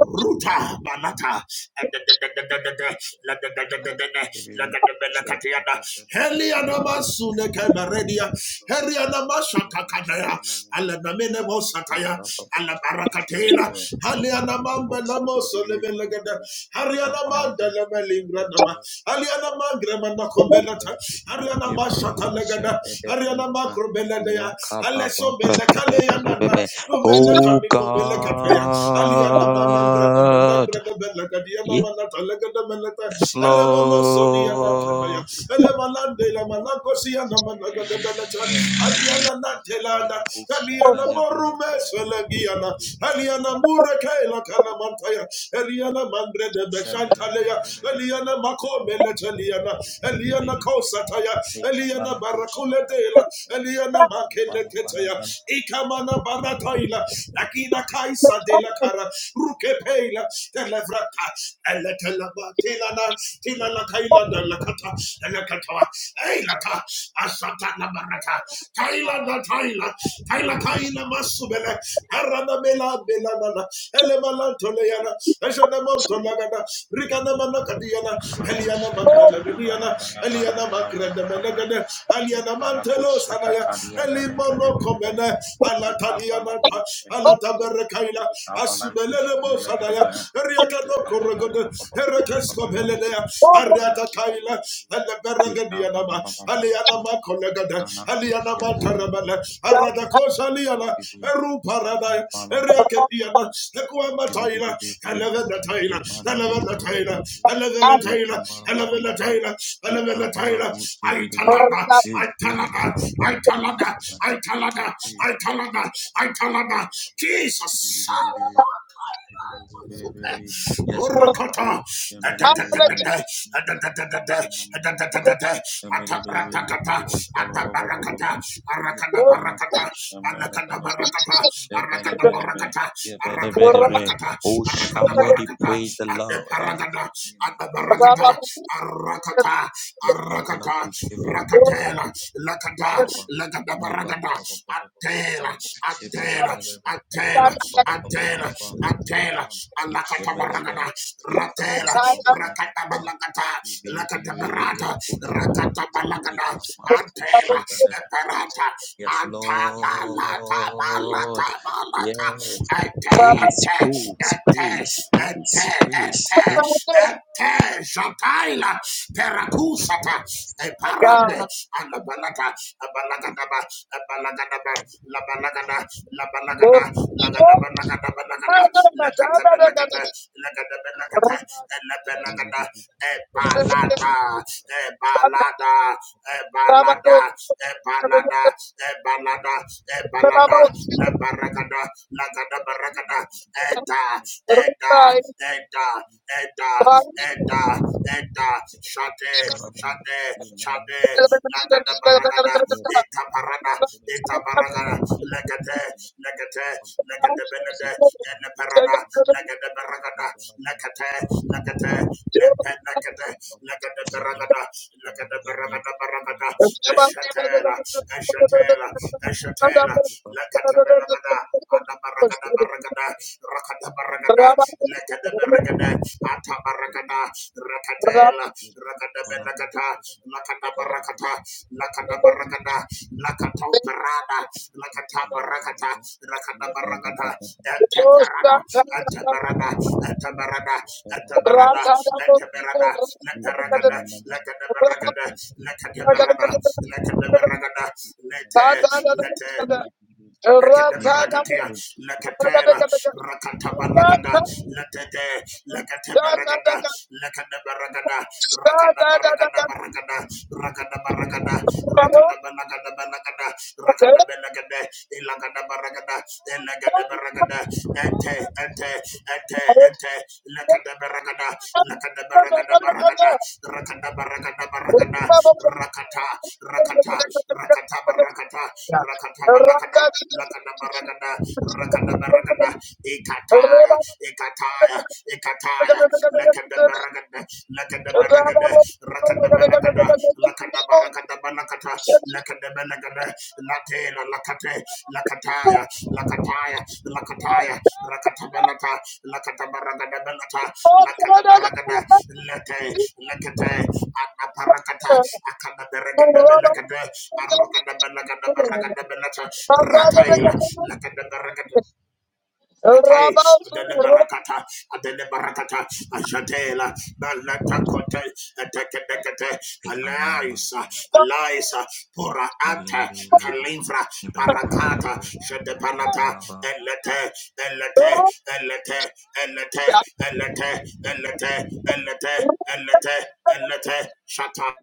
[SPEAKER 2] Ruta banata. La da da da da da da. La da da da da da. La da da da da. Helianama Sunekeberedia, Helianama Shatakadaya, Alanamene Mosataya, Alabarakatela, Haliana mamba lamo solebe legada. Hariana manda leme lingranama. Haliana mangra manda kombelata. Hariana mashata legada. Hariana makro beledea. Haleso bele kale yanana. Umele kami kombele kateya. Haliana manandra da menangra da belegadiana manata legada meleta. Elemono sodiana kanaya. Elemalande la manakosia na managada beleta. Adiana natelada. Kaliana morume swelegiana. Eliana Mureke la Kana Mantaya, Eliana Mandre de Beshantalea, Eliana Makome Leteliana, Eliana Kosataya, Eliana Barakuledela, Eliana Makeleketaya, Ikamana Barataila, Lakina Kaisa de la Cara, Rukepeila, Televrata, Eletelaba, Tilana, Tilana Kaila de la Cata, Elekatoa, Eilata, Asata la Barata, Kaila da Taila, Kaila Kaila Masubele, Aranabela Belanana, Elemalantoleyana, Eshanemontolagana, Rikanamanakadiana, Eliana Manteleviniana, Eliana Magredemenagana, Aliana Mantelo Sanaya, Elimano Comene, Alatanianata, Alataberekaila, Asubelebo Sanaya, Eriakano Corregode, Erekesco Belenea, Ariata Kaila, and the Beregadianama, Aliana Macolegada, Aliana Matarabella, Aradakos Aliana, Eru paradaya, Eriaketiana, Equama Taila, Elevena Taila, Elevena Taila, I Taila, Elevena Taila, I Taila, Aitalana, Aitalana, I Aitalana, Aitalana, Aitalana, Jesus. Orokota. Atatatatata. Atatatatata. Atatatata. Atarakatata. Atabarakata. Arakadabarakata.
[SPEAKER 1] My
[SPEAKER 2] Anakadabarakata. Arakadabarakata. Arakadabalakata. Arakadabarakata. Adeparagada. Adabaragada. Arakata. Arakata. Rakatela. Lakata. lakata. Rakanda Baragada, Atela, Atela, Atela, Atela, Atela, Alakata Baragada, Ratela, Rakata Balagata, Lakata Barata, Rakata Balagada, Atela, Eparata, Anta Balata, Balata, Balata, Ate, Ate, Ate, Ate, Ate, Ate, Jata, Aila, Perakusata, Eparande, and the Balaga, a Balagadaba, a Balagadaba, La Balagada, La Balagada, Lagada Balagada Balagada, Lagata Balagata, Lagada Balagata, and La Balagada, a Balada,
[SPEAKER 1] God.
[SPEAKER 2] a Balada, a Balada, a Balada, a Balada, a
[SPEAKER 1] Rabat,
[SPEAKER 2] Balada, La Baragada, Lagada Baragada Eda, Eda, Eda, Eda, Eda, Eda, Shate, Shate, Shate, Lagada Baragada, Eta Parada, Eta Baragada, Legate, Legate, Legate Benede, and Parada, Legate Baragada, Legate, Legate, Legate, Legate Baragada, Legate Baragada Baragada, Eshatela, Eshatela, Eshatela, Lakatabalagada, Adabaragada Baragada, Rakata Baragada, Lakata Baragada, Atabaragada, Rakatela, Rakata
[SPEAKER 1] Rata
[SPEAKER 2] Benagata, Lakata Barakata, Lakata Baragada, Lakata Parada, Lakata Barakata, Rakata Baragata, Ataparada, Atabarada, Atabarada, Atabarada, Atabarada, Lataragada, Lakata Baragada, Lakata Barada, Lakata Baragada, Lete, Lete, Lekedeberakatia, leketela, rakatabaragada, letete, leketeberagada, lekedeberagada, rakadabaragadabaragada, rakadabaragada, rakadabalagadabalagada, rakadabalagade, ilagadabaragada,
[SPEAKER 1] Thank
[SPEAKER 2] elegadebaragada, ente, ente, ente, ente, Lakada baragada, lakada baragada baragada, rakada baragada baragada, rakata, rakata, rakata barakata, rakata balakada, lakada baragada, rakada baragada,
[SPEAKER 1] you.
[SPEAKER 2] ikataya, ikataya, ikataya, lakada baragada, lakada baragada, rakada baragada, lakada baragada balakata, lakadebelekade, latela lakate, lakataya, lakataya, lakataya, rakatabalata, lakatabaragadabalata,
[SPEAKER 1] Rabba
[SPEAKER 2] lakadabaragada, lete, lekete, anaparakata, akadaberegadebelekade, arakadabelegadabaragadabalata, rataila, lakadabaragada. Atai, Adele Barakata, Adele Barakata, Ajadela, Balatakote, Atekebekete, Alaisa, Alaisa, Pora Anta, Kalimfra, Parakata, Shedepanata, Elete, Elete, Elete, Elete, Elete, Elete, Elete, Elete, Elete, Shata.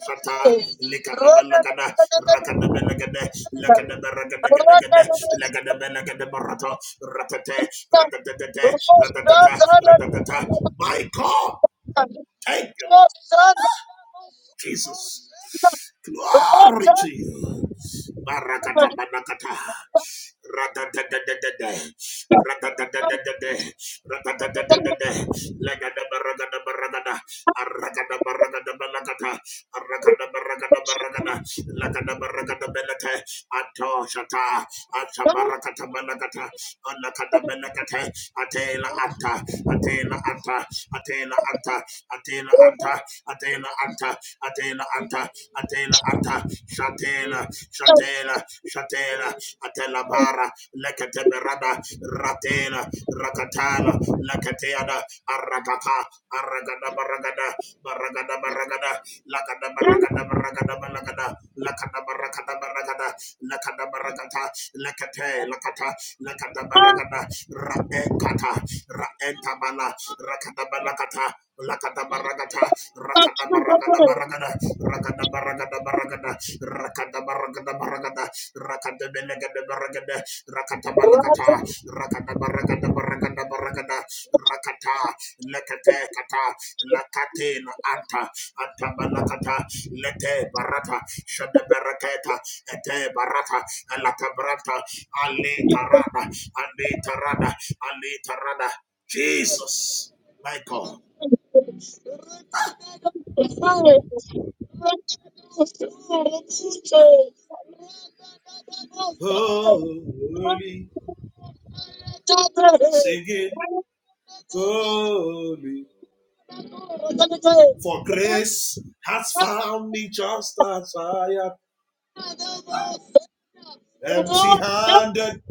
[SPEAKER 2] Kata Likadabalagada Rakadabalagada Lakadabaragadagadagada Lakadabalagadabarata Ratate Ratatata Ratatata Ratatata My God, thank you Lord Jesus. Glory to you. Barakata banakata. Radadadadadada. Radadadadadada. Radadadadadada. Lagada baragada baragada. Aragada baragada balakata. Aragada baragada baragada. Lagada baragada belata. Ato shata. Ata barakata balakata. Alakada belakata. Atela anta. Atela anta. Atela anta. Atela anta. Atela Anta, Atela Anta, Atela Anta, Shatela, Shatela, Shatela, Atela Bara, Lekateberada, Ratela, Rakatala, Lakateada, Aragaka, Aragada Baragada, Baragada Baragada, Lakada barakada barakada balakada. Lakada barakada barakada. Lakada barakata. Lakate lakata. Lakada barakada. Raekata. Raentabala. Rakada balakata. Lakada barakata. Rakada barakada barakada. Rakada barakada barakada. Rakada barakada barakada. Rakada belagada barakada rakata balakata rakata barakata barakata barakata rakata lekete kata lakate no anta anta balakata lete barata shada barakata ete barata alata barata ale tarada ale tarada ale tarada Jesus my God oh singing holy yes has found me just as I am Empty handed,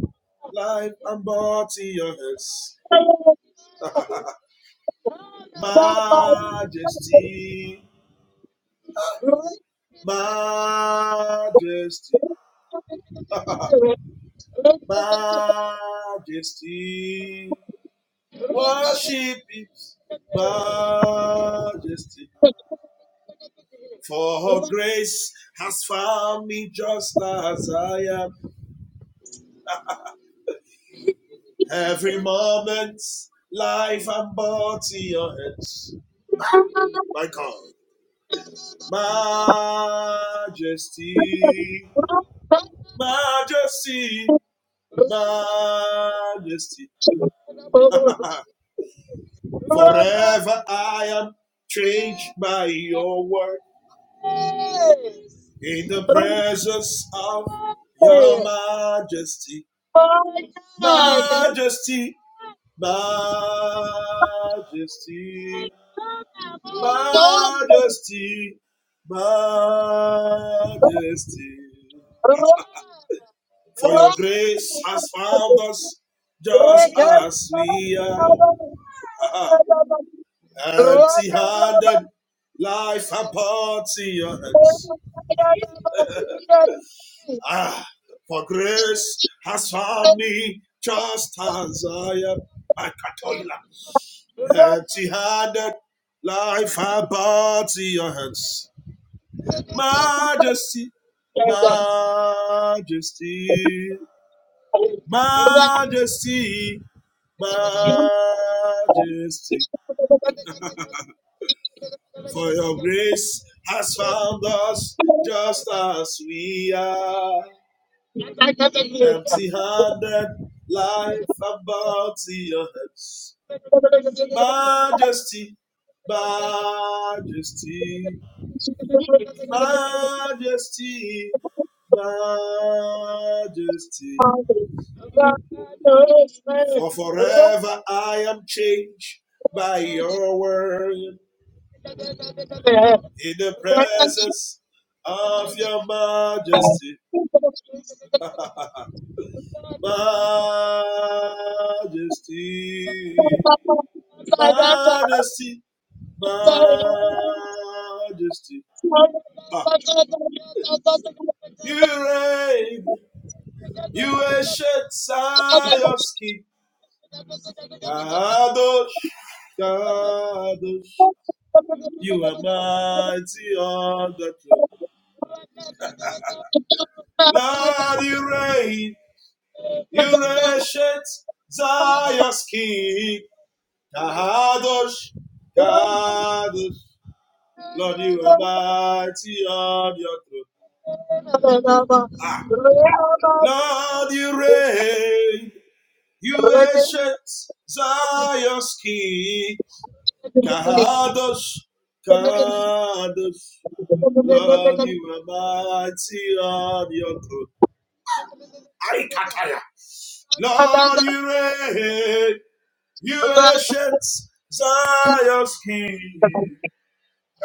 [SPEAKER 2] life and body yours. Majesty, majesty, majesty. Worship it, majesty. For grace has found me just as I am. Every moment, life and body yours. My God, majesty. majesty, majesty. Forever I am changed by your word in the presence of your majesty, majesty, majesty, majesty, majesty. For your grace has found us just as we are. Aha. empty handed, life apart to your hands. Ah, for grace has found me just as I am. My Katoila,
[SPEAKER 1] Thank
[SPEAKER 2] empty handed, life apart to your hands. Majesty, majesty, majesty, majesty. for your grace has found us just as we are. Empty handed, life about to your hands. Majesty,
[SPEAKER 1] you.
[SPEAKER 2] majesty, majesty, majesty. For forever I am changed by your word in the presence of your majesty. majesty, majesty, majesty. Ah, you reign, you ancient Zion's Kadosh, Kadosh, you are mighty on the throne. Lord, you reign, you ancient Zion's Kadosh, Kadosh. Lord, you are mighty on your throne. Lord, you reign. You ancient Zion's King. Kadosh, Kadosh. Lord, you are mighty on your throne. Arikataya. Lord, you reign. You ancient Zion's King.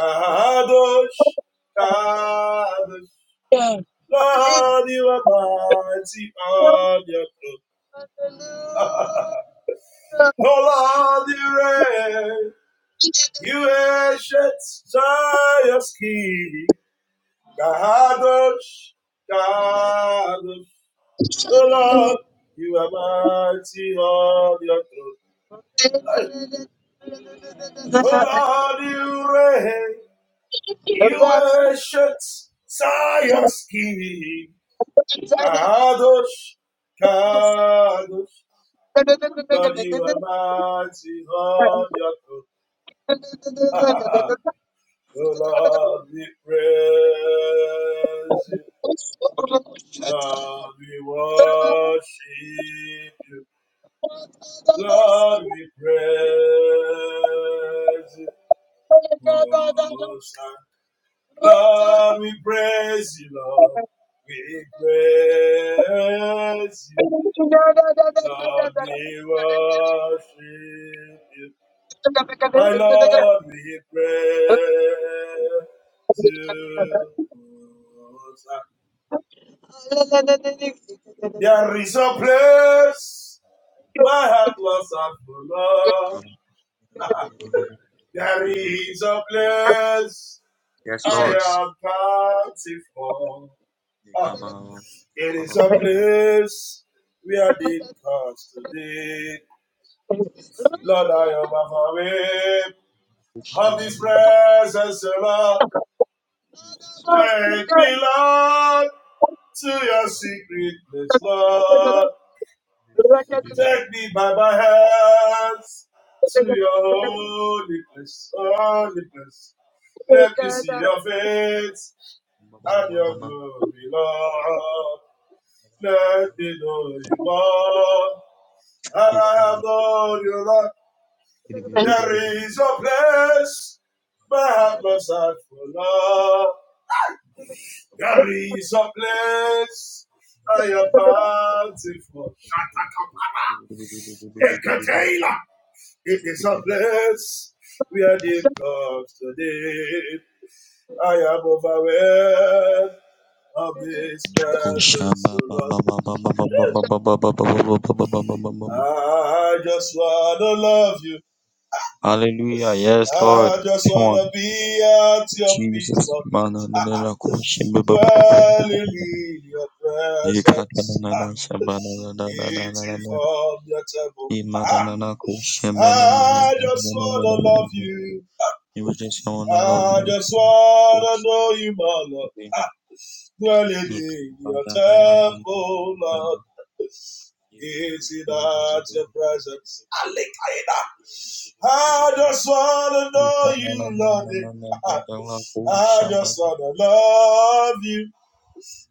[SPEAKER 2] Kadosh, Kadosh. Lord, you are mighty on your throne. Oh, Lord, you reign. You ancient Zion's king. Kadosh, Kadosh. Oh,
[SPEAKER 1] Hallelujah.
[SPEAKER 2] Lord, you are mighty on your throne. Hey, Oh, Lord, you reign. You ancient Zion's king. Kadosh, Kadosh. Lord, you are mighty on your throne. [laughs] oh Lord, we praise you. Lord, we worship
[SPEAKER 1] Thank
[SPEAKER 2] you. Lord, we praise you. Most High. Lord, we praise you, Lord. We praise you. Lord, we worship you. My Lord, we praise you. There
[SPEAKER 1] you.
[SPEAKER 2] is a place my heart was at for love. There is a place I am bountiful. Ah, it is a place where did comes today. Lord, I am afraid of this presence, O Lord. Take me, Lord. to your secret place, Lord. Take me by my hands to your holy place, holy place. Let me see your face and your glory, Lord. Let me know you more. And I adore you, Lord. There is a place my heart must have for, Lord. There is a place I am bountiful. Shatakapara. Ekatela. It is a place where they comes today. I am overwhelmed of this presence, O Lord. I just wanna love you. I just wanna be at your feet, Lord. Dwelling in your presence. Eating It's formidable. Ah, I just wanna love you. I just wanna know you, my Lord. Ah, dwelling in your temple, Lord. eating at your presence. I just wanna know you, Lord. Ah, I just wanna love you.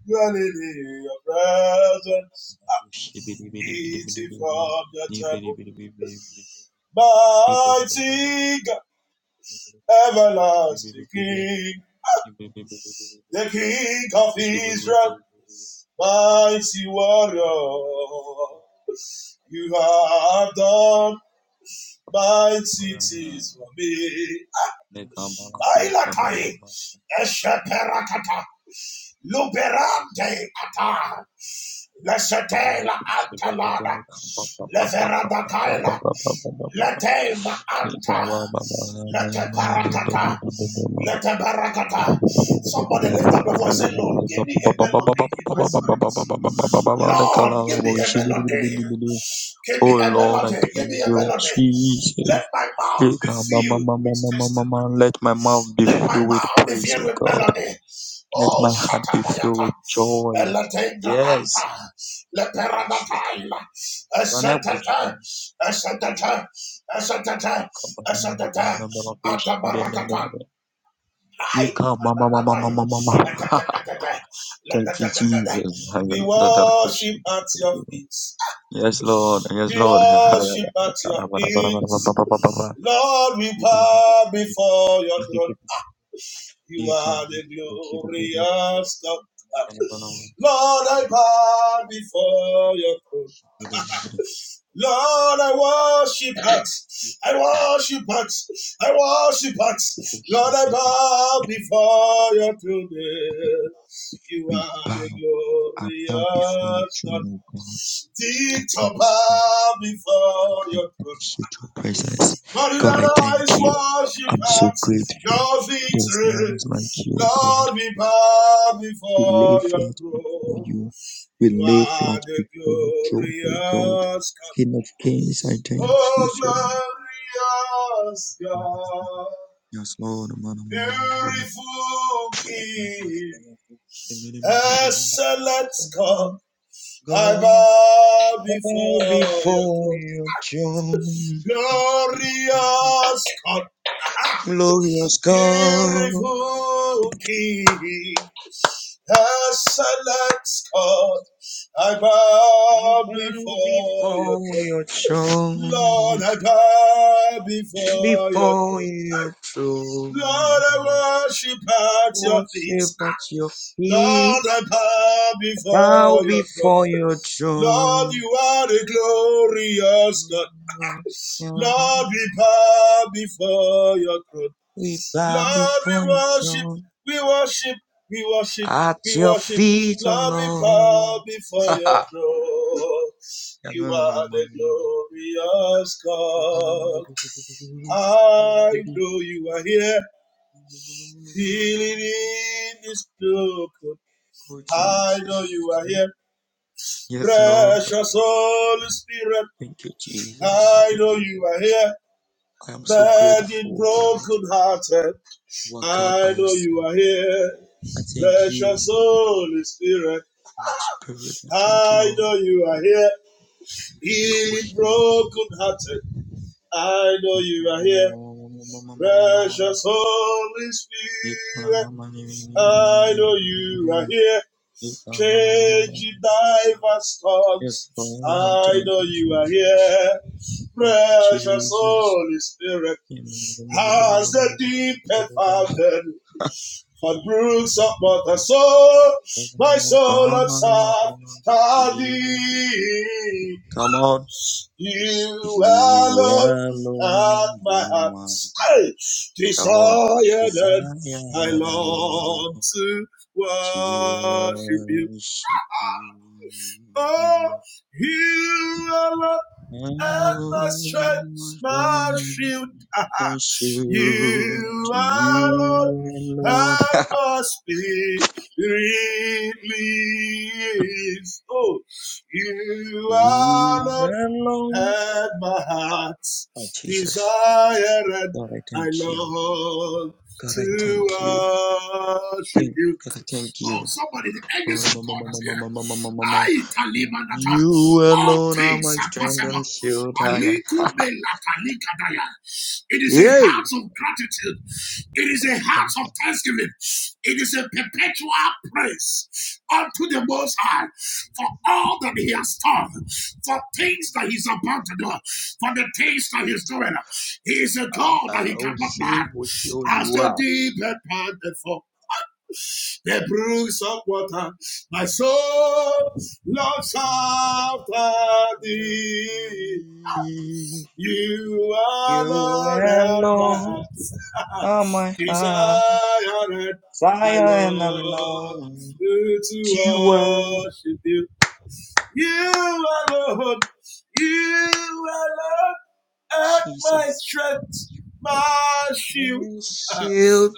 [SPEAKER 2] Dwelling in your presence. Ah, eating from your table. Mighty God. everlasting King, the King of Israel, mighty warrior. You have done mighty things for me. Ay, rakata, shete la antalada, rakaila, Lete maanta. Lete parakata. Lete barakata. Somebody lift up your voice and say, Lord, give me a melody in my spirit. Lord, give me a melody. Give me a melody. Give me a melody. Let my mouth be filled with testimony. Let my mouth be filled with melody. Oh, Shatabayata. Eletengra anta. Lepe We worship at your feet. We worship at your feet. Lord, we bow before your throne. You are the glorious God. Lord, I bow before your throne. Lord, I worship at. I worship at. I worship at. Lord, I bow before your throne. You are the glorious God. Teach to bow before your throne. But in our eyes worship at your victory. Lord, we bow before your throne. You are the glorious God. Oh, glorious God, beautiful King, excellent God, I bow before your throne. Glorious God, beautiful King, excellent God, I bow before your throne. Lord, I bow before your throne. Lord, I worship at your feet. Lord, I bow before your throne. Lord, you are the glorious God. Lord, we bow before your throne. Lord, we worship, we worship, we worship, we worship. Lord, we bow before your throne. You are the glorious God. I know you are here. Healing in this broken. I know you are here. Precious Holy Spirit. I know you are here. Burden broken hearted. I know you are here. Precious Holy Spirit. I know you are here. Healing broken hearted. I know you are here. Precious Holy Spirit, I know you are here. Changing diverse tongues, I know you are here. Precious Holy Spirit, has the deep and fountain for brooks of water. soul, my soul and serve thee. You alone at my heart Hey! desired and I long to worship you. Oh, you alone and my strength, my shield. You are Lord, and my spirit lives. Oh, you are Lord, and my heart's desire, and I long to love You. Oh, somebody, the angels of God is here. I talimanata. All things are possible. Aliku me latalikadaya. It is a heart of gratitude. It is a heart of thanksgiving. It is a perpetual praise unto the Most High for all that He has done, for things that He's about to do, for the things that He's doing. He is a God that He cannot lie. As the deep and the fall the brooks of water. My soul loves after thee. You are Lord at my heart. [laughs] Desire it, I love to worship you. You are Lord. you are Lord at my strength, my shield. [laughs]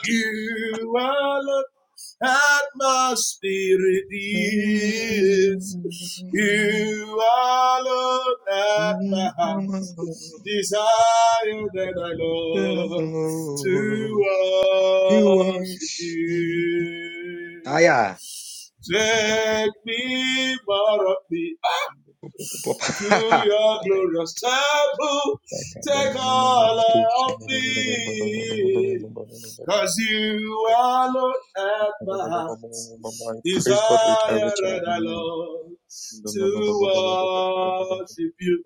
[SPEAKER 2] you are Lord. That my spirit is. You alone at my heart, desire that I love to worship you. Take me more of the to your glorious temple. Take all of me. Cause you are Lord at my heart. Desire and I love to worship you.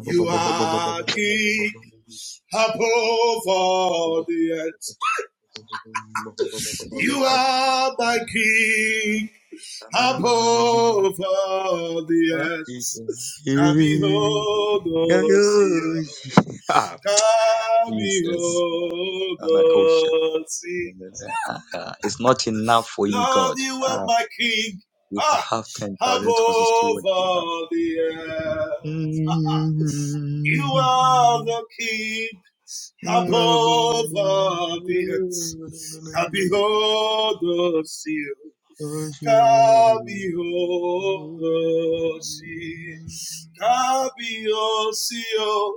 [SPEAKER 2] You are King above all the earth. You are my King above all the earth. Kabihodosia. Kabihodosi. Lord, you are my king. Ah, above all the earth. [laughs] You are the King above all the earth. Can behold the seal. Can behold the sea. Can behold seal.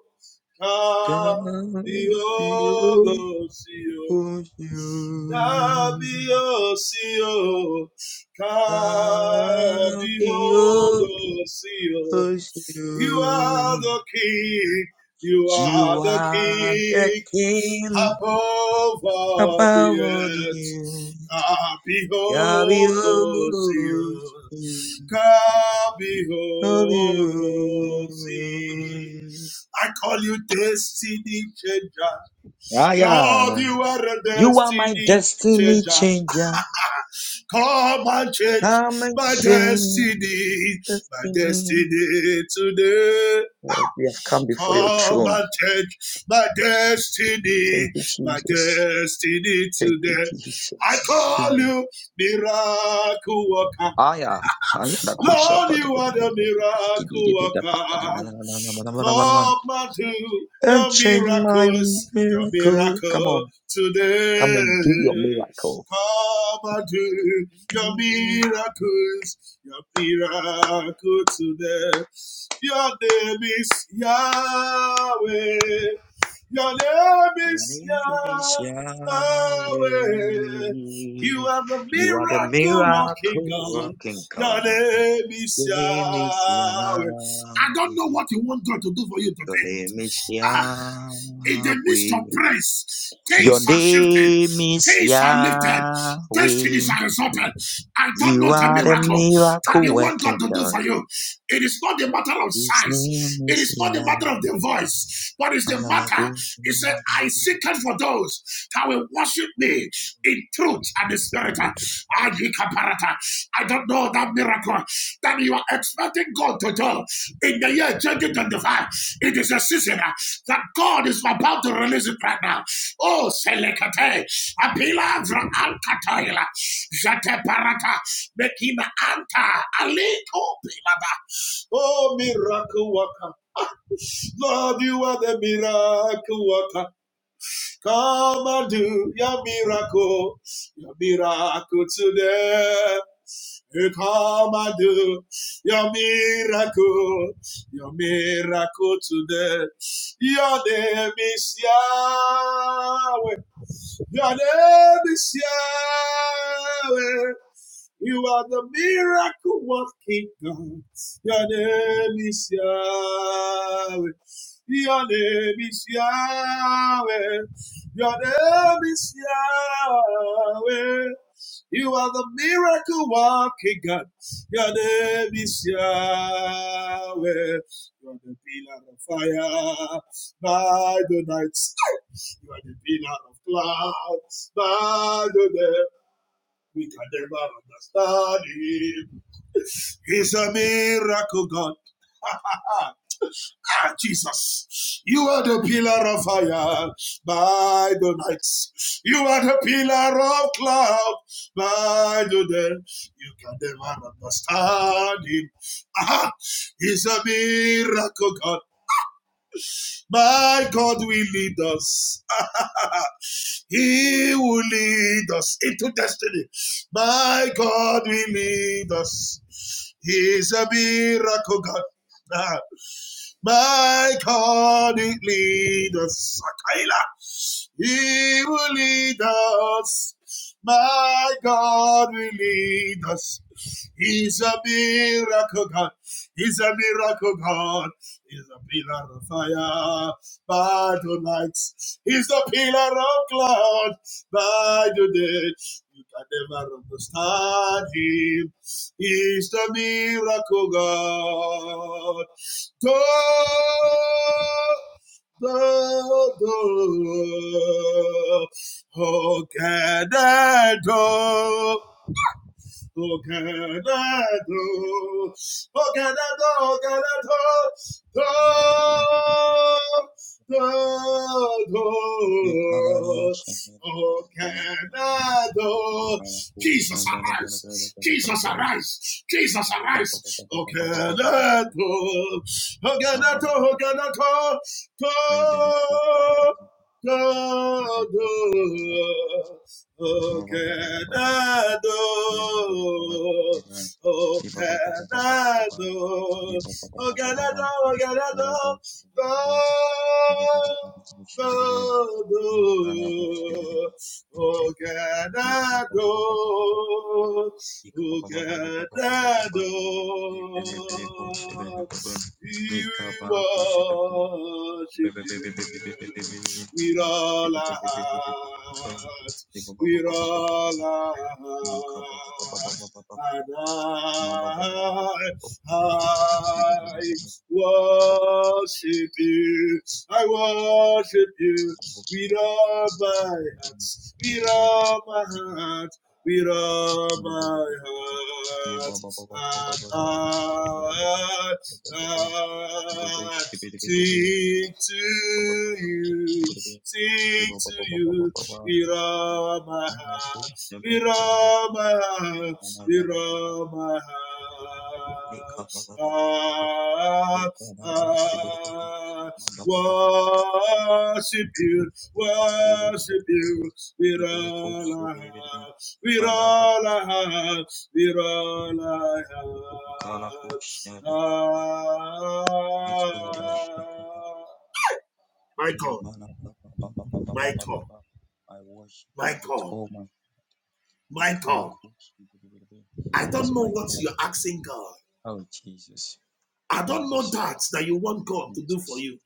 [SPEAKER 2] Can seal. Kábíyèsí o, Kábíyèsí o. You are the King, you are the King above all the earth. Kábíyèsí o, Kábíyèsí. I call you destiny changer. Lord, you are a destiny changer. Come and change my destiny, my destiny today. Ah, Come and change my destiny, my destiny today. I call you miracle worker. Lord, you are the miracle worker. Come and do your miracles, your miracle today. Come and do your miracles, your miracle today. Your name is Yahweh. Your name is Yahweh. You are the miracle working God name is Yahweh. I ah, in the midst of praise, things are shifted, things are lifted, destinies are resolved, I don't know the miracle that you want God to do for you. It is not a matter of size. It is not a matter of the voice. What is the matter? He said, I seek it for those that will worship me in truth and the spirit. Ajikaparata. I don't know that miracle that you are expecting God to do in the year 2025. It is a season uh, that God is about to release it right now. Oh, Selekate, Apila Vra Alkataila, Jate parata. Mekima anta. Aliko pilaba. Oh, miracle worker. Lord, you are the miracle worker. Come and do your miracle, your miracle today. You come and do your miracle, your miracle today. Your name is Yahweh. Your name is Yahweh. You are the miracle working God. Your name is Yahweh. Your name is Yahweh. Your name is Yahweh. You are the miracle working God. Your name is Yahweh. You are the pillar of fire by the night. sky. You are the pillar of clouds by the day. We can never understand him. He's a miracle God. Ah, ah, Jesus, you are the pillar of fire by the nights, You are the pillar of cloud by the day. You can never understand him. Ah, he's a miracle God. My God will lead us. [laughs] he will lead us into destiny. My God will lead us. He's a miracle God. Ah, my God, it lead us. He will lead us. My God will lead us. He's a miracle God. He's a miracle God. He's a pillar of fire by the night. He's the pillar of cloud by the day. You can never understand him. He's the miracle God to the door. Oh, Canada. O Canado, O Oganado, O Oganado, do, do, O Oganado. Jesus arise, Jesus arise, Jesus arise, O Canado, O Canado, O Oganado, Oganado, Gado, O Ganado, O Ganado, O Ganado, O Ganado, Gado, O Ganado, O Ganado, we worship you with all our heart, with all our heart. And I, I worship you, I worship you with all my heart, with all my heart, with all my heart. And I, I Sing to you, sing to you, with all my heart, with all my heart, with all my heart. Ah, ah, worship you, worship you, with all our heart, with all our heart, with all our heart. Ah, Michael, Michael, Michael. God, I don't know what you're asking God. I don't know that that you want God to do for you.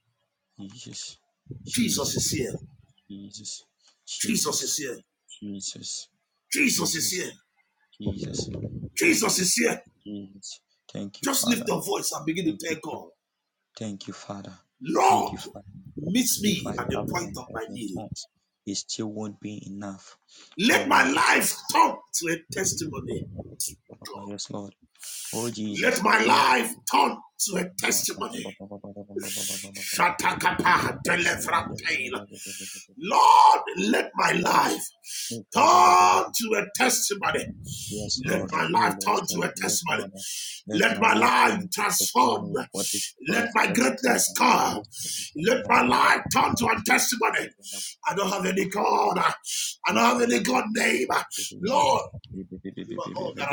[SPEAKER 2] Jesus is here. Jesus is here. Jesus is here. Jesus is here. Just lift your voice and begin to tell God, Lord, meet me at the point of my need. Let my life turn to a testimony. Let my life turn to a testimony. Shatakata Delefratel. Lord, let my life turn to a testimony. Let my life turn to a testimony. Let my life transform. Let my greatness come. Let my life turn to a testimony. I don't have any God. I don't have any God name. Lord, you are all that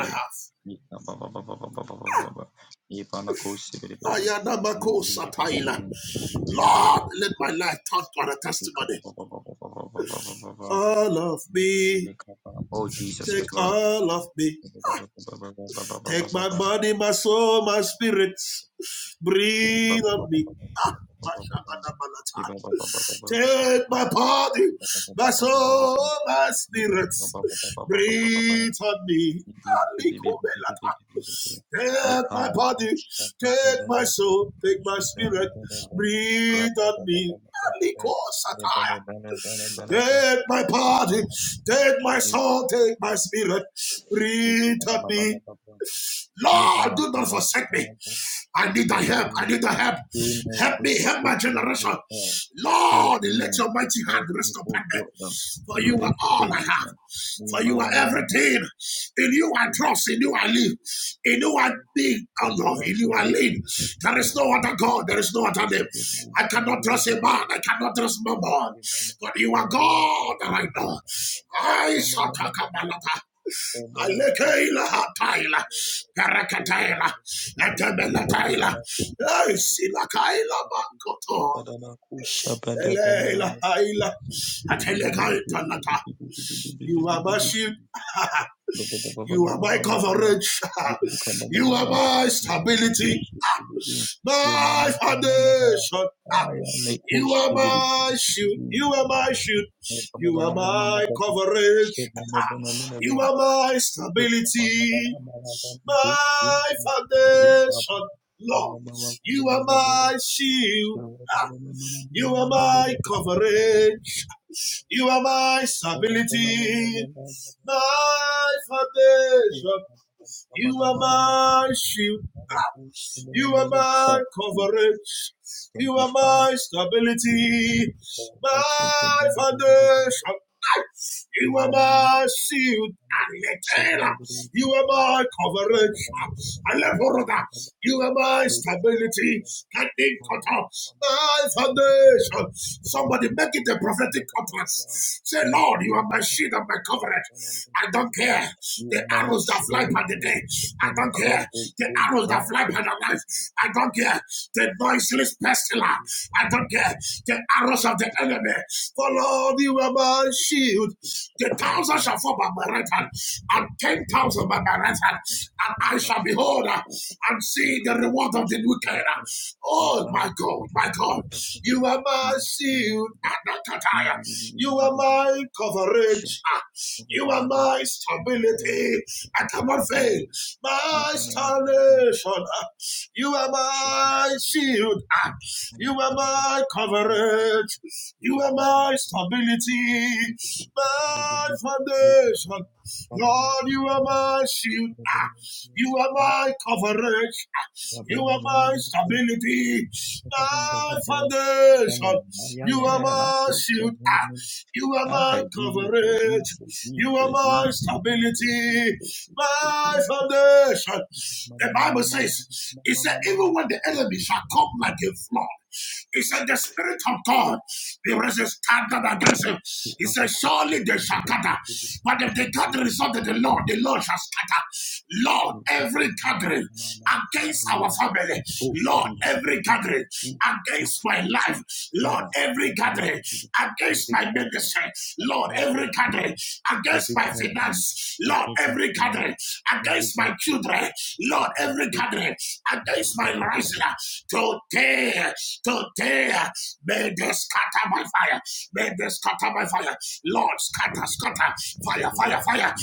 [SPEAKER 2] I have. Ayanamako Sataila. Lord, let my life turn to a testimony. all of me. Take all of me. Take my body, my soul, my spirit. Breathe on me. Take my body, my soul, my spirit. Breathe on me. Take my body, take my soul, take my spirit. Breathe on me. Liko satire, Take my body, take my soul, take my spirit. Breathe on me. Lord, do not forsake me. I need thy help. I need thy help. Help me. Help my generation. Lord, let your mighty hand rest upon me. For you are all I have. For you are everything. In you I trust. In you I live. In you I think. Oh no, in you I live. There is no other God. There is no other name. I cannot trust a man. I cannot trust my man. But you are God right now. I shall talk about that. Alekaila hataila, parakataila, atabelataila, ay silakaila makoto, eleila haila, atelekaita nata. You are my shield. [laughs] You are my coverage. [laughs] You are my stability, my foundation. You are my shield. You are my shield. You are my coverage. You are my stability. my foundation. Lord, you are my shield. You are my covering. You are my stability. My foundation. You are my shield. You are my covering. You are my stability. My Yes, oh, nice. You are my shield and eternal. You are my coverage and leveroda. You are my stability. Standing cut off. My foundation. Somebody make it a prophetic utterance. Say, Lord, you are my shield and my coverage. I don't care. The arrows that fly by the day. I don't care. The arrows that fly by the night. I don't care. The noiseless pestilence. I don't care. The arrows of the enemy. For Lord, you are my shield. The thousand shall fall by my right hand, and ten thousand by my right hand, and I shall behold uh, and see the reward of the wicked. Oh my God, my God, you are my shield and not attire. You are my coverage. Ah, You are my stability. I cannot fail. My salvation. Ah, You are my shield. Ah, You are my coverage. You are my stability, my foundation. Lord, you are my shield. Ah, You are my coverage. Ah, You are my stability, my foundation. You are my shield. Ah, You are my coverage. You are my stability, my foundation. The Bible says, it said, even when the enemy shall come like a flood. He said, The Spirit of God, he was standard against him. He said, Surely they shall gather. But if the gathering is not of the Lord, the Lord shall scatter. Lord, every gathering against our family, Lord, every gathering against my life, Lord, every gathering against my ministry, Lord, every gathering against my finance, Lord, every gathering against my children, Lord, every gathering against my rising, today, today, may they scatter by fire, may they scatter by down by fire. Lord, scatter, scatter, fire, fire, fire.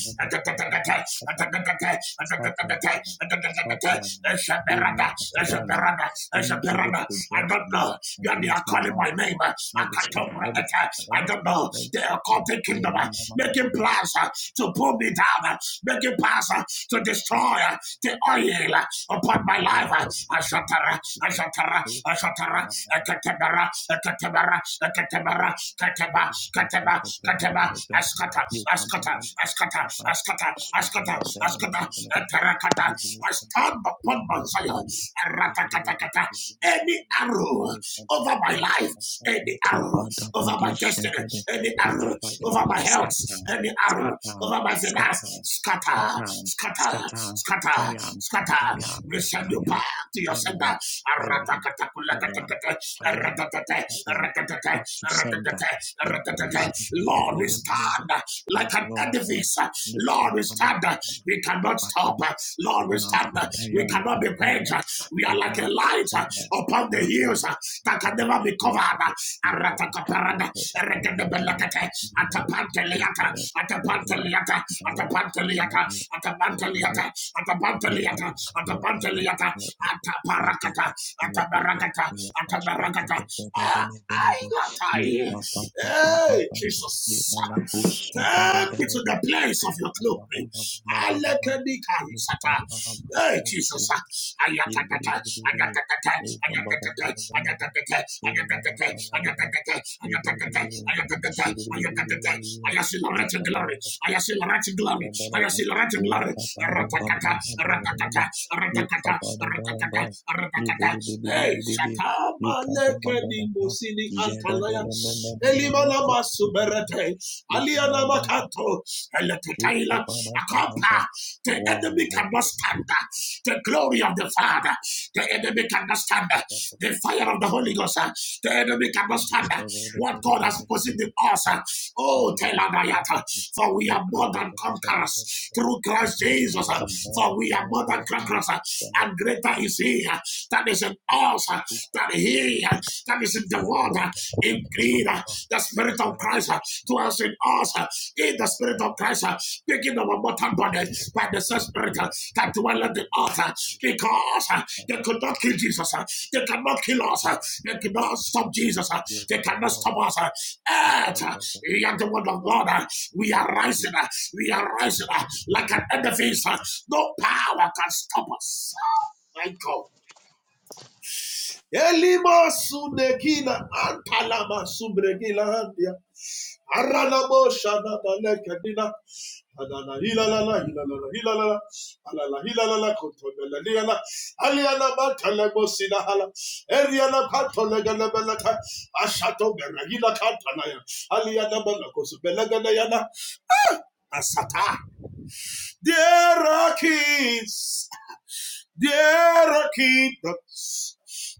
[SPEAKER 2] Eshaberada, eshaberada, eshaberada. I don't know. Yeah, they are calling my name. Akatombra eta. I don't know. They are calling kingdom, uh, making plans uh, to pull me down, uh, making plans uh, to destroy uh, the oil uh, upon my life. Ashatara, ashatara, ashatara, Katabara, Katabara, Kataba, Kataba, Kataba, Askata, Askata, Askata, Askata, Askata, Askata, Atarakata. I stand upon Mount Zion. Any arrow over my life, any arrow over my destiny, any arrow over my health, any arrow over my finance, scatter, scatter, scatter, scatter. We send you back to your sender. Lord, we stand like an edifice. Lord, we stand. We cannot stop. Lord, we stand. We cannot be quenched. We are like a light upon the hills that can never be covered. Aratakaparada, erekedebelekete, atapanteliata, atapanteliata, atapanteliata, atapanteliata, atapanteliata, atapanteliata, ataparakata, Atabarakata, atabarakata. Ah, Ailatai. Hey, Jesus. Take me to the place of your glory. Alekadikalisata. Hey, Jesus. Ayatatata, ayatatata, ayatatata, ayatatata, ayatatata, ayatatata, ayatatata, ayatatata, ayatatata. I see the right glory. I see the right glory. I see the right glory. Ratatata, ratatata, ratatata, ratatata, ratatata. Hey, Shata. Suberete, Aliana Makanto, Eletetaila, Let The Taylor, a compa. The enemy cannot stand. The glory of the Father. The enemy cannot stand. The fire of the Holy Ghost. uh, The enemy cannot stand. What God has positioned in us. uh, Oh, tell Adayata. For we are more than conquerors through Christ Jesus. uh, For we are more than conquerors. uh, And greater is He uh, that is in us uh, than He uh, that is in the world. In Indeed, the Spirit of Christ uh, dwells in us. uh, In the Spirit of Christ, uh, speaking our mortal bodies by the same Spirit uh, that dwelleth in us. uh, Because uh, they could not kill Jesus. uh, They cannot kill us. uh, They cannot stop Jesus. uh, They cannot stop us. and Earth, uh, we are the word of God. uh, We are rising. uh, We are rising uh, like an edifice. uh, No power can stop us. Oh My God. Elima sunekina antalama subregila handia. Aralamo shanana lekadina. Anana hilalala hilalala hilalala. Alala hilalala kotonela liala. Aliana matalemo sinahala. Eriana katolegana belata. Ashato beragila katanaya. Aliana belakosu belaganayana. Asata. There are keys. There are kingdoms,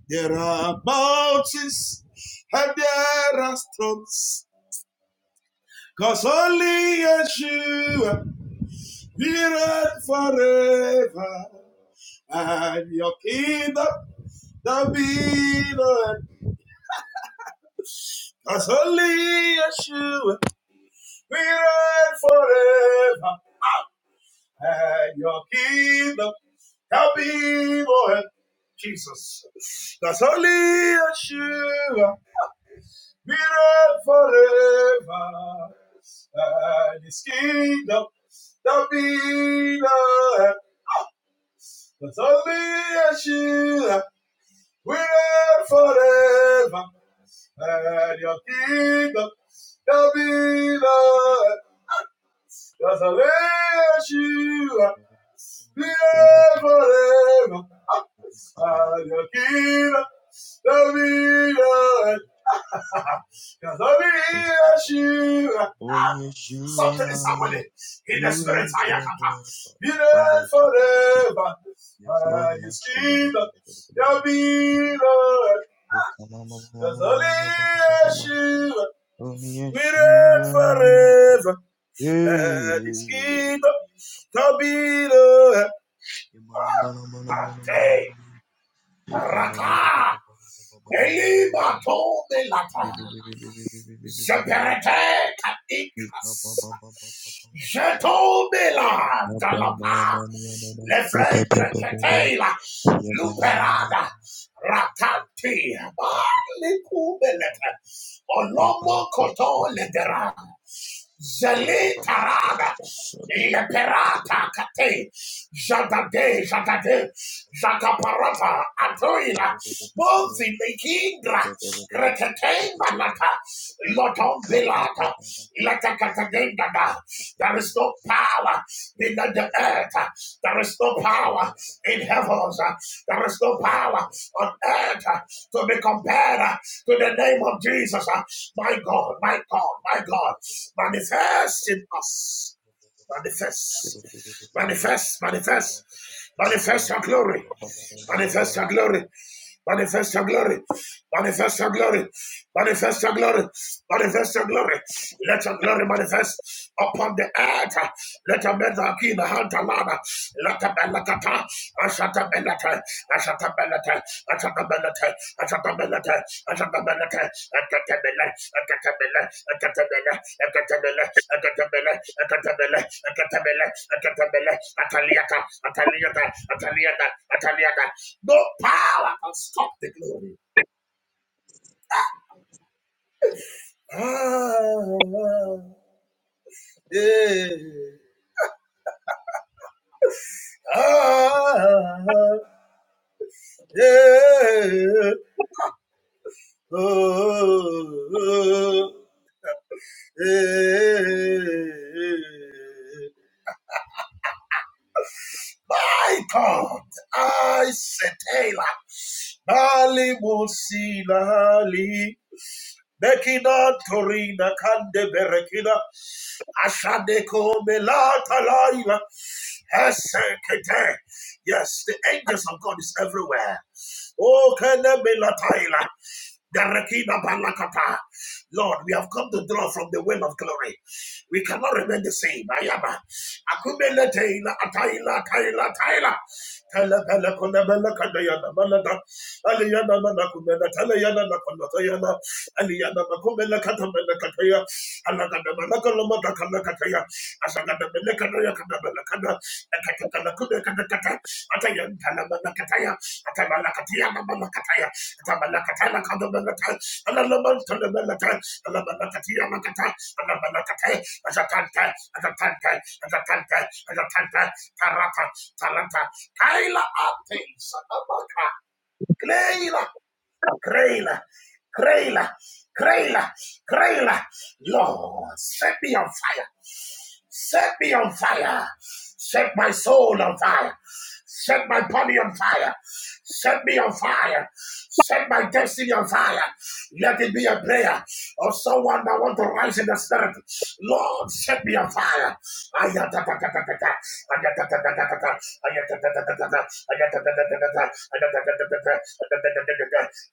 [SPEAKER 2] there are mountains, and there are storms. Cause only Yeshua we reign forever. And your kingdom, there'll be no end. Cause only Yeshua we reign forever. And your kingdom, there'll be no end. Jesus. That's only Yeshua. we reign forever. And his kingdom shall be the that's only a shield. We reign forever. And your kingdom shall be the Yeshua. Forever. and Your kingdom shall be not ended. Cause only you. Something is happening in the spirit. Ayakata. Be there forever. And his kingdom shall be Lord. Cause only Yeshua we reign forever. And his kingdom shall be Lord. Ate. Raka. Elima Tome Lata. Je Je ta dégrâce. Je tombais là dans Zeperete katikas. Jetomela dalapa. Lefrenke ketela. Luperada. Ratanti. Malikubelete. Olomo koto ledera. Zeli tarada, leperata kate, jadade, jadade, jakaparata, atoila, mozi mekingra, kretetemba lata, lotombelata, ilata there is no power in the earth. There is no power in heavens. There is no power on earth to be compared to the name of Jesus. My God, my God, my God, manifest in us. Manifest, manifest, manifest, manifest your glory, manifest your glory, manifest your glory, manifest your glory, manifest your glory, manifest your glory. Let your glory manifest upon the earth. Let your men are keen, hunt a ladder. Let a belakata, Ashatabelata, ashatabelata, ashatabelata, ashatabelata, ashatabelata, akatabela, akatabela, akatabela, akatabela, akatabela, akatabela, akatabela, akatabela, ataliata, ataliata, ataliata, ataliata. No power can stop the glory. Ah, yeah. Ah, yeah. Oh, oh. Eh, My God, I setela. Bali Mosila Ali. Mekina Torina Kande Berekina Ashadeko Melata Laila Hesekete. Yes, the angels of God is everywhere. Oh Kene Melataila Berekina Balakata. Lord, we have come to draw from the well of glory. We cannot remain the same. Ayaba. Akumele Taila Ataila Taila Taila. Tele Bele Kone Bele Kade Yana Balada. Ali Yana Mana Kumena Tele Yana Nakona Tayana. Aliyadabakomelakatabelekataya, alakadabalakalamadakamakataya, asakadabalekadayakadabalakada, ekatakalakudekadakata, atayantalabalakataya, atabalakatiyanabalakataya, atabalakatalakadabalata, alalabantalabalata, alabalakatiyanakata, alabalakate, asatante, asatante, asatante, asatante, tarata, tarata, kaila ate, sadabaka, kleila Kraila, Kraila, Kraila, Kraila. Lord, set me on fire. Set me on fire. Set my soul on fire. Set my body on fire. Set me on fire. Set my destiny on fire. Let it be a prayer of someone that want to rise in the spirit. Lord, set me on fire. Ayatatatata. Ayatatatata. Ayatatatata. Ayatatatata.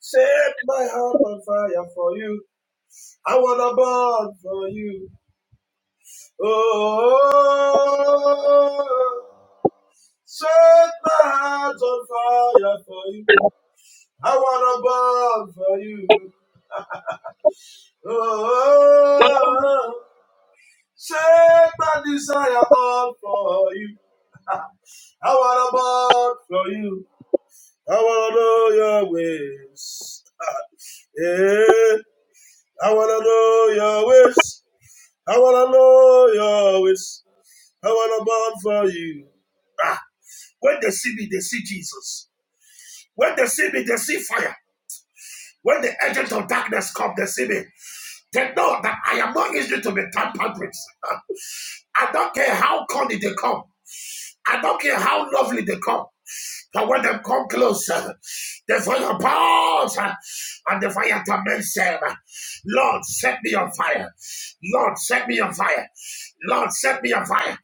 [SPEAKER 2] out of fire. How are you? Oh, shake my desire all for you. I want to walk for you. I want to know your ways. [laughs] yeah. I want to know your ways. I want to know your ways. I want to burn for you. When they see me, they see Jesus. When they see me, they see fire. When the agents of darkness come, they see me. They know that I am not easy to be tampered with. [laughs] I don't care how corny they come. I don't care how lovely they come. But when they come closer, the [laughs] fire burns uh, [laughs] and the fire torments them. Lord, set me on fire. Lord, set me on fire. Lord, set me on fire.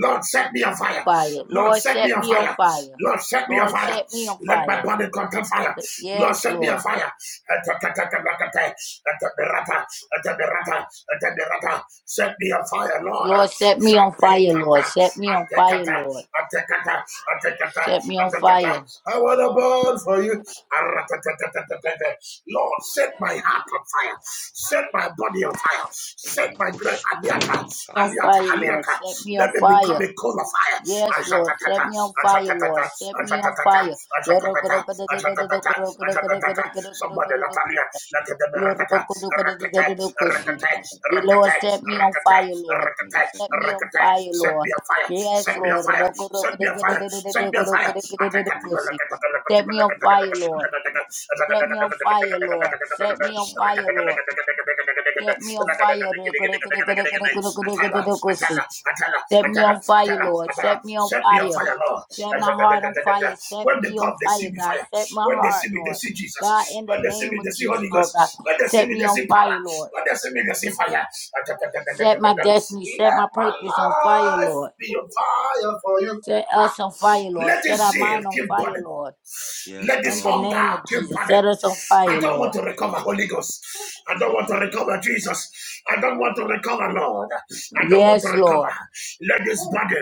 [SPEAKER 2] Lord, set me on fire.
[SPEAKER 3] Fire.
[SPEAKER 2] Lord,
[SPEAKER 3] Lord,
[SPEAKER 2] set me
[SPEAKER 3] set
[SPEAKER 2] on fire.
[SPEAKER 3] me on fire.
[SPEAKER 2] Lord, set me on
[SPEAKER 3] Lord,
[SPEAKER 2] fire.
[SPEAKER 3] set me on
[SPEAKER 2] Let my
[SPEAKER 3] fire.
[SPEAKER 2] body contain fire.
[SPEAKER 3] The-
[SPEAKER 2] Lord,
[SPEAKER 3] yes,
[SPEAKER 2] set me on
[SPEAKER 3] Lord.
[SPEAKER 2] fire. [laughs] Set me on fire, Lord.
[SPEAKER 3] Lord, set me on
[SPEAKER 2] Shante
[SPEAKER 3] fire, Lord.
[SPEAKER 2] kata
[SPEAKER 3] Set me on fire, Lord. Set me on fire.
[SPEAKER 2] I want to burn for you. Lord, set my heart on fire. Set my body on fire. Set my great aliata,
[SPEAKER 3] On
[SPEAKER 2] aliata,
[SPEAKER 3] fire, Lord.
[SPEAKER 2] aliata.
[SPEAKER 3] Set me on
[SPEAKER 2] Let me become
[SPEAKER 3] fire.
[SPEAKER 2] a coal of fire.
[SPEAKER 3] Yes,
[SPEAKER 2] Somebody
[SPEAKER 3] Lord.
[SPEAKER 2] ashatatata,
[SPEAKER 3] Set me on fire, Lord. Set me on
[SPEAKER 2] ashatatata,
[SPEAKER 3] fire. Lord, set me
[SPEAKER 2] ashatatata, Rakata,
[SPEAKER 3] on fire, Lord. Set me on fire,
[SPEAKER 2] Send
[SPEAKER 3] Lord.
[SPEAKER 2] me a fire,
[SPEAKER 3] Yes,
[SPEAKER 2] send me a
[SPEAKER 3] Lord.
[SPEAKER 2] fire, send me a fire, send me a fire.
[SPEAKER 3] Set me on fire, Lord. Set me on fire, Lord. Set me on fire, Lord.
[SPEAKER 2] I
[SPEAKER 3] Set me on fire.
[SPEAKER 2] Atala, Atala, Atala,
[SPEAKER 3] Set me
[SPEAKER 2] Atala,
[SPEAKER 3] on fire,
[SPEAKER 2] Atala,
[SPEAKER 3] Lord.
[SPEAKER 2] Atala.
[SPEAKER 3] Set me on
[SPEAKER 2] Send me a
[SPEAKER 3] fire.
[SPEAKER 2] fire, Lord.
[SPEAKER 3] Set
[SPEAKER 2] I
[SPEAKER 3] my
[SPEAKER 2] said, da, da,
[SPEAKER 3] heart
[SPEAKER 2] da,
[SPEAKER 3] on
[SPEAKER 2] da, da, da.
[SPEAKER 3] fire. Set
[SPEAKER 2] When they
[SPEAKER 3] me on
[SPEAKER 2] come, they see
[SPEAKER 3] fire,
[SPEAKER 2] me
[SPEAKER 3] God.
[SPEAKER 2] fire.
[SPEAKER 3] Set my
[SPEAKER 2] When they see
[SPEAKER 3] heart,
[SPEAKER 2] me, they
[SPEAKER 3] Lord.
[SPEAKER 2] see
[SPEAKER 3] God,
[SPEAKER 2] Jesus.
[SPEAKER 3] in the
[SPEAKER 2] When they see
[SPEAKER 3] name
[SPEAKER 2] me,
[SPEAKER 3] of
[SPEAKER 2] they see
[SPEAKER 3] Jesus,
[SPEAKER 2] Holy
[SPEAKER 3] Lord God.
[SPEAKER 2] Ghost. When they see
[SPEAKER 3] Set
[SPEAKER 2] me,
[SPEAKER 3] me
[SPEAKER 2] they
[SPEAKER 3] on
[SPEAKER 2] see power.
[SPEAKER 3] fire, Lord.
[SPEAKER 2] When they see me, they see fire. Ah,
[SPEAKER 3] Set my destiny. Set my
[SPEAKER 2] Let my
[SPEAKER 3] purpose on fire,
[SPEAKER 2] life
[SPEAKER 3] Lord.
[SPEAKER 2] be on fire for you.
[SPEAKER 3] Set us on fire, Lord.
[SPEAKER 2] Let the
[SPEAKER 3] Set our
[SPEAKER 2] zeal
[SPEAKER 3] mind on
[SPEAKER 2] keep
[SPEAKER 3] fire,
[SPEAKER 2] burning.
[SPEAKER 3] Lord.
[SPEAKER 2] Let
[SPEAKER 3] In
[SPEAKER 2] this
[SPEAKER 3] the
[SPEAKER 2] hunger
[SPEAKER 3] name of
[SPEAKER 2] keep
[SPEAKER 3] Jesus.
[SPEAKER 2] burning.
[SPEAKER 3] Set us on
[SPEAKER 2] I
[SPEAKER 3] fire,
[SPEAKER 2] don't want
[SPEAKER 3] Lord.
[SPEAKER 2] to recover Holy Ghost. I don't want to recover Jesus. I don't want to recover Lord. I don't want to
[SPEAKER 3] Yes,
[SPEAKER 2] recover.
[SPEAKER 3] Lord.
[SPEAKER 2] Let this burden,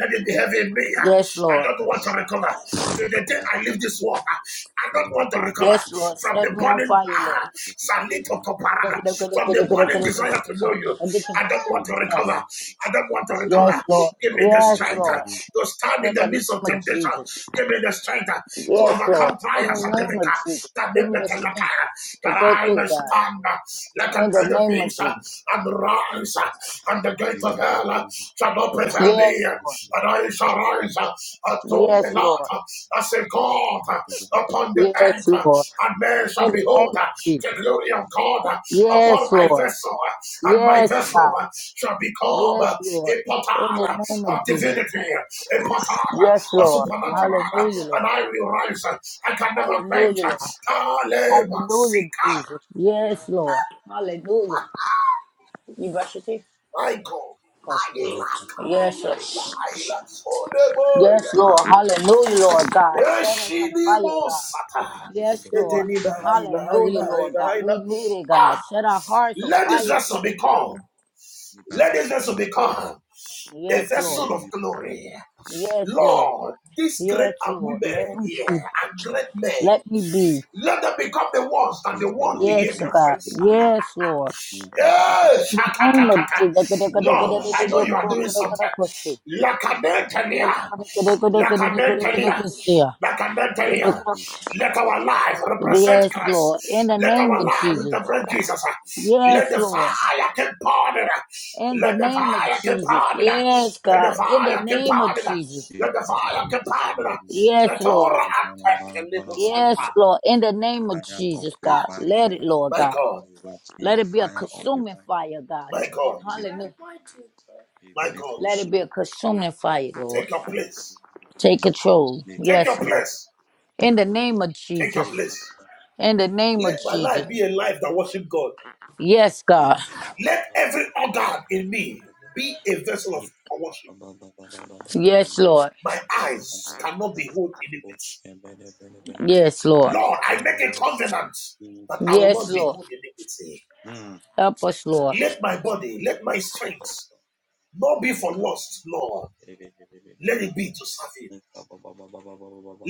[SPEAKER 2] let it be heavy in me.
[SPEAKER 3] Yes,
[SPEAKER 2] I
[SPEAKER 3] Lord.
[SPEAKER 2] don't want to recover. To the day I leave this world, I don't want to recover
[SPEAKER 3] Yes, Lord.
[SPEAKER 2] from
[SPEAKER 3] Set
[SPEAKER 2] the
[SPEAKER 3] me on
[SPEAKER 2] burning
[SPEAKER 3] fire, Lord.
[SPEAKER 2] ah, Salito
[SPEAKER 3] Look,
[SPEAKER 2] Coparada,
[SPEAKER 3] look, look, look,
[SPEAKER 2] from the
[SPEAKER 3] look, look,
[SPEAKER 2] burning
[SPEAKER 3] look,
[SPEAKER 2] desire
[SPEAKER 3] look,
[SPEAKER 2] desire to know
[SPEAKER 3] look.
[SPEAKER 2] you.
[SPEAKER 3] And get your
[SPEAKER 2] I don't want to recover.
[SPEAKER 3] yes,
[SPEAKER 2] I don't want to
[SPEAKER 3] yes,
[SPEAKER 2] recover.
[SPEAKER 3] Lord,
[SPEAKER 2] Give me the
[SPEAKER 3] yes,
[SPEAKER 2] strength uh,
[SPEAKER 3] Lord,
[SPEAKER 2] to stand
[SPEAKER 3] in
[SPEAKER 2] in
[SPEAKER 3] the
[SPEAKER 2] the
[SPEAKER 3] name
[SPEAKER 2] midst of
[SPEAKER 3] of
[SPEAKER 2] temptation.
[SPEAKER 3] Jesus,
[SPEAKER 2] Give me the strength uh, to
[SPEAKER 3] yes, Lord,
[SPEAKER 2] overcome
[SPEAKER 3] in
[SPEAKER 2] trials
[SPEAKER 3] the
[SPEAKER 2] of the
[SPEAKER 3] name of
[SPEAKER 2] vicar.
[SPEAKER 3] Jesus,
[SPEAKER 2] That
[SPEAKER 3] give
[SPEAKER 2] name
[SPEAKER 3] me
[SPEAKER 2] the
[SPEAKER 3] the strength to
[SPEAKER 2] that
[SPEAKER 3] go
[SPEAKER 2] I
[SPEAKER 3] through
[SPEAKER 2] may
[SPEAKER 3] God,
[SPEAKER 2] stand uh, like an
[SPEAKER 3] in the name of
[SPEAKER 2] edifice uh,
[SPEAKER 3] Jesus,
[SPEAKER 2] and rise, uh, and the gate of hell uh, shall not prevail me.
[SPEAKER 3] yes,
[SPEAKER 2] uh,
[SPEAKER 3] Lord,
[SPEAKER 2] And I shall rise.
[SPEAKER 3] yes, Lord,
[SPEAKER 2] Atomelata. I say, God, upon the
[SPEAKER 3] yes,
[SPEAKER 2] earth,
[SPEAKER 3] Lord,
[SPEAKER 2] and men shall
[SPEAKER 3] in the name
[SPEAKER 2] behold
[SPEAKER 3] of
[SPEAKER 2] the
[SPEAKER 3] Jesus,
[SPEAKER 2] glory of God upon
[SPEAKER 3] yes,
[SPEAKER 2] my
[SPEAKER 3] Lord,
[SPEAKER 2] vessel, and my
[SPEAKER 3] yes,
[SPEAKER 2] vessel
[SPEAKER 3] God,
[SPEAKER 2] shall become
[SPEAKER 3] yes, Lord,
[SPEAKER 2] a
[SPEAKER 3] in the
[SPEAKER 2] portal
[SPEAKER 3] name of
[SPEAKER 2] of
[SPEAKER 3] Jesus,
[SPEAKER 2] divinity, a portal
[SPEAKER 3] yes,
[SPEAKER 2] of
[SPEAKER 3] Lord,
[SPEAKER 2] supernatural,
[SPEAKER 3] hallelujah, Lord,
[SPEAKER 2] and I will rise. I can never quench.
[SPEAKER 3] hallelujah, Lord.
[SPEAKER 2] Talema
[SPEAKER 3] Hallelujah,
[SPEAKER 2] sika
[SPEAKER 3] Jesus. Yes, Lord. Hallelujah. You brush your teeth?
[SPEAKER 2] My God,
[SPEAKER 3] Go.
[SPEAKER 2] I lack a
[SPEAKER 3] Yes, Lord.
[SPEAKER 2] pilot for the boy.
[SPEAKER 3] Yes, Lord.
[SPEAKER 2] I
[SPEAKER 3] Hallelujah, Lord God. Set us on fire, God.
[SPEAKER 2] Yeshinimosata.
[SPEAKER 3] Yes, Lord. Hallelujah, Lord God. We need it, God.
[SPEAKER 2] Ah,
[SPEAKER 3] Set our hearts on
[SPEAKER 2] let this
[SPEAKER 3] fire for
[SPEAKER 2] vessel
[SPEAKER 3] you, God.
[SPEAKER 2] become, let this vessel become a
[SPEAKER 3] Yes, Lord.
[SPEAKER 2] vessel of glory.
[SPEAKER 3] Yes, Lord.
[SPEAKER 2] Lord, these great
[SPEAKER 3] Yes, Lord. Let
[SPEAKER 2] women
[SPEAKER 3] me
[SPEAKER 2] here
[SPEAKER 3] be.
[SPEAKER 2] and great men,
[SPEAKER 3] Let me be.
[SPEAKER 2] let them become the ones that the world will hear
[SPEAKER 3] Yes,
[SPEAKER 2] their
[SPEAKER 3] God.
[SPEAKER 2] voice.
[SPEAKER 3] Yes, Lord.
[SPEAKER 2] Yes,
[SPEAKER 3] In the
[SPEAKER 2] Lord, I
[SPEAKER 3] name
[SPEAKER 2] know you are doing something.
[SPEAKER 3] of Jesus. Yes,
[SPEAKER 2] Lakabentalia. Lakabentalia. Lakabentalia. Let our life represent
[SPEAKER 3] Lord. In
[SPEAKER 2] Christ.
[SPEAKER 3] the
[SPEAKER 2] Let
[SPEAKER 3] name
[SPEAKER 2] our
[SPEAKER 3] of
[SPEAKER 2] life
[SPEAKER 3] Jesus.
[SPEAKER 2] represent Jesus. Let
[SPEAKER 3] Yes,
[SPEAKER 2] the
[SPEAKER 3] Lord.
[SPEAKER 2] fire keep burning.
[SPEAKER 3] In the
[SPEAKER 2] Let the
[SPEAKER 3] name of
[SPEAKER 2] fire keep
[SPEAKER 3] Jesus.
[SPEAKER 2] burning.
[SPEAKER 3] Yes,
[SPEAKER 2] Let the
[SPEAKER 3] God. In the
[SPEAKER 2] fire keep
[SPEAKER 3] name of
[SPEAKER 2] burning.
[SPEAKER 3] Jesus.
[SPEAKER 2] Let the fire keep burning.
[SPEAKER 3] Yes,
[SPEAKER 2] Let all
[SPEAKER 3] Lord.
[SPEAKER 2] attack and live of Santa.
[SPEAKER 3] Yes, Lord. In the name of Jesus, God. Let it, Lord
[SPEAKER 2] My
[SPEAKER 3] God.
[SPEAKER 2] God,
[SPEAKER 3] Let it be a consuming fire, God.
[SPEAKER 2] my God,
[SPEAKER 3] Hallelujah.
[SPEAKER 2] my God,
[SPEAKER 3] Let it be a consuming fire, Lord.
[SPEAKER 2] take your place.
[SPEAKER 3] Take control.
[SPEAKER 2] Take your
[SPEAKER 3] Yes, Lord.
[SPEAKER 2] place.
[SPEAKER 3] In the name of
[SPEAKER 2] Take your
[SPEAKER 3] Jesus.
[SPEAKER 2] place.
[SPEAKER 3] In the name of
[SPEAKER 2] Let my life
[SPEAKER 3] Jesus.
[SPEAKER 2] be a life that worship God.
[SPEAKER 3] Yes, God.
[SPEAKER 2] Let every organ in me be a vessel of worship.
[SPEAKER 3] Yes, Lord.
[SPEAKER 2] My eyes cannot behold iniquity.
[SPEAKER 3] Yes, Lord.
[SPEAKER 2] Lord, I make a covenant that I will
[SPEAKER 3] Yes,
[SPEAKER 2] not
[SPEAKER 3] Lord.
[SPEAKER 2] behold iniquity.
[SPEAKER 3] Help us, Lord.
[SPEAKER 2] Let my body, let my strength not be for lust, Lord. Let it be to serve you.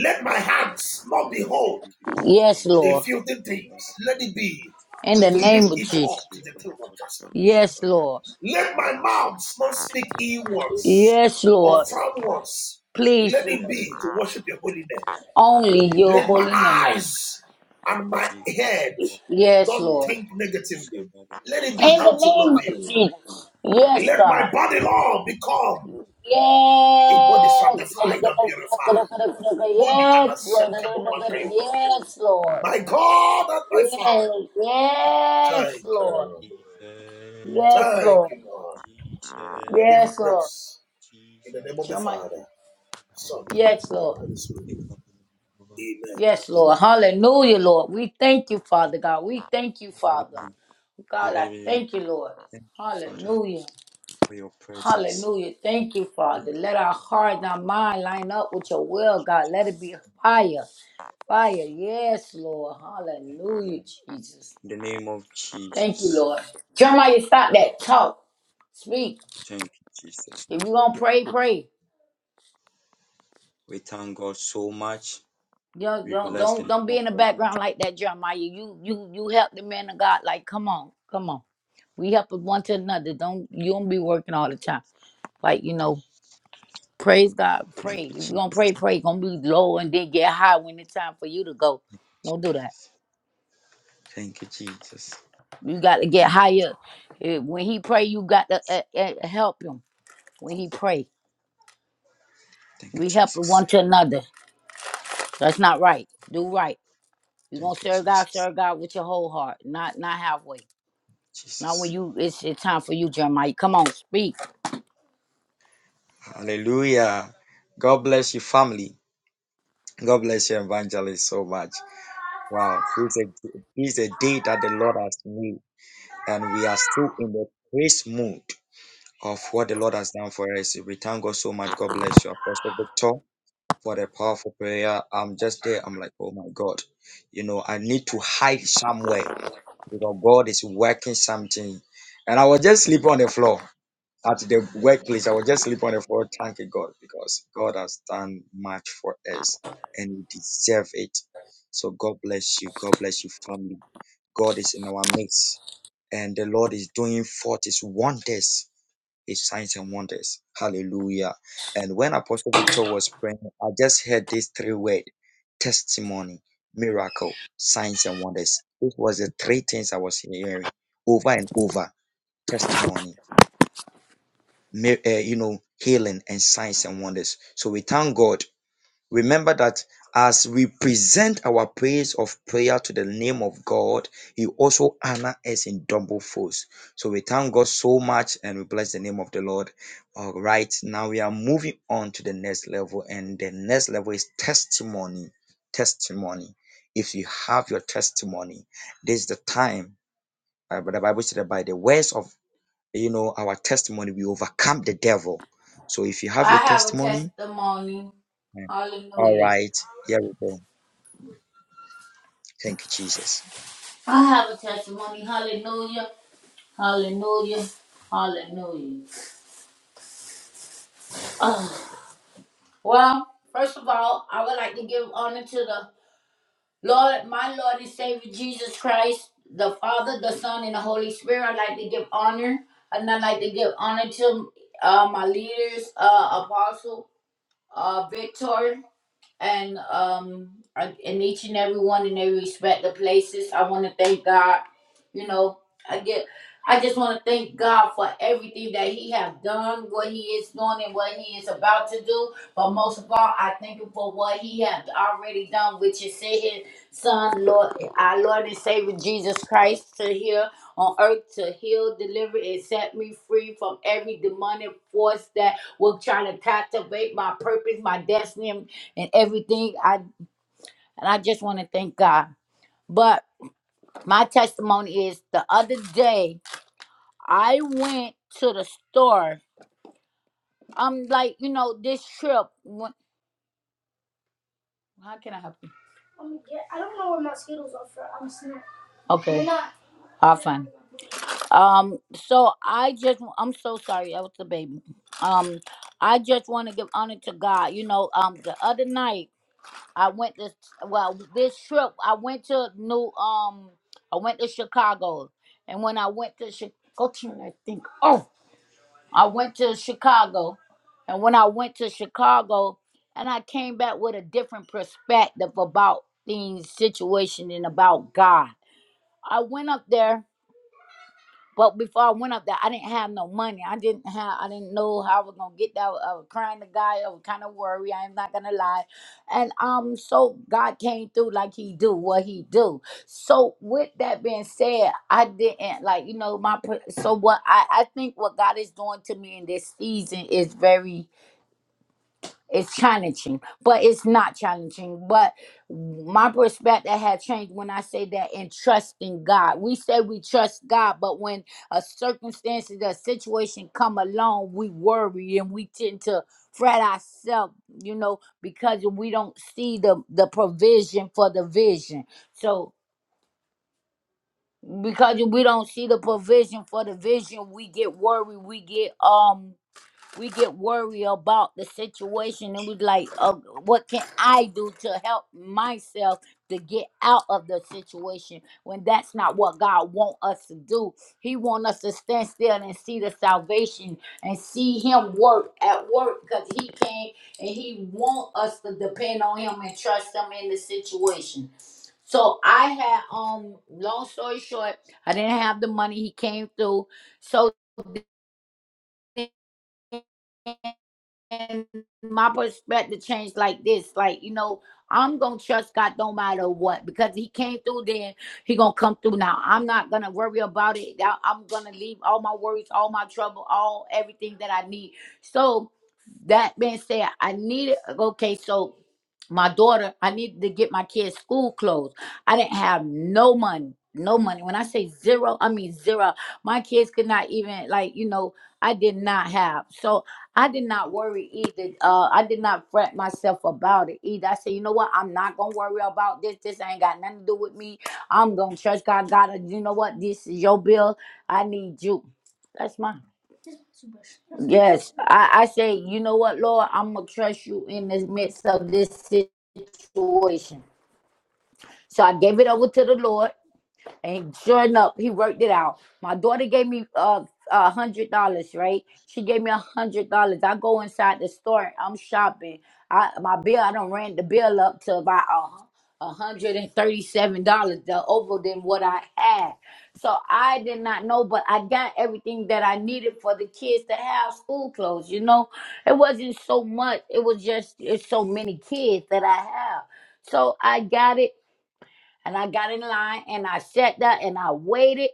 [SPEAKER 2] Let my hands not behold
[SPEAKER 3] Yes,
[SPEAKER 2] a
[SPEAKER 3] Lord.
[SPEAKER 2] filthy things. Let it be
[SPEAKER 3] In the
[SPEAKER 2] to
[SPEAKER 3] name
[SPEAKER 2] lift
[SPEAKER 3] of
[SPEAKER 2] it up
[SPEAKER 3] Jesus.
[SPEAKER 2] to the throne of justice.
[SPEAKER 3] Yes, Lord.
[SPEAKER 2] Let my mouth not speak ill words
[SPEAKER 3] Yes,
[SPEAKER 2] or
[SPEAKER 3] Lord.
[SPEAKER 2] firm words.
[SPEAKER 3] Please,
[SPEAKER 2] Let
[SPEAKER 3] Lord.
[SPEAKER 2] it be to worship your holy name.
[SPEAKER 3] Only your
[SPEAKER 2] Let my
[SPEAKER 3] holy name.
[SPEAKER 2] eyes and my head
[SPEAKER 3] Yes,
[SPEAKER 2] don't
[SPEAKER 3] Lord.
[SPEAKER 2] think negatively. Let it be
[SPEAKER 3] In the
[SPEAKER 2] how to love
[SPEAKER 3] name of
[SPEAKER 2] you.
[SPEAKER 3] Jesus. Yes,
[SPEAKER 2] Let
[SPEAKER 3] God.
[SPEAKER 2] my body, Lord, become a body
[SPEAKER 3] Yes.
[SPEAKER 2] sanctified and purified, holy and acceptable unto you. My God and my Father.
[SPEAKER 3] Yes, Lord. Yes, Lord. Yes, yes,
[SPEAKER 2] Thank you,
[SPEAKER 3] Lord.
[SPEAKER 2] Lord.
[SPEAKER 3] Yes,
[SPEAKER 2] Thank
[SPEAKER 3] Lord.
[SPEAKER 2] you, Lord. We give you
[SPEAKER 3] Yes, Lord.
[SPEAKER 2] praise in the name of the
[SPEAKER 3] Your
[SPEAKER 2] Father, Son,
[SPEAKER 3] Yes,
[SPEAKER 2] and the
[SPEAKER 3] Lord.
[SPEAKER 2] Holy Spirit. Amen.
[SPEAKER 3] Yes, Lord. Hallelujah, Lord. We thank you, Father God. We thank you, Father. God, I thank you, Lord. Hallelujah. Hallelujah. Thank you, Father. Let our heart and our mind line up with your will, God. Let it be fire. Fire. Yes, Lord. Hallelujah, Jesus. Thank you, Lord. Jeremiah, stop that. Talk. Speak. If you want to pray, pray. Yo, don't don't don't be in the background like that, Jeremiah. You you you help the man of God. Like, come on, come on. We help one to another. Don't you don't be working all the time. Like, you know, praise God, pray. If you're gonna pray, pray. Gonna be low and then get high when it's time for you to go. Don't do that. You got to get higher. Eh, When he pray, you got to uh, uh, help him. When he pray, we help one to another. That's not right. Do right. You're gonna serve God, serve God with your whole heart, not not halfway. Not when you. It's it's time for you, Jeremiah. Come on, speak. I have a testimony. Hallelujah. I have a testimony. Hallelujah. Hallelujah. Hallelujah. [sighs] Ah, well, first of all, I would like to give honor to the Lord, my Lord and Savior Jesus Christ, the Father, the Son, and the Holy Spirit. I'd like to give honor. And I'd like to give honor to uh, my leaders, uh, Apostle uh, Victor. and um in each and every one in their respective places. I want to thank God. You know, I get. I just want to thank God for everything that He has done, what He is doing, and what He is about to do. But most of all, I thank Him for what He has already done, which is send His Son, Lord, our Lord and Savior Jesus Christ, to here on earth to heal, deliver, and set me free from every demonic force that will try to captivate my purpose, my destiny, and everything. I and I just want to thank God. But my testimony is the other day I went to the store. I'm like, you know, this trip. When, how can I help you? Okay, all fine. Um, so I just, I'm so sorry. I was the baby. Um, I just want to give honor to God. You know, um, the other night I went to well, this trip I went to new, um, I went to Chicago, and when I went to Chicago, I think, oh. I went to Chicago, and when I went to Chicago, and I came back with a different perspective about the situation and about God. I went up there but before I went up there, I didn't have no money. I didn't have. I didn't know how I was gonna get there. I was crying to God. I was kind of worried. I'm not gonna lie. And um, so God came through like He do what He do. So with that being said, I didn't like you know my. pr- So what I I think what God is doing to me in this season is very it's challenging, but it's not challenging. But my perspective had changed when I say that in trusting God. We say we trust God, but when a circumstance or a situation come along, we worry and we tend to fret ourselves, you know, because we don't see the, the provision for the vision. So because we don't see the provision for the vision, we get worried, we get um we get worried about the situation and we like oh, what can i do to help myself to get out of the situation when that's not what god want us to do he want us to stand still and see the salvation and see him work at work because he came and he want us to depend on him and trust him in the situation so i had um long story short i didn't have the money he came through so and my perspective changed like this like you know i'm gonna trust god no matter what because he came through then he gonna come through now i'm not gonna worry about it I- i'm gonna leave all my worries all my trouble all everything that i need so that being said i needed okay so my daughter i needed to get my kids school clothes i didn't have no money no money when i say zero i mean zero my kids could not even like you know i did not have so I did not worry either. Uh, I did not fret myself about it either. I said, you know what? I'm not gonna worry about this. This ain't got nothing to do with me. I'm gonna trust God. God, uh, you know what? This is your bill. I need you. That's mine. Yes, I, I say, you know what, Lord? I'm gonna trust you in the midst of this situation. So I gave it over to the Lord. And sure enough, he worked it out. My daughter gave me uh a hundred dollars, right? She gave me a hundred dollars. I go inside the store. I'm shopping. I my bill. I don't ran the bill up to about a hundred and thirty-seven dollars, the over than what I had. So I did not know, but I got everything that I needed for the kids to have school clothes. You know, it wasn't so much. It was just it's so many kids that I have. So I got it and I got in line and I sat down and I waited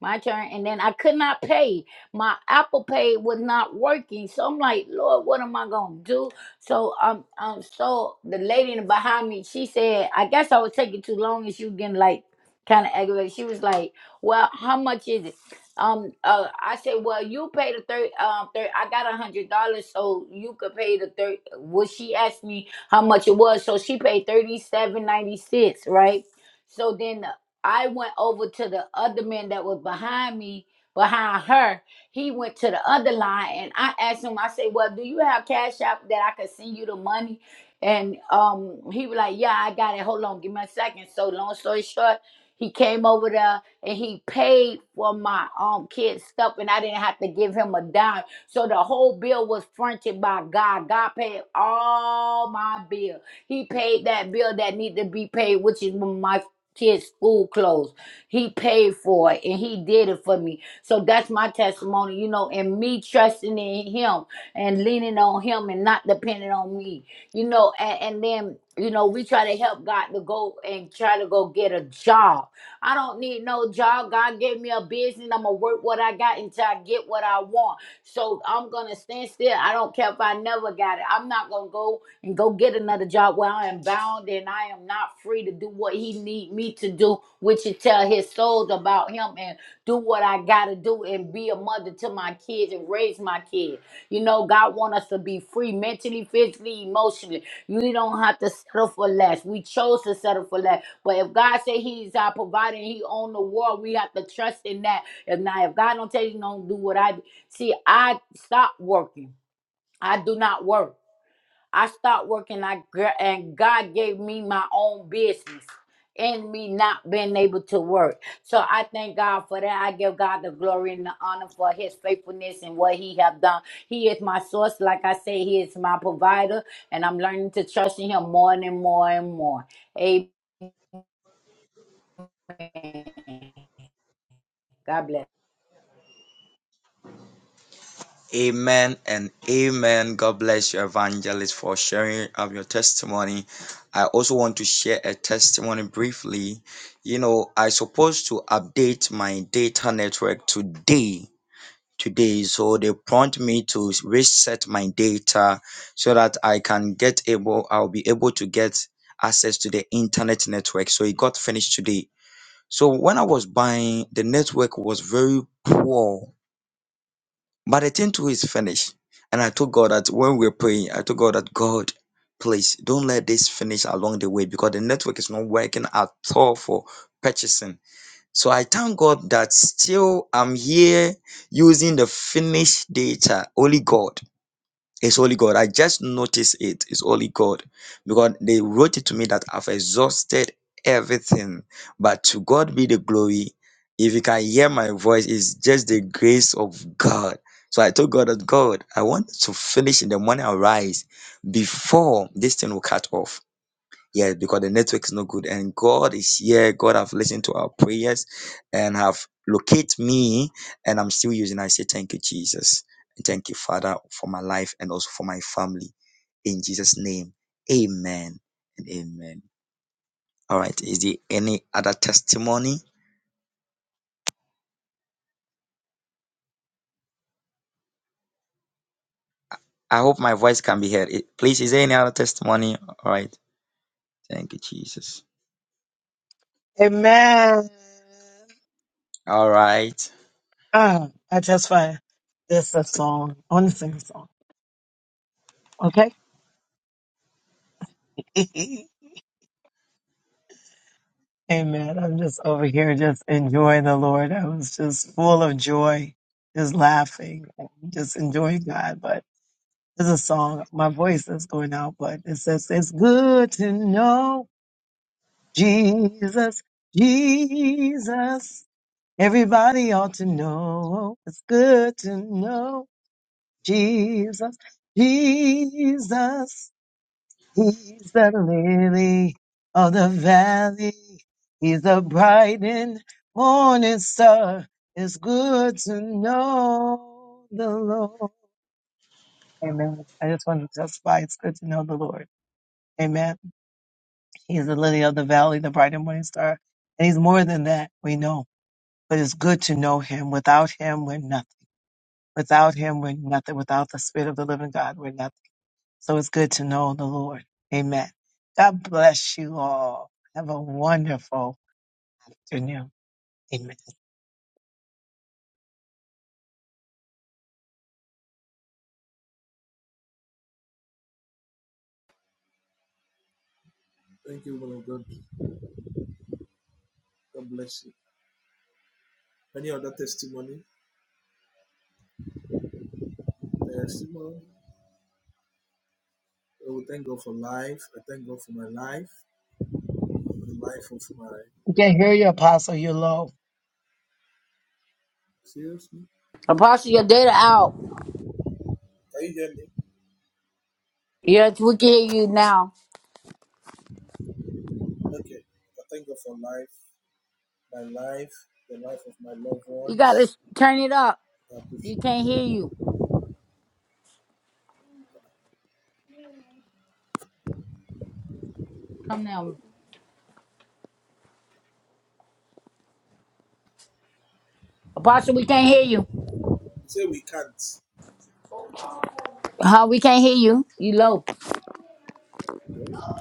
[SPEAKER 3] my turn. And then I could not pay. My Apple Pay was not working. So I'm like, Lord, what am I gonna do? So um um so the lady in the behind me, she said, I guess I was taking too long and she was getting like kind of aggravated. She was like, Well, how much is it? Um uh I said, Well, you pay the thirty um thirty I got a hundred dollars, so you could pay the thirty well she asked me how much it was, so she paid thirty seven ninety six, right? So then I went over to the other man that was behind me, behind her. He went to the other line and I asked him, I said, Well, do you have cash app that I could send you the money? And um he was like, Yeah, I got it. Hold on, give me a second. So long story short, he came over there and he paid for my um kid's stuff and I didn't have to give him a dime. So the whole bill was fronted by God. God paid all my bill. He paid that bill that needed to be paid, which is my kids school clothes he paid for it and he did it for me so that's my testimony you know and me trusting in him and leaning on him and not depending on me you know and, and then you know we try to help god to go and try to go get a job i don't need no job god gave me a business i'm gonna work what i got until i get what i want so I'm gonna stand still. I don't care if I never got it. I'm not gonna go and go get another job where I am bound and I am not free to do what he need me to do, which is tell his souls about him and do what I gotta do and be a mother to my kids and raise my kids. You know, God want us to be free mentally, physically, emotionally. You don't have to settle for less. We chose to settle for less. But if God say He's our provider and He own the world, we have to trust in that. If not, if God don't tell you don't do what I See, I stopped working. I do not work. I stopped working. I and God gave me my own business in me not being able to work. So I thank God for that. I give God the glory and the honor for his faithfulness and what he have done. He is my source. Like I say, he is my provider and I'm learning to trust in him more and more and more. Amen. God bless.
[SPEAKER 5] Amen and amen. God bless you, evangelist, for sharing of your testimony. When we're praying, I told God, God, please don't let this finish along the way because the network is not working at all for purchasing. So I thank God that still I'm here using the finished data, only God. It's only God. I just noticed it. It's only God. Because they wrote it to me that I've exhausted everything. But to God be the glory. If you can hear my voice, it's just the grace of God.
[SPEAKER 1] Jesus, Jesus. Everybody know. He good to know the Lord. Amen. God bless you all. Have a wonderful afternoon. Amen. Can't hear you, Apostle. You're low.
[SPEAKER 3] Apostle, your data out. Yes, we can hear you now. You got to turn it up. You can't hear you. Come now. Apostle, we can't hear you. Huh? We can't hear you. You low.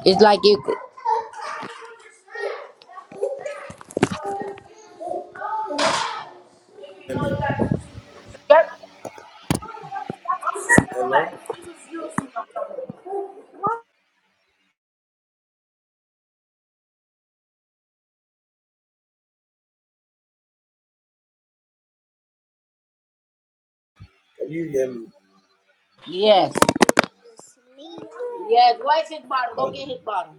[SPEAKER 3] It's like you.
[SPEAKER 2] Amen. Hello? Can you hear
[SPEAKER 3] Yes. Yes. Where's his bottle? Go
[SPEAKER 2] me?
[SPEAKER 3] get his bottle.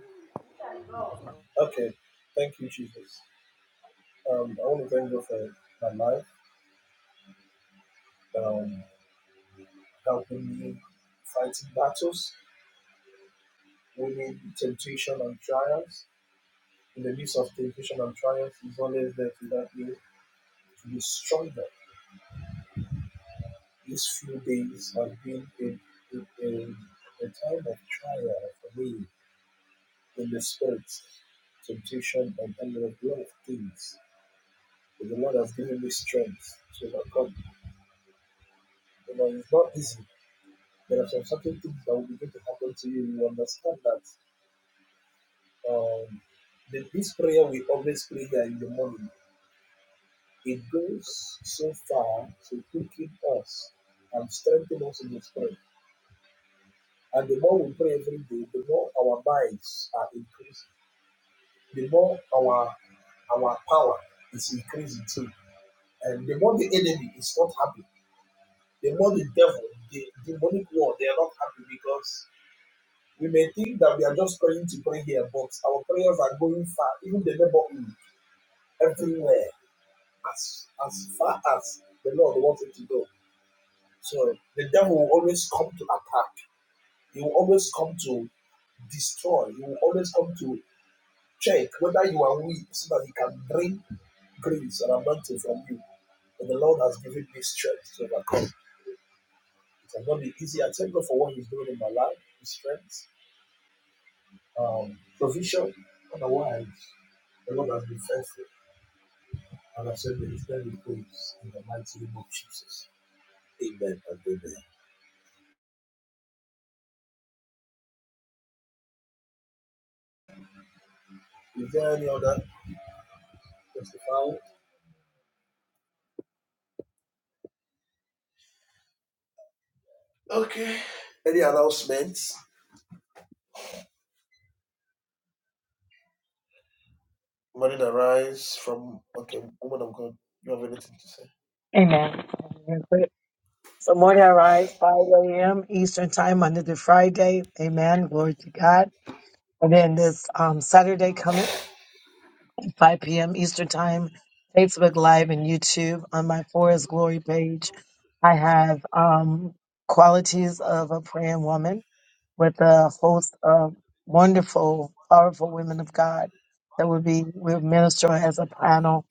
[SPEAKER 1] So morning I rise 5 a.m. Eastern time, Monday to Friday. Amen. Glory to God. And then this um, Saturday coming, 5 p.m. Eastern time, Facebook Live and YouTube on my Forest Glory page. I have um, qualities of a praying woman with a host of wonderful, powerful women of God that will be will minister as a panel,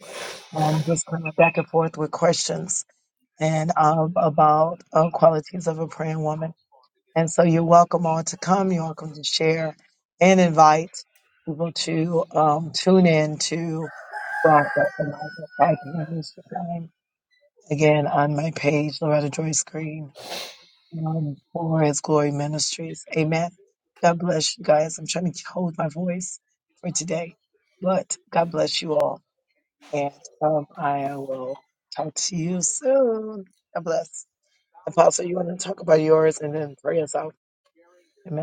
[SPEAKER 1] um, just kind of back and forth with questions. and um, about um, qualities of a praying woman. And so you're welcome all to come. You're welcome to share and invite people to um, tune in to Black Academy's time. Again, on my page, Loretta Joyce Green, um, for His Glory Ministries. Um, I- you want to talk about yours and then pray us out? Amen.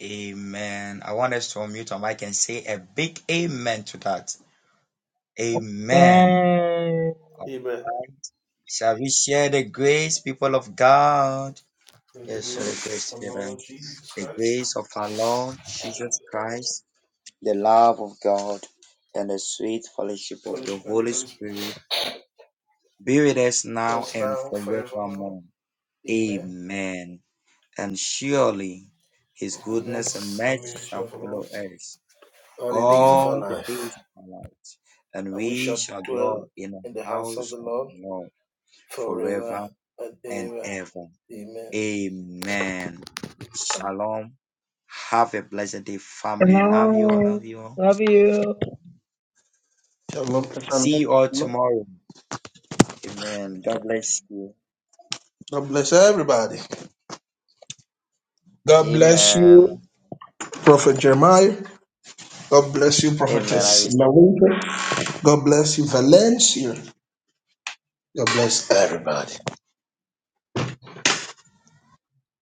[SPEAKER 5] Amen. I want us to unmute our mic and say a big
[SPEAKER 2] Amen.